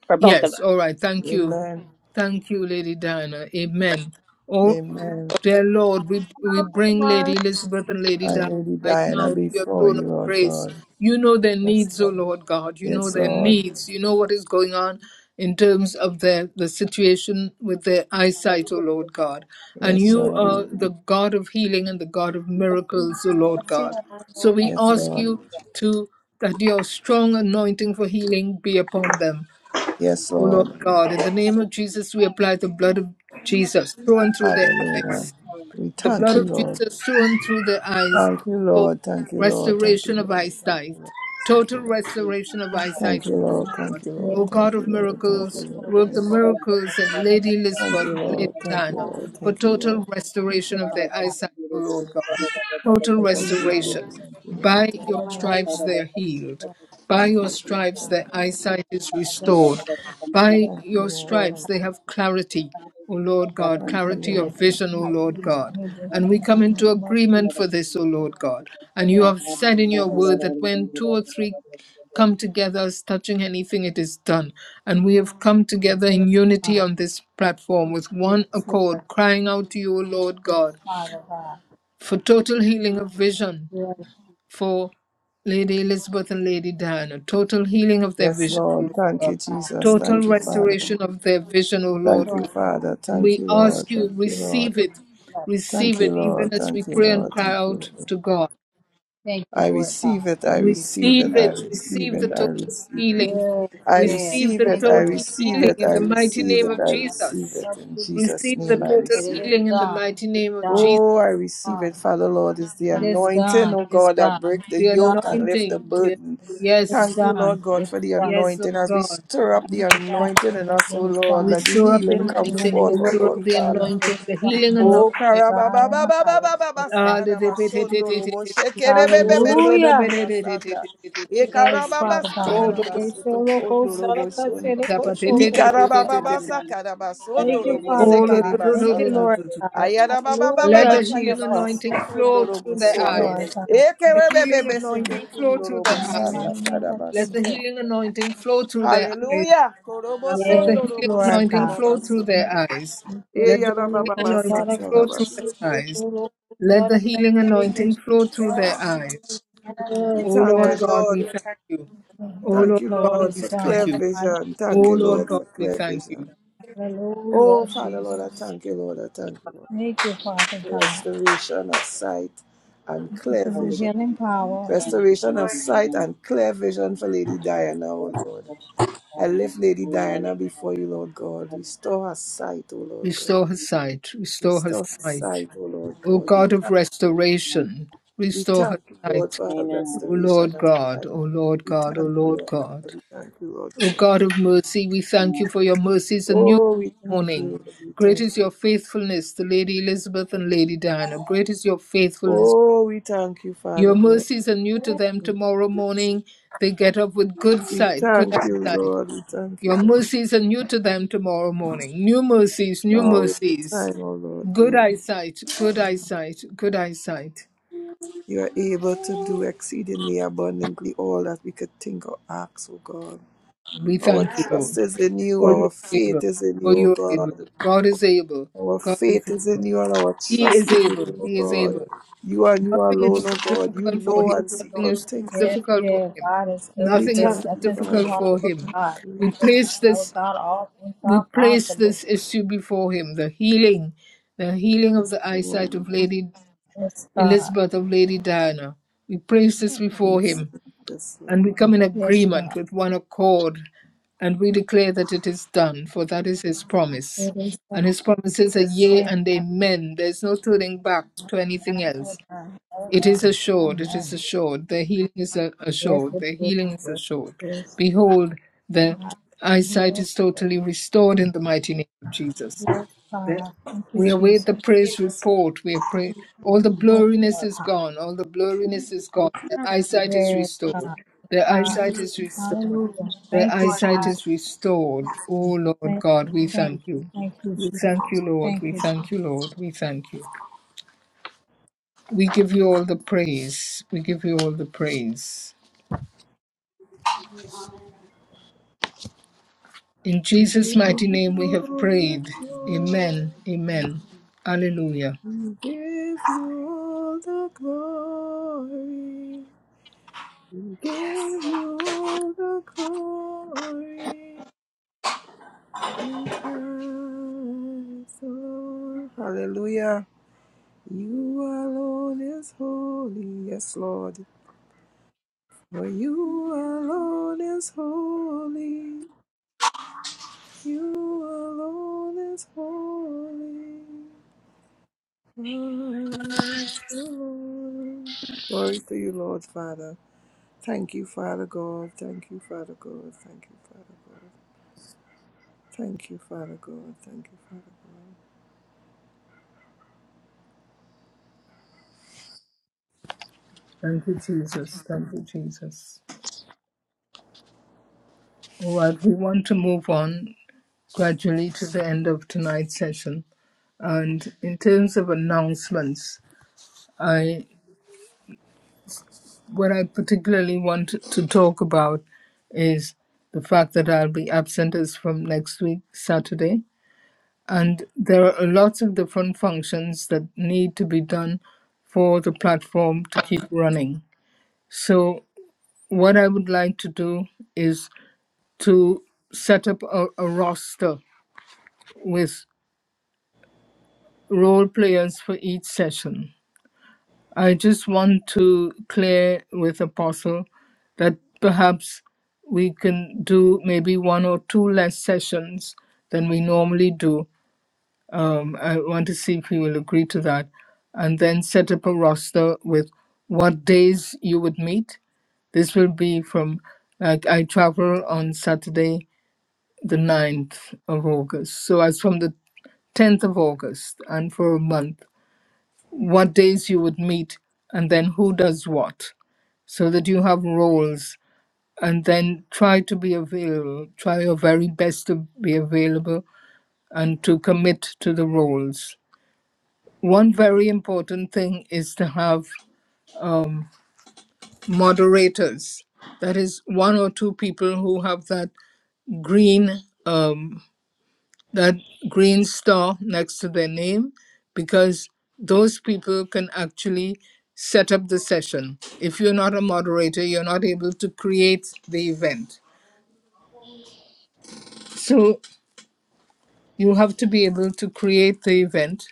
Speaker 8: for both of
Speaker 1: Yes, all right. Thank you.
Speaker 4: Amen.
Speaker 1: Thank you, Lady Diana. Amen. Oh,
Speaker 4: Amen.
Speaker 1: dear Lord, we, we
Speaker 5: Come
Speaker 1: bring
Speaker 5: on.
Speaker 1: Lady Elizabeth and Lady
Speaker 4: I'm
Speaker 1: Diana
Speaker 4: really
Speaker 1: right now
Speaker 4: dying
Speaker 1: to your
Speaker 4: before
Speaker 1: throne
Speaker 4: you,
Speaker 1: of
Speaker 4: Lord
Speaker 1: grace.
Speaker 4: God.
Speaker 1: You know their
Speaker 4: Yes,
Speaker 1: needs, oh
Speaker 4: Lord.
Speaker 1: Lord God. You know
Speaker 4: Yes,
Speaker 1: their
Speaker 4: Lord.
Speaker 1: needs. You know what is going on in terms of their the situation with their eyesight, oh
Speaker 8: us.
Speaker 1: Lord God. And
Speaker 4: Yes,
Speaker 1: you
Speaker 4: Lord.
Speaker 1: are the God of healing and the God of miracles, oh Lord God. So
Speaker 8: Thank
Speaker 1: we
Speaker 4: Yes,
Speaker 1: ask
Speaker 4: Lord.
Speaker 1: you to that your strong anointing for healing be upon them.
Speaker 4: Yes,
Speaker 1: O Lord
Speaker 4: Lord.
Speaker 1: God, in the name of Jesus, we apply the blood of Jesus thrown through their
Speaker 4: Hallelujah.
Speaker 1: eyes,
Speaker 4: We
Speaker 1: the
Speaker 4: thank
Speaker 1: blood
Speaker 4: you,
Speaker 1: of
Speaker 4: Lord.
Speaker 1: Jesus thrown through their eyes
Speaker 4: Thank you,
Speaker 1: for
Speaker 4: Lord. Thank you, Lord. Thank you,
Speaker 1: restoration of
Speaker 4: Lord. Thank you,
Speaker 1: eyesight, total
Speaker 4: Lord.
Speaker 1: restoration of
Speaker 4: Thank
Speaker 1: eyesight, O
Speaker 4: you,
Speaker 1: Lord
Speaker 4: Lord. Thank
Speaker 1: God.
Speaker 4: you, Lord. Thank you,
Speaker 1: O
Speaker 4: Lord.
Speaker 2: Yes.
Speaker 1: God
Speaker 4: Thank you,
Speaker 1: of
Speaker 4: Lord.
Speaker 2: Holy,
Speaker 4: Thank you,
Speaker 1: miracles,
Speaker 4: Lord.
Speaker 2: holy,
Speaker 4: Thank you,
Speaker 1: work the
Speaker 4: Lord.
Speaker 2: holy
Speaker 1: miracles
Speaker 2: God.
Speaker 1: in Lady
Speaker 4: Thank
Speaker 1: Elizabeth
Speaker 4: you,
Speaker 2: Jesus,
Speaker 1: and Lady
Speaker 4: Lord.
Speaker 2: Lord
Speaker 4: Thank you,
Speaker 1: Diana
Speaker 2: God.
Speaker 4: Lord.
Speaker 1: for
Speaker 4: Thank you,
Speaker 1: total
Speaker 4: Lord.
Speaker 2: Thank
Speaker 1: restoration
Speaker 2: you,
Speaker 1: of
Speaker 2: Lord
Speaker 1: their
Speaker 2: God.
Speaker 1: eyesight, O Lord God. Total
Speaker 2: For
Speaker 4: Thank
Speaker 2: Jesus.
Speaker 4: you, Lord.
Speaker 1: restoration.
Speaker 4: Thank you, Lord.
Speaker 1: By
Speaker 2: Thank
Speaker 1: your
Speaker 2: you, Lord
Speaker 1: stripes
Speaker 2: God.
Speaker 1: they are healed.
Speaker 2: Lord
Speaker 1: By
Speaker 4: Thank
Speaker 1: your
Speaker 4: you.
Speaker 1: stripes,
Speaker 2: God.
Speaker 4: Thank
Speaker 1: their
Speaker 4: you, Lord.
Speaker 1: eyesight is
Speaker 2: Great
Speaker 1: restored.
Speaker 2: are
Speaker 1: By
Speaker 4: Thank you,
Speaker 1: your
Speaker 2: you,
Speaker 4: Lord.
Speaker 2: Lord
Speaker 1: stripes,
Speaker 4: Thank
Speaker 1: they
Speaker 2: God.
Speaker 4: you.
Speaker 1: have clarity, O Lord God,
Speaker 4: Thank you,
Speaker 1: clarity
Speaker 4: Lord.
Speaker 1: of
Speaker 2: Yes,
Speaker 4: Thank
Speaker 2: Lord
Speaker 1: vision, O
Speaker 4: you.
Speaker 2: God.
Speaker 1: Lord
Speaker 2: Please
Speaker 1: God.
Speaker 2: honor this
Speaker 1: And we
Speaker 4: Thank
Speaker 2: man
Speaker 4: you.
Speaker 1: come
Speaker 2: and the
Speaker 1: into
Speaker 2: work Jesus.
Speaker 1: agreement for this, O Lord God. And
Speaker 2: Good
Speaker 1: you
Speaker 2: Lord.
Speaker 1: have said in your
Speaker 2: Yes,
Speaker 1: word that when two or three come together as touching anything, it is done. And we have come together
Speaker 2: it
Speaker 1: in
Speaker 2: is
Speaker 1: unity
Speaker 2: God.
Speaker 1: on this platform with
Speaker 2: Yes,
Speaker 1: one
Speaker 2: Lord
Speaker 1: accord,
Speaker 2: God.
Speaker 1: crying out to you, O Lord
Speaker 2: yes,
Speaker 1: God,
Speaker 2: Father God.
Speaker 1: for total healing of vision
Speaker 2: Yes,
Speaker 1: for Lady Elizabeth and Lady Diana. Total healing of their
Speaker 4: Yes,
Speaker 1: vision, O
Speaker 4: Lord.
Speaker 1: Lord
Speaker 2: Lord
Speaker 4: Thank
Speaker 1: God.
Speaker 4: you,
Speaker 2: God.
Speaker 4: Jesus.
Speaker 1: Total
Speaker 4: Thank you, Father.
Speaker 1: restoration of their vision, O
Speaker 4: Thank
Speaker 1: Lord
Speaker 4: you,
Speaker 2: Lord
Speaker 1: God.
Speaker 2: God.
Speaker 4: Father.
Speaker 1: And
Speaker 4: Thank
Speaker 1: we
Speaker 4: you, Lord.
Speaker 1: ask you,
Speaker 4: Thank you, Lord.
Speaker 1: receive
Speaker 2: yes,
Speaker 1: it.
Speaker 2: Jesus.
Speaker 1: Receive
Speaker 4: Thank you,
Speaker 1: it even
Speaker 4: Lord.
Speaker 1: as we
Speaker 4: Thank you,
Speaker 1: pray and
Speaker 4: Lord.
Speaker 1: cry
Speaker 4: Thank you,
Speaker 1: out
Speaker 4: Lord.
Speaker 1: to God.
Speaker 2: Thank you,
Speaker 4: I
Speaker 2: Lord
Speaker 4: receive
Speaker 2: God.
Speaker 4: it. I
Speaker 2: Thank you,
Speaker 4: receive
Speaker 1: Receive
Speaker 4: it.
Speaker 2: Jesus.
Speaker 4: I
Speaker 1: it.
Speaker 4: receive
Speaker 1: Receive the
Speaker 4: it. I
Speaker 1: total
Speaker 4: receive it.
Speaker 1: healing.
Speaker 2: Yes,
Speaker 4: I
Speaker 2: yes.
Speaker 1: Receive
Speaker 4: receive
Speaker 1: the
Speaker 4: it.
Speaker 2: Thank you,
Speaker 4: I
Speaker 1: total
Speaker 2: Lord
Speaker 4: receive
Speaker 2: God.
Speaker 1: healing
Speaker 4: it.
Speaker 1: in
Speaker 4: I
Speaker 1: the mighty
Speaker 2: Thank you,
Speaker 4: receive
Speaker 1: name
Speaker 2: in
Speaker 4: it.
Speaker 1: of
Speaker 2: the
Speaker 4: I
Speaker 2: mighty name
Speaker 4: receive
Speaker 1: Jesus.
Speaker 4: it.
Speaker 2: of
Speaker 4: In
Speaker 2: Jesus.
Speaker 4: Jesus'
Speaker 1: Receive the
Speaker 4: name, I
Speaker 1: total
Speaker 2: It
Speaker 4: receive it.
Speaker 2: is
Speaker 1: healing in the
Speaker 2: done.
Speaker 1: mighty
Speaker 2: It is
Speaker 1: name of
Speaker 2: done.
Speaker 1: Jesus.
Speaker 4: Oh, I receive it, Father Lord. It's the
Speaker 2: It is
Speaker 4: anointing,
Speaker 2: done.
Speaker 4: oh
Speaker 2: It is
Speaker 4: God, that
Speaker 2: done.
Speaker 4: break
Speaker 2: It
Speaker 4: the
Speaker 1: The
Speaker 2: is
Speaker 4: yoke
Speaker 2: done.
Speaker 4: and lift the
Speaker 1: anointing. The,
Speaker 4: burden.
Speaker 2: It is
Speaker 1: yes.
Speaker 4: Thank you,
Speaker 2: done.
Speaker 4: Lord
Speaker 2: It
Speaker 4: God, for
Speaker 2: is
Speaker 4: the
Speaker 2: done.
Speaker 1: Yes,
Speaker 4: anointing.
Speaker 1: Lord
Speaker 4: As we
Speaker 1: God.
Speaker 4: stir up the
Speaker 2: It's done. It is done.
Speaker 4: anointing in us,
Speaker 2: It
Speaker 4: oh
Speaker 2: is
Speaker 4: Lord,
Speaker 1: We
Speaker 4: let
Speaker 2: done.
Speaker 4: the
Speaker 1: stir up the
Speaker 4: healing come
Speaker 2: In the
Speaker 1: anointing. We
Speaker 4: forth,
Speaker 2: name
Speaker 4: oh
Speaker 2: of
Speaker 1: stir up
Speaker 4: Lord,
Speaker 1: the
Speaker 4: Father.
Speaker 2: Jesus, it
Speaker 1: anointing,
Speaker 2: is
Speaker 1: the healing
Speaker 2: done. Glory
Speaker 1: anointing.
Speaker 4: O
Speaker 2: to
Speaker 4: karababa
Speaker 2: God and
Speaker 4: baba
Speaker 2: the
Speaker 4: baba
Speaker 2: highest Lord
Speaker 4: baba
Speaker 2: God.
Speaker 1: Ah, the the
Speaker 4: sakaraba
Speaker 1: the the the the
Speaker 4: sondoro
Speaker 1: the
Speaker 4: bo
Speaker 1: the the
Speaker 4: shekere bebe
Speaker 1: do-
Speaker 4: be
Speaker 1: do- do- do- the
Speaker 4: setera
Speaker 2: Hallelujah.
Speaker 1: the the the the
Speaker 4: basanda.
Speaker 1: the the
Speaker 4: E
Speaker 1: the
Speaker 2: Yes,
Speaker 1: the the the te-
Speaker 4: karababa
Speaker 2: Father
Speaker 1: do- do-
Speaker 2: God.
Speaker 1: do-
Speaker 4: sakaraba
Speaker 1: do-
Speaker 2: Okay, so
Speaker 4: soto
Speaker 2: local,
Speaker 4: kondoro bo sondo.
Speaker 1: da- pa- te- te-
Speaker 4: I
Speaker 1: te- te- te-
Speaker 4: karababa
Speaker 1: te- te-
Speaker 4: baba
Speaker 1: te-
Speaker 8: you.
Speaker 4: sakaraba
Speaker 8: Amen. Amen.
Speaker 2: Thank you,
Speaker 4: sondoro bo
Speaker 2: Father
Speaker 1: oh, do-
Speaker 4: sekere
Speaker 1: do-
Speaker 2: God.
Speaker 1: do- do-
Speaker 2: Thank you,
Speaker 1: do-
Speaker 4: basata.
Speaker 1: do-
Speaker 2: Lord
Speaker 1: do- do.
Speaker 2: God.
Speaker 4: Ayara baba baba
Speaker 1: Let
Speaker 2: Hallelujah,
Speaker 1: the
Speaker 4: baka ya
Speaker 1: healing
Speaker 2: Jesus.
Speaker 4: basoto
Speaker 1: anointing flow
Speaker 4: kondoro bo
Speaker 1: through
Speaker 2: Thank
Speaker 1: their
Speaker 2: you,
Speaker 4: sondo.
Speaker 2: Lord
Speaker 1: eyes.
Speaker 2: God.
Speaker 4: E
Speaker 1: The
Speaker 4: kere bebe
Speaker 1: healing
Speaker 4: be sete
Speaker 1: anointing flow through
Speaker 4: kondoro bo
Speaker 1: their
Speaker 2: In the mighty
Speaker 4: sanda
Speaker 1: eyes.
Speaker 2: name of
Speaker 4: karaba
Speaker 1: Let the
Speaker 2: Jesus.
Speaker 4: soto.
Speaker 1: healing anointing flow through their eyes.
Speaker 4: Hallelujah. Korobo
Speaker 1: Let
Speaker 2: Yes,
Speaker 1: the
Speaker 4: sondoro
Speaker 1: healing
Speaker 4: bo
Speaker 2: Lord
Speaker 1: anointing
Speaker 2: God.
Speaker 4: sakaraba
Speaker 1: flow through
Speaker 4: soto.
Speaker 1: their eyes.
Speaker 2: Thank
Speaker 4: E
Speaker 1: Let
Speaker 2: you,
Speaker 1: the
Speaker 4: yara
Speaker 2: Lord
Speaker 1: healing
Speaker 4: baba baba
Speaker 2: God.
Speaker 1: anointing
Speaker 2: Thank
Speaker 1: flow through
Speaker 4: sakaraba
Speaker 1: their eyes. Let the healing anointing
Speaker 2: you,
Speaker 1: flow through their eyes. O
Speaker 2: Yes,
Speaker 4: Thank you,
Speaker 1: Lord
Speaker 2: Lord God.
Speaker 1: God, we
Speaker 4: Lord.
Speaker 1: thank you.
Speaker 2: In
Speaker 1: O
Speaker 4: Thank
Speaker 2: heaven's
Speaker 1: Lord
Speaker 4: you,
Speaker 2: Lord it
Speaker 1: God,
Speaker 4: Lord,
Speaker 2: is
Speaker 1: we
Speaker 4: for
Speaker 2: done. In
Speaker 1: thank
Speaker 4: clear
Speaker 2: the
Speaker 1: you.
Speaker 2: mighty name
Speaker 4: vision.
Speaker 1: O
Speaker 2: of
Speaker 4: Thank you,
Speaker 1: Lord
Speaker 2: Jesus.
Speaker 4: Lord,
Speaker 1: God,
Speaker 4: for
Speaker 1: we
Speaker 4: clear
Speaker 1: thank
Speaker 4: vision.
Speaker 1: you.
Speaker 2: Hallelujah,
Speaker 4: Oh, Father, Lord, I
Speaker 2: Jesus.
Speaker 4: thank you, Lord. I thank you, Lord.
Speaker 2: Thank you, Father
Speaker 4: for
Speaker 2: God.
Speaker 4: Restoration of sight and
Speaker 2: Thank you for
Speaker 4: clear
Speaker 2: your
Speaker 4: vision.
Speaker 2: healing power.
Speaker 4: Restoration of sight and clear vision for Lady Diana, oh Lord. I lift Lady Diana before you, Lord God. Restore her sight, oh Lord
Speaker 1: Restore
Speaker 4: God.
Speaker 1: her sight. Restore her
Speaker 4: Restore her
Speaker 1: sight.
Speaker 4: sight, oh Lord
Speaker 1: O
Speaker 4: God. We
Speaker 1: God of
Speaker 4: thank,
Speaker 1: restoration,
Speaker 4: we
Speaker 1: restore her
Speaker 4: thank you, Lord,
Speaker 1: sight.
Speaker 4: for her
Speaker 1: O
Speaker 8: Amen.
Speaker 4: restoration
Speaker 1: Lord
Speaker 4: of
Speaker 1: God,
Speaker 4: sight.
Speaker 1: O Lord
Speaker 4: We
Speaker 1: God, O
Speaker 4: thank you,
Speaker 1: Lord
Speaker 4: Lord
Speaker 1: God.
Speaker 4: God. We thank you, Lord
Speaker 1: O
Speaker 4: God.
Speaker 1: God of mercy, we
Speaker 8: Amen.
Speaker 1: thank you for your mercies anew every
Speaker 4: Oh, we thank you,
Speaker 1: morning.
Speaker 4: Lord. We
Speaker 1: Great
Speaker 4: thank
Speaker 1: is
Speaker 4: you.
Speaker 1: your faithfulness to Lady Elizabeth and Lady Diana. Great is your faithfulness.
Speaker 4: Oh, we thank you, Father
Speaker 1: Your
Speaker 4: God.
Speaker 1: mercies are new to them tomorrow morning. They get up with good
Speaker 4: We
Speaker 1: sight, good
Speaker 4: thank you,
Speaker 1: eyesight.
Speaker 4: Lord. We thank you,
Speaker 1: Your
Speaker 4: Lord.
Speaker 1: mercies are new to them tomorrow morning. New mercies, new
Speaker 4: Now is the
Speaker 1: mercies.
Speaker 4: time, O Lord
Speaker 1: Good
Speaker 4: God.
Speaker 1: eyesight, good eyesight, good eyesight.
Speaker 4: You are able to do exceedingly abundantly all that we could think or ask, O God.
Speaker 1: We
Speaker 4: Our
Speaker 1: thank you,
Speaker 4: trust
Speaker 1: Lord,
Speaker 4: is in you.
Speaker 1: for your
Speaker 4: Our faith
Speaker 1: able,
Speaker 4: is in
Speaker 1: for
Speaker 4: you, O
Speaker 1: your able.
Speaker 4: God.
Speaker 1: God is able.
Speaker 4: Our
Speaker 1: God is
Speaker 4: faith is
Speaker 1: able.
Speaker 4: in you and our
Speaker 1: He is
Speaker 4: trust is in
Speaker 1: able.
Speaker 4: you, O
Speaker 1: He is
Speaker 4: God.
Speaker 1: able.
Speaker 4: You and you
Speaker 1: Nothing
Speaker 4: alone,
Speaker 1: is
Speaker 4: O
Speaker 1: too
Speaker 4: God. You
Speaker 1: difficult for
Speaker 4: know
Speaker 1: him.
Speaker 4: and see
Speaker 1: Nothing
Speaker 4: all
Speaker 1: is too
Speaker 4: things.
Speaker 2: Yes,
Speaker 1: difficult for
Speaker 2: yeah,
Speaker 1: him.
Speaker 2: God is
Speaker 4: We
Speaker 2: able.
Speaker 1: Nothing is
Speaker 2: There's
Speaker 4: thank
Speaker 1: too
Speaker 4: you,
Speaker 2: nothing too
Speaker 1: difficult
Speaker 4: Father.
Speaker 2: hard
Speaker 1: for
Speaker 4: We
Speaker 2: for
Speaker 1: him.
Speaker 4: thank
Speaker 2: God.
Speaker 4: you. We
Speaker 1: We
Speaker 4: thank
Speaker 2: With
Speaker 4: you.
Speaker 1: place
Speaker 2: Our
Speaker 1: this
Speaker 2: God, all things
Speaker 1: we
Speaker 2: are
Speaker 1: place
Speaker 2: possible.
Speaker 1: this issue before him. The healing, the healing of
Speaker 4: Yes,
Speaker 1: the eyesight
Speaker 4: Lord.
Speaker 1: of Lady
Speaker 2: Yes, God.
Speaker 1: Elizabeth of Lady Diana. We place this before
Speaker 4: Yes,
Speaker 1: him
Speaker 4: yes, Lord.
Speaker 1: and we come in
Speaker 2: Yes,
Speaker 1: agreement
Speaker 2: God.
Speaker 1: with one accord and we declare that it is done, for that is his promise.
Speaker 2: It is so.
Speaker 1: And his promises are yea
Speaker 2: Amen.
Speaker 1: and amen. There's no turning back to anything
Speaker 2: Amen.
Speaker 1: else.
Speaker 2: Amen.
Speaker 1: It
Speaker 2: Amen.
Speaker 1: is assured, it is
Speaker 2: Amen.
Speaker 1: assured. Their healing is a-
Speaker 2: Yes,
Speaker 1: assured,
Speaker 2: it
Speaker 1: their
Speaker 2: is.
Speaker 1: healing is
Speaker 2: Yes,
Speaker 1: assured.
Speaker 2: it is.
Speaker 1: Behold, their
Speaker 2: God, you
Speaker 1: eyesight
Speaker 2: are
Speaker 1: is
Speaker 2: great.
Speaker 1: totally restored in the mighty name of Jesus.
Speaker 2: Yes,
Speaker 1: Yes.
Speaker 2: God. Thank you,
Speaker 1: We await
Speaker 2: Jesus.
Speaker 1: the praise report. We are praying. All the
Speaker 2: Yes, you
Speaker 1: blurriness
Speaker 2: are
Speaker 1: is
Speaker 2: God.
Speaker 1: gone. All the blurriness is gone. Their eyesight is
Speaker 2: Yes,
Speaker 1: restored.
Speaker 2: God. Yes,
Speaker 1: Their
Speaker 2: God.
Speaker 1: eyesight is restored.
Speaker 2: Hallelujah.
Speaker 1: Their
Speaker 2: Thank you,
Speaker 9: Lord
Speaker 1: eyesight
Speaker 9: God.
Speaker 2: Jesus.
Speaker 1: is restored. Oh Lord
Speaker 2: Thank
Speaker 1: God,
Speaker 2: you.
Speaker 1: we
Speaker 2: Thank
Speaker 1: thank
Speaker 2: you.
Speaker 1: you.
Speaker 2: Thank you,
Speaker 1: We thank you,
Speaker 2: Jesus.
Speaker 1: Lord.
Speaker 2: Thank
Speaker 1: We
Speaker 2: you, Jesus.
Speaker 1: thank you, Lord. We thank you. We give you all the praise. We give you all the praise. In
Speaker 4: We
Speaker 1: Jesus'
Speaker 4: give
Speaker 1: mighty name we
Speaker 4: you
Speaker 1: have
Speaker 4: all the
Speaker 1: prayed.
Speaker 4: glory.
Speaker 1: Amen. Amen. Hallelujah.
Speaker 4: We give you all the glory. We give you all the glory in Christ, Lord. Hallelujah. You alone is holy. Yes, Lord. For you alone is holy. You alone is holy. Glory to the Lord. Glory to you, Lord Father. Thank you, Father God. Thank you, Father God. Thank you, Father God. Thank you, Father God. Thank you, Father God.
Speaker 1: Thank you, Jesus. Thank you, Jesus. All right, we want to move on gradually to the end of tonight's session. And in terms of announcements, I what I particularly want to talk about is the fact that I'll be absent is from next week, Saturday. And there are lots of different functions that need to be done for the platform to keep running. So, what I would like to do is to set up a, a roster with role players for each session. I just want to clear with Apostle that perhaps we can do maybe one or two less sessions than we normally do. Um, I want to see if he will agree to that. And then set up a roster with what days you would meet. This will be from, like, I travel on Saturday, the ninth of August. So as from the 10th of August and for a month what days you would meet, and then who does what, so that you have roles. And then try to be available, try your very best to be available and to commit to the roles. One very important thing is to have um, moderators. That is, one or two people who have that green um. that green star next to their name because those people can actually set up the session. If you're not a moderator, you're not able to create the event. So you have to be able to create the event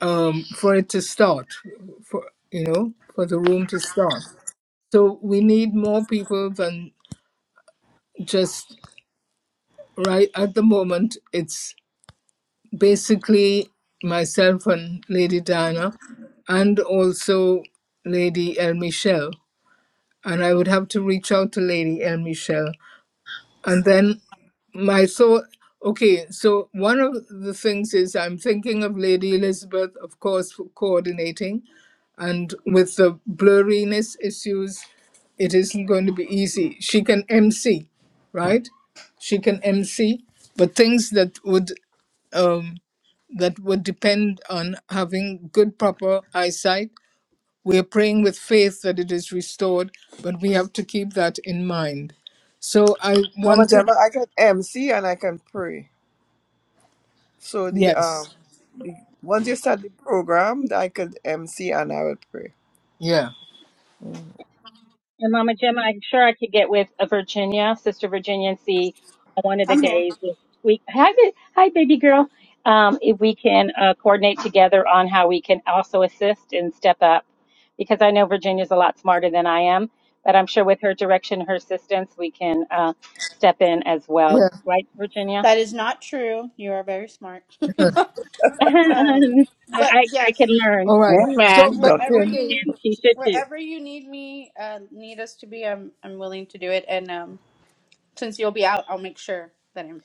Speaker 1: um, for it to start, for you know, for the room to start. So we need more people than just right at the moment. It's basically myself and Lady Diana, and also Lady El Michelle. And I would have to reach out to Lady El Michelle. And then my thought okay, so one of the things is I'm thinking of Lady Elizabeth, of course, for coordinating. And with the blurriness issues, it isn't going to be easy. She can MC, right? She can MC, but things that would. Um, that would depend on having good, proper eyesight. We're praying with faith that it is restored, but we have to keep that in mind. So I
Speaker 4: Mama
Speaker 1: want to.
Speaker 4: Jama, I can MC and I can pray. So the um
Speaker 1: yes,
Speaker 4: the, once you start the program, I could MC and I will pray.
Speaker 1: yeah,
Speaker 4: Mm.
Speaker 8: And Mama Gemma, I'm sure I could get with uh Virginia, Sister Virginia, and see on one of the
Speaker 9: I'm here.
Speaker 8: days if we hi, ba- hi baby girl, um, if we can uh, coordinate together on how we can also assist and step up, because I know Virginia's a lot smarter than I am, but I'm sure with her direction, her assistance, we can uh, step in as well,
Speaker 1: yeah,
Speaker 8: right, Virginia?
Speaker 9: That is not true. You are very smart.
Speaker 8: I,
Speaker 9: Um,
Speaker 8: I
Speaker 9: but
Speaker 8: I
Speaker 9: yes.
Speaker 8: can learn,
Speaker 1: all right.
Speaker 9: Where,
Speaker 1: So,
Speaker 3: Amen.
Speaker 1: but
Speaker 9: wherever
Speaker 4: Duncan.
Speaker 9: you
Speaker 1: okay,
Speaker 9: need,
Speaker 8: and she should too.
Speaker 9: wherever you need me, uh, need us to be, I'm I'm willing to do it. And um, since you'll be out, I'll make sure that I'm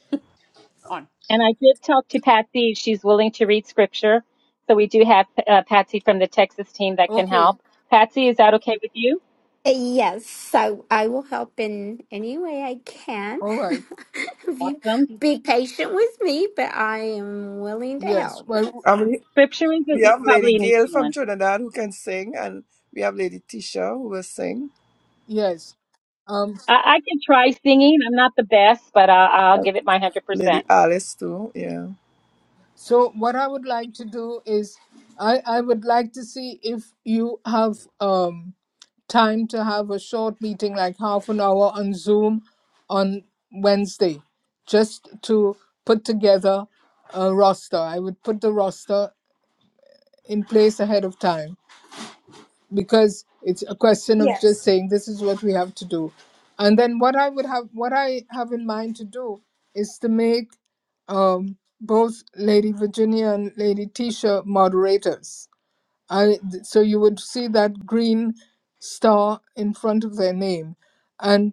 Speaker 9: on.
Speaker 8: And I did talk to Patsy. She's willing to read scripture. So we do have uh, Patsy from the Texas team that can help.
Speaker 1: okay,
Speaker 8: Patsy, is that okay with you?
Speaker 11: Yes, so I will help in any way I can.
Speaker 1: all right,
Speaker 11: Be,
Speaker 8: Awesome.
Speaker 11: be patient with me, but I am willing to
Speaker 1: yes,
Speaker 11: help.
Speaker 1: well,
Speaker 4: I mean,
Speaker 8: Scripture is a,
Speaker 4: we
Speaker 8: e,
Speaker 4: have Lady
Speaker 8: probably an
Speaker 4: Gail
Speaker 8: easy
Speaker 4: from
Speaker 8: one.
Speaker 4: Trinidad who can sing, and we have Lady Tisha who will sing.
Speaker 1: yes. Um,
Speaker 8: I, I can try singing. I'm not the best, but I, I'll
Speaker 4: and
Speaker 8: give it my 100%.
Speaker 4: Lady Alice too. Yeah.
Speaker 1: so what I would like to do is, I I would like to see if you have um time to have a short meeting, like half an hour on Zoom on Wednesday, just to put together a roster. I would put the roster in place ahead of time because it's a question of just saying this is what we have to do. And then what I would have, what I have in mind to do is to make um, both Lady Virginia and Lady Tisha moderators I th- so you would see that green star in front of their name, and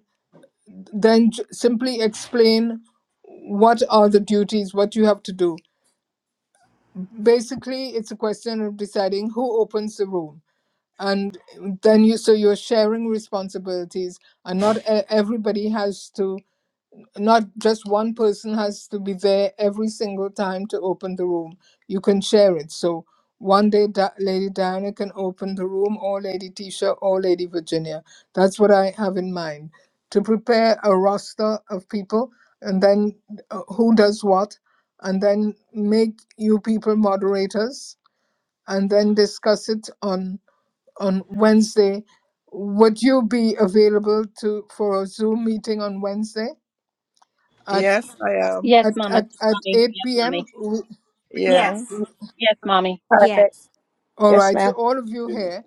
Speaker 1: then j- simply explain what are the duties, what you have to do. Basically, it's a question of deciding who opens the room, and then you so you're sharing responsibilities, and not e- everybody has to not just one person has to be there every single time to open the room. You can share it. So one day Di- Lady Diana can open the room, or Lady Tisha, or Lady Virginia. That's what I have in mind to prepare a roster of people, and then uh, who does what, and then make you people moderators, and then discuss it on on Wednesday. Would you be available to for a Zoom meeting on Wednesday? at
Speaker 4: Yes, I am.
Speaker 8: Yes,
Speaker 1: at
Speaker 8: Mama.
Speaker 1: at at
Speaker 8: Mommy.
Speaker 1: 8
Speaker 8: Yes,
Speaker 1: p.m.
Speaker 8: Mommy.
Speaker 9: Yes,
Speaker 4: Yeah.
Speaker 8: Yes, Mommy.
Speaker 3: Perfect.
Speaker 11: Yes.
Speaker 1: All
Speaker 3: Yes,
Speaker 1: right, so
Speaker 3: ma'am.
Speaker 1: all of you here,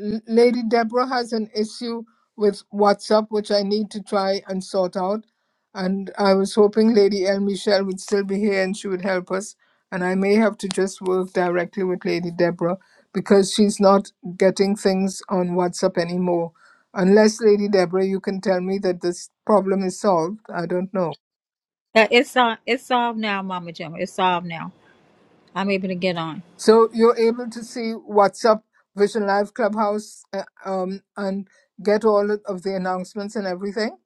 Speaker 1: L- Lady Deborah has an issue with WhatsApp, which I need to try and sort out. And I was hoping Lady El Michelle would still be here and she would help us. And I may have to just work directly with Lady Deborah because she's not getting things on WhatsApp anymore. Unless Lady Deborah, you can tell me that this problem is solved. I don't know.
Speaker 2: Uh, It's uh, it's solved now, Mama Gemma. It's solved now. I'm able to get on.
Speaker 1: So you're able to see WhatsApp, Vision Live, Clubhouse, uh, um, and get all of the announcements and everything.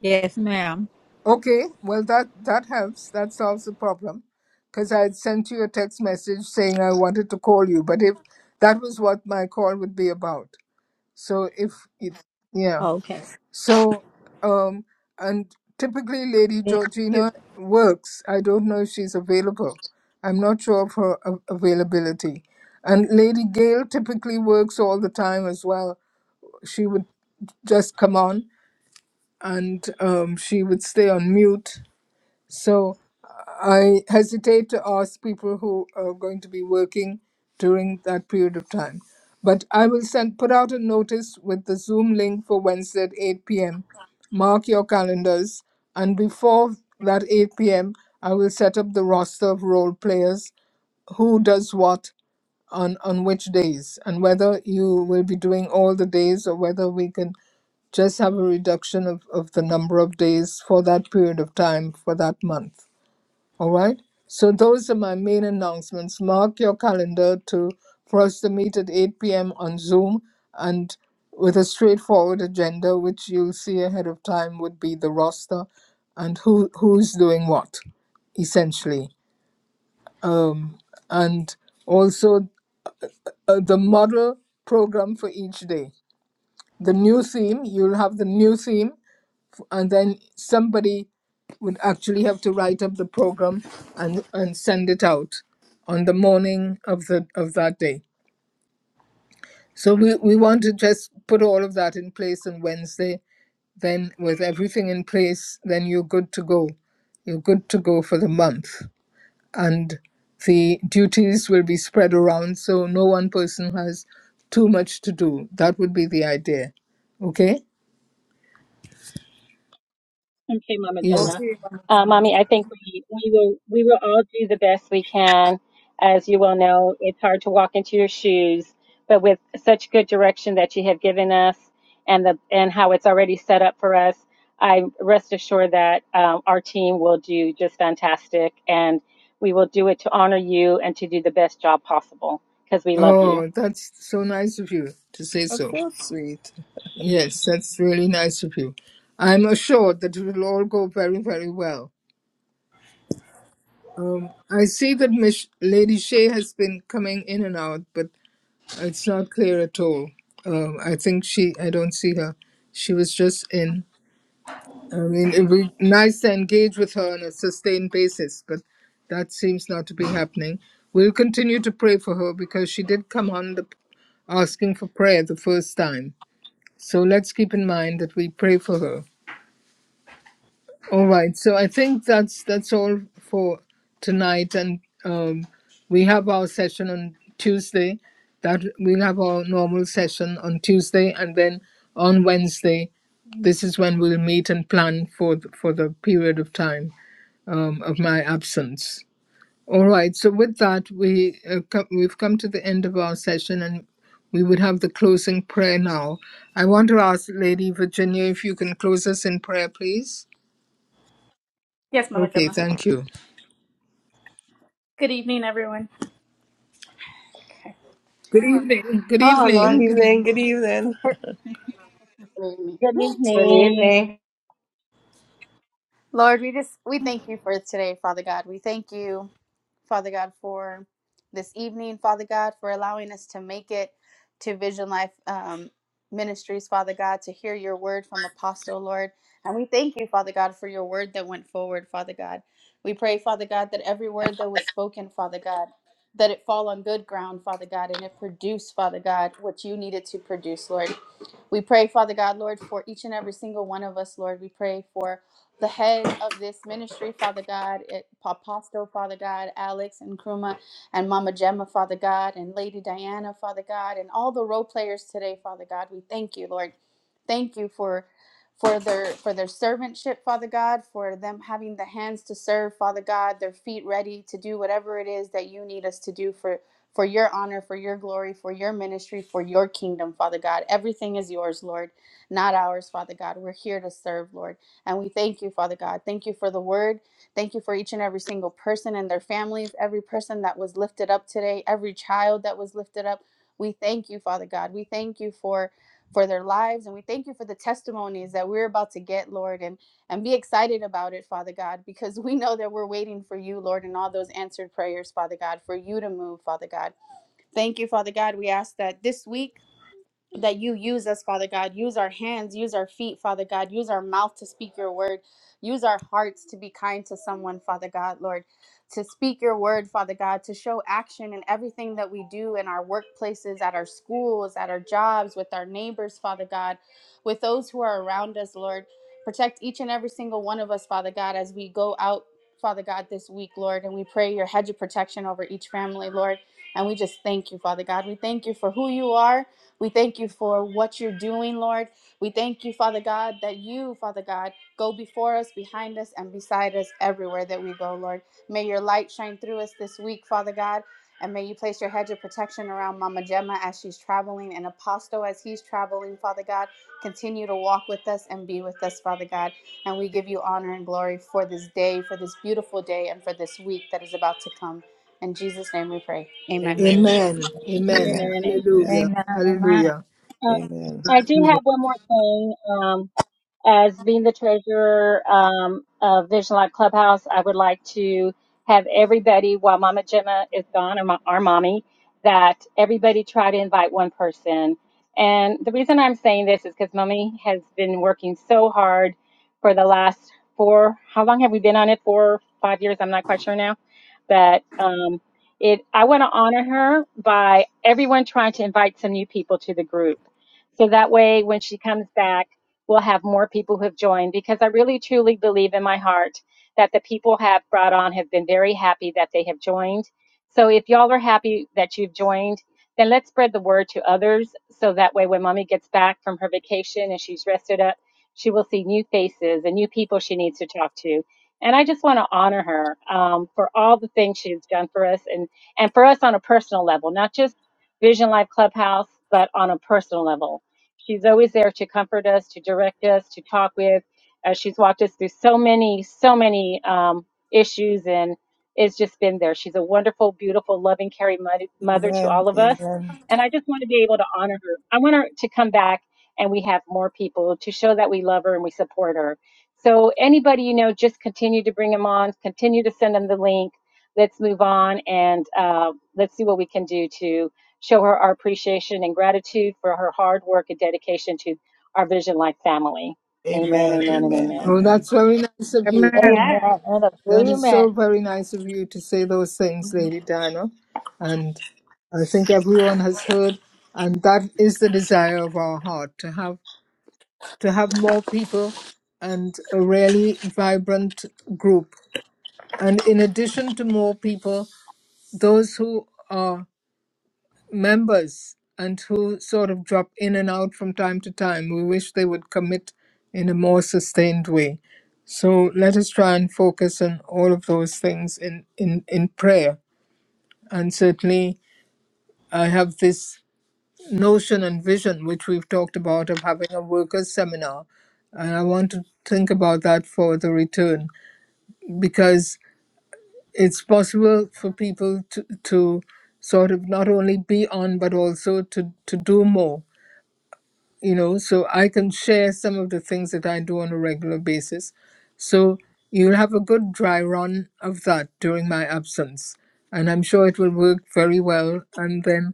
Speaker 2: Yes, ma'am.
Speaker 1: Okay, well that that helps. That solves the problem, because I had sent you a text message saying I wanted to call you, but if that was what my call would be about. So if it, yeah.
Speaker 2: Okay.
Speaker 1: So, um, and typically Lady
Speaker 2: Thank you.
Speaker 1: Georgina works. I don't know if she's available. I'm not sure of her av- availability. And Lady Gail typically works all the time as well. She would just come on and um, she would stay on mute so I hesitate to ask people who are going to be working during that period of time. But I will send put out a notice with the Zoom link for Wednesday at 8 p.m. Mark your calendars, and before that 8 p.m., I will set up the roster of role players who does what on, on which days, and whether you will be doing all the days or whether we can just have a reduction of, of the number of days for that period of time for that month. All right. So those are my main announcements. Mark your calendar to for us to meet at 8 p.m. on Zoom and with a straightforward agenda, which you'll see ahead of time would be the roster and who who's doing what, essentially. Um, and also uh, the model program for each day. The new theme, you'll have the new theme and then somebody would actually have to write up the program and and send it out on the morning of the of that day. So we, we want to just put all of that in place on Wednesday. Then with everything in place, then you're good to go. You're good to go for the month. And the duties will be spread around so no one person has too much to do. That would be the idea. Okay?
Speaker 8: Okay, Mama
Speaker 1: Yes.
Speaker 8: Gemma.
Speaker 4: Okay. Mama
Speaker 8: Uh,
Speaker 4: Donna.
Speaker 8: Mommy, I think we, we will we will all do the best we can. As you well know, it's hard to walk into your shoes, but with such good direction that you have given us and the and how it's already set up for us, I rest assured that um, our team will do just fantastic, and we will do it to honor you and to do the best job possible because we love you.
Speaker 1: Oh, that's so nice of you to say
Speaker 4: That's
Speaker 1: so.
Speaker 4: so sweet.
Speaker 1: Yes, that's really nice of you. I'm assured that it will all go very, very well. Um, I see that Mich- Lady Shea has been coming in and out, but it's not clear at all. Um, I think she, I don't see her. She was just in. I mean, it would be nice to engage with her on a sustained basis, but that seems not to be happening. We'll continue to pray for her because she did come on the asking for prayer the first time. So let's keep in mind that we pray for her All right. So I think that's that's all for tonight, and um, we have our session on Tuesday. That we'll have our normal session on Tuesday, and then on Wednesday, this is when we'll meet and plan for the, for the period of time um, of my absence. All right. So with that, we uh, co- we've come to the end of our session, and we would have the closing prayer now. I want to ask Lady Virginia if you can close us in prayer, please.
Speaker 9: yes, Mama
Speaker 1: Okay,
Speaker 9: Gemma.
Speaker 1: thank you.
Speaker 9: Good evening, everyone.
Speaker 1: Good evening. Good
Speaker 9: Oh
Speaker 4: Good
Speaker 9: Lord,
Speaker 1: evening. Good
Speaker 4: evening.
Speaker 1: evening.
Speaker 4: Good evening.
Speaker 9: believe me.
Speaker 8: Good evening.
Speaker 9: Lord, we just we thank you for today, Father God. We thank you. Father God, for this evening, Father God, for allowing us to make it to Vision Life um, Ministries, Father God, to hear your word from Apostle, Lord. And we thank you, Father God, for your word that went forward, Father God. We pray, Father God, that every word that was spoken, Father God, that it fall on good ground, Father God, and it produce, Father God, what you needed to produce, Lord. We pray, Father God, Lord, for each and every single one of us, Lord. We pray for the head of this ministry, Father God, it, Apostle, Father God, Alex and Kruma and Mama Gemma, Father God, and Lady Diana, Father God, and all the role players today, Father God. We thank you, Lord. Thank you for for their for their servantship, Father God, for them having the hands to serve, Father God, their feet ready to do whatever it is that you need us to do for for your honor, for your glory, for your ministry, for your kingdom, Father God. Everything is yours, Lord, not ours, Father God. We're here to serve, Lord. And we thank you, Father God. Thank you for the word. Thank you for each and every single person and their families, every person that was lifted up today, every child that was lifted up. We thank you, Father God. We thank you for for their lives and we thank you for the testimonies that we're about to get, Lord, and and be excited about it, Father God, because we know that we're waiting for you, Lord, and all those answered prayers, Father God, for you to move, Father God. Thank you, Father God. We ask that this week that you use us, Father God. Use our hands, use our feet, Father God. Use our mouth to speak your word. Use our hearts to be kind to someone, Father God, Lord. To speak your word, Father God, to show action in everything that we do in our workplaces, at our schools, at our jobs, with our neighbors, Father God, with those who are around us, Lord. Protect each and every single one of us, Father God, as we go out, Father God, this week, Lord. And we pray your hedge of protection over each family, Lord. And we just thank you, Father God. We thank you for who you are. We thank you for what you're doing, Lord. We thank you, Father God, that you, Father God, go before us, behind us, and beside us everywhere that we go, Lord. May your light shine through us this week, Father God, and may you place your hedge of protection around Mama Gemma as she's traveling and Apostle as he's traveling, Father God. Continue to walk with us and be with us, Father God. And we give you honor and glory for this day, for this beautiful day, and for this week that is about to come. In Jesus' name we pray. Amen.
Speaker 4: Amen.
Speaker 1: Amen. Amen.
Speaker 4: Amen.
Speaker 8: Amen. Amen.
Speaker 4: Amen.
Speaker 1: Hallelujah.
Speaker 2: Amen. Amen.
Speaker 1: Hallelujah.
Speaker 8: Uh,
Speaker 4: Amen. Amen.
Speaker 8: I do have
Speaker 1: Hallelujah.
Speaker 8: one more thing. Um, As being the treasurer um, of Vision Life Clubhouse, I would like to have everybody, while Mama Gemma is gone, or mo- our mommy, that everybody try to invite one person. And the reason I'm saying this is because mommy has been working so hard for the last four, how long have we been on it? Four, five years? I'm not quite sure now. But um, it, I want to honor her by everyone trying to invite some new people to the group. So that way, when she comes back, we'll have more people who have joined because I really truly believe in my heart that the people have brought on have been very happy that they have joined. So if y'all are happy that you've joined, then let's spread the word to others so that way when mommy gets back from her vacation and she's rested up, she will see new faces and new people she needs to talk to. And I just want to honor her um, for all the things she's done for us and, and for us on a personal level, not just Vision Life Clubhouse, but on a personal level. She's always there to comfort us, to direct us, to talk with. Uh, she's walked us through so many, so many um, issues, and it's just been there. She's a wonderful, beautiful, loving, caring mo- mother to
Speaker 4: Amen.
Speaker 8: all of us. And I just want to be able to honor her. I want her to come back and we have more people to show that we love her and we support her. So, anybody you know, just continue to bring them on, continue to send them the link. Let's move on and uh, let's see what we can do to. Show her our appreciation and gratitude for her hard work and dedication to our Vision Life family. Amen,
Speaker 4: Amen.
Speaker 8: amen, and
Speaker 4: Amen.
Speaker 8: amen.
Speaker 1: Oh,
Speaker 4: Amen.
Speaker 1: that's very nice of you.
Speaker 3: Amen.
Speaker 9: Amen.
Speaker 2: Amen. And
Speaker 1: That is so
Speaker 2: agreement.
Speaker 1: very nice of you to say those things,
Speaker 2: Mhm.
Speaker 1: Lady Diana. And I think everyone has heard, and that is the desire of our heart to have to have more people and a really vibrant group. And in addition to more people, those who are members and who sort of drop in and out from time to time. We wish they would commit in a more sustained way. So let us try and focus on all of those things in, in, in prayer. And certainly, I have this notion and vision, which we've talked about, of having a workers' seminar. And I want to think about that for the return because it's possible for people to, to sort of not only be on, but also to, to do more you know, so I can share some of the things that I do on a regular basis. So you'll have a good dry run of that during my absence. And I'm sure it will work very well. And then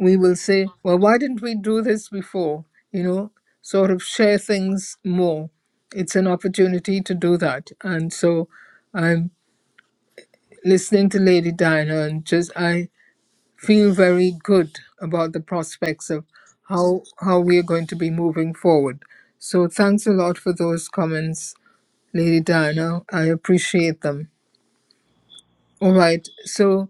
Speaker 1: we will say, well, why didn't we do this before? You know, sort of share things more. It's an opportunity to do that. And so I'm listening to Lady Diana and just, I feel very good about the prospects of how how we are going to be moving forward. So thanks a lot for those comments, Lady Diana. I appreciate them. All right. So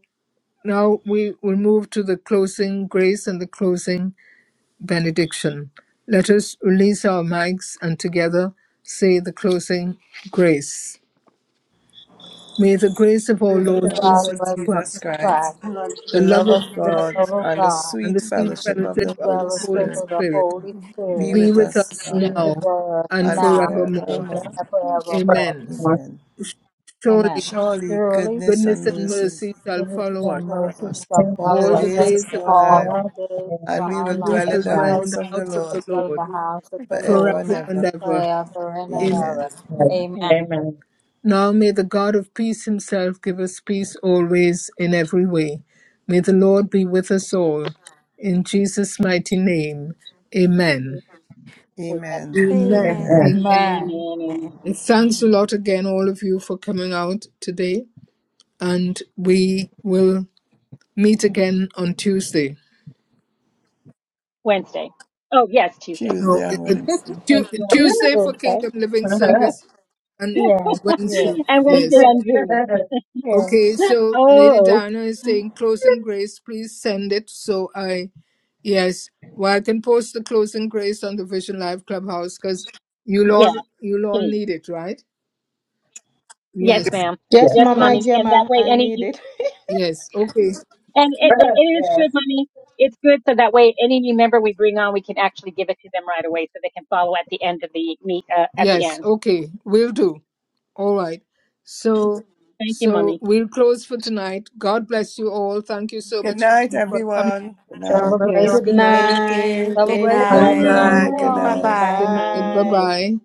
Speaker 1: now we will move to the closing grace and the closing benediction. Let us release our mics and together say the closing grace. May the grace
Speaker 4: The
Speaker 1: of our
Speaker 4: grace
Speaker 2: With
Speaker 4: of
Speaker 2: the
Speaker 1: Lord
Speaker 4: our
Speaker 2: body
Speaker 1: Jesus
Speaker 4: Lord
Speaker 2: of
Speaker 4: Jesus
Speaker 1: Christ,
Speaker 2: Jesus
Speaker 4: Christ,
Speaker 2: Christ,
Speaker 1: the
Speaker 4: the
Speaker 1: love
Speaker 4: love of
Speaker 1: of God,
Speaker 2: the
Speaker 4: God,
Speaker 2: love of
Speaker 4: and the
Speaker 2: God,
Speaker 1: and
Speaker 4: sweet
Speaker 1: the sweet
Speaker 4: fellowship of
Speaker 1: fellowship
Speaker 2: who
Speaker 4: the
Speaker 1: of
Speaker 4: Holy
Speaker 1: the Holy
Speaker 2: fellowship
Speaker 4: Spirit
Speaker 2: of the
Speaker 1: Spirit
Speaker 2: Holy
Speaker 4: be
Speaker 2: Spirit,
Speaker 1: be
Speaker 4: with
Speaker 1: with
Speaker 4: us
Speaker 1: us
Speaker 2: be
Speaker 4: now
Speaker 2: with
Speaker 1: now
Speaker 2: us
Speaker 1: and
Speaker 4: and
Speaker 2: now
Speaker 1: forevermore.
Speaker 4: forevermore.
Speaker 2: and
Speaker 3: for
Speaker 2: forevermore.
Speaker 1: Amen.
Speaker 3: everyone
Speaker 4: Amen.
Speaker 2: Amen.
Speaker 1: Surely
Speaker 4: Surely
Speaker 2: Surely,
Speaker 4: goodness
Speaker 1: goodness
Speaker 4: and
Speaker 1: and
Speaker 4: mercy
Speaker 1: mercy shall
Speaker 2: goodness
Speaker 1: follow us
Speaker 2: and
Speaker 4: follow
Speaker 2: mercy
Speaker 4: us
Speaker 2: shall
Speaker 3: listening and
Speaker 4: all the
Speaker 2: follow
Speaker 1: all
Speaker 3: for
Speaker 1: the
Speaker 2: us
Speaker 4: days
Speaker 3: us
Speaker 4: of
Speaker 1: days of
Speaker 4: our
Speaker 1: our
Speaker 2: all
Speaker 1: life,
Speaker 4: lives
Speaker 2: the
Speaker 3: all
Speaker 2: days of
Speaker 3: in
Speaker 4: and we
Speaker 2: our
Speaker 4: will
Speaker 1: and we
Speaker 4: dwell
Speaker 3: our
Speaker 2: lives,
Speaker 1: shall
Speaker 4: in the
Speaker 1: dwell in
Speaker 4: house
Speaker 3: lives.
Speaker 1: the
Speaker 4: of
Speaker 2: and
Speaker 4: the
Speaker 2: we
Speaker 1: house of
Speaker 2: shall
Speaker 4: Lord
Speaker 1: the
Speaker 2: dwell in the
Speaker 1: Lord
Speaker 2: house of the Lord
Speaker 4: forever and
Speaker 1: forever and
Speaker 4: ever.
Speaker 1: ever.
Speaker 2: forever and
Speaker 1: Amen.
Speaker 4: Amen.
Speaker 2: ever.
Speaker 8: Mhm.
Speaker 2: Amen.
Speaker 8: Amen.
Speaker 3: Amen.
Speaker 1: Now may the God of peace himself give us peace always in every way. May the Lord be with us all. In Jesus' mighty name. Amen.
Speaker 8: We have
Speaker 4: Amen. and
Speaker 1: Amen.
Speaker 4: Amen.
Speaker 3: Amen.
Speaker 1: Amen.
Speaker 11: Amen.
Speaker 2: Amen.
Speaker 8: amen, amen, amen.
Speaker 1: Thanks a
Speaker 11: Amen.
Speaker 1: lot again, all of you, for coming out today. and we will meet again on Tuesday.
Speaker 8: Wednesday. Oh, yes, Tuesday. hmm
Speaker 1: No,
Speaker 4: Tuesday and
Speaker 1: uh,
Speaker 4: Wednesday.
Speaker 1: Tu-
Speaker 8: And, Zoom.
Speaker 1: Tuesday for
Speaker 2: Okay.
Speaker 1: Kingdom Living Service and
Speaker 2: Yes,
Speaker 1: Wednesday.
Speaker 2: yes,
Speaker 8: and Wednesday
Speaker 1: Yes.
Speaker 8: on Zoom.
Speaker 2: yes.
Speaker 1: Okay, so Lady
Speaker 8: Oh,
Speaker 1: Diana is saying closing grace, please send it. So I, yes, well, I can post the closing grace on the Vision Live Clubhouse because you'll
Speaker 8: yeah,
Speaker 1: all, you'll all
Speaker 8: please.
Speaker 1: need it, right? Yes.
Speaker 8: Yes, ma'am.
Speaker 3: yes,
Speaker 6: Yes,
Speaker 8: Yes,
Speaker 6: Mama
Speaker 3: please.
Speaker 8: mommy. And that
Speaker 6: Gemma,
Speaker 8: way,
Speaker 6: I
Speaker 8: any of
Speaker 6: need
Speaker 8: you,
Speaker 6: it.
Speaker 1: Yes. Okay.
Speaker 8: and it, it is good,
Speaker 3: yes,
Speaker 8: mommy. It's good so that way, any new member we bring on, we can actually give it to them right away so they can follow at the end of the meet, uh, at the
Speaker 1: Yes,
Speaker 8: end.
Speaker 1: okay, we'll do. All right. So
Speaker 8: Thank you, mommy.
Speaker 1: so we'll close for tonight. God bless you all. Thank you so
Speaker 4: Good
Speaker 1: much for,
Speaker 4: night,
Speaker 1: for coming.
Speaker 4: everyone. Good
Speaker 3: John,
Speaker 4: night.
Speaker 2: Double
Speaker 3: love
Speaker 2: grace,
Speaker 1: Yes,
Speaker 6: Good
Speaker 1: good night.
Speaker 11: Thank
Speaker 6: night,
Speaker 11: you.
Speaker 2: double
Speaker 11: Good
Speaker 6: Lady
Speaker 2: grace,
Speaker 8: Good
Speaker 2: double
Speaker 4: Good
Speaker 11: night.
Speaker 3: you.
Speaker 6: Elizabeth.
Speaker 2: shalom
Speaker 4: night.
Speaker 2: to
Speaker 4: Good
Speaker 6: Eh,
Speaker 2: all.
Speaker 11: Bye
Speaker 8: night.
Speaker 4: night.
Speaker 8: Good
Speaker 1: Good night. Bye
Speaker 11: bye.
Speaker 8: night.
Speaker 6: Bye.
Speaker 1: bye.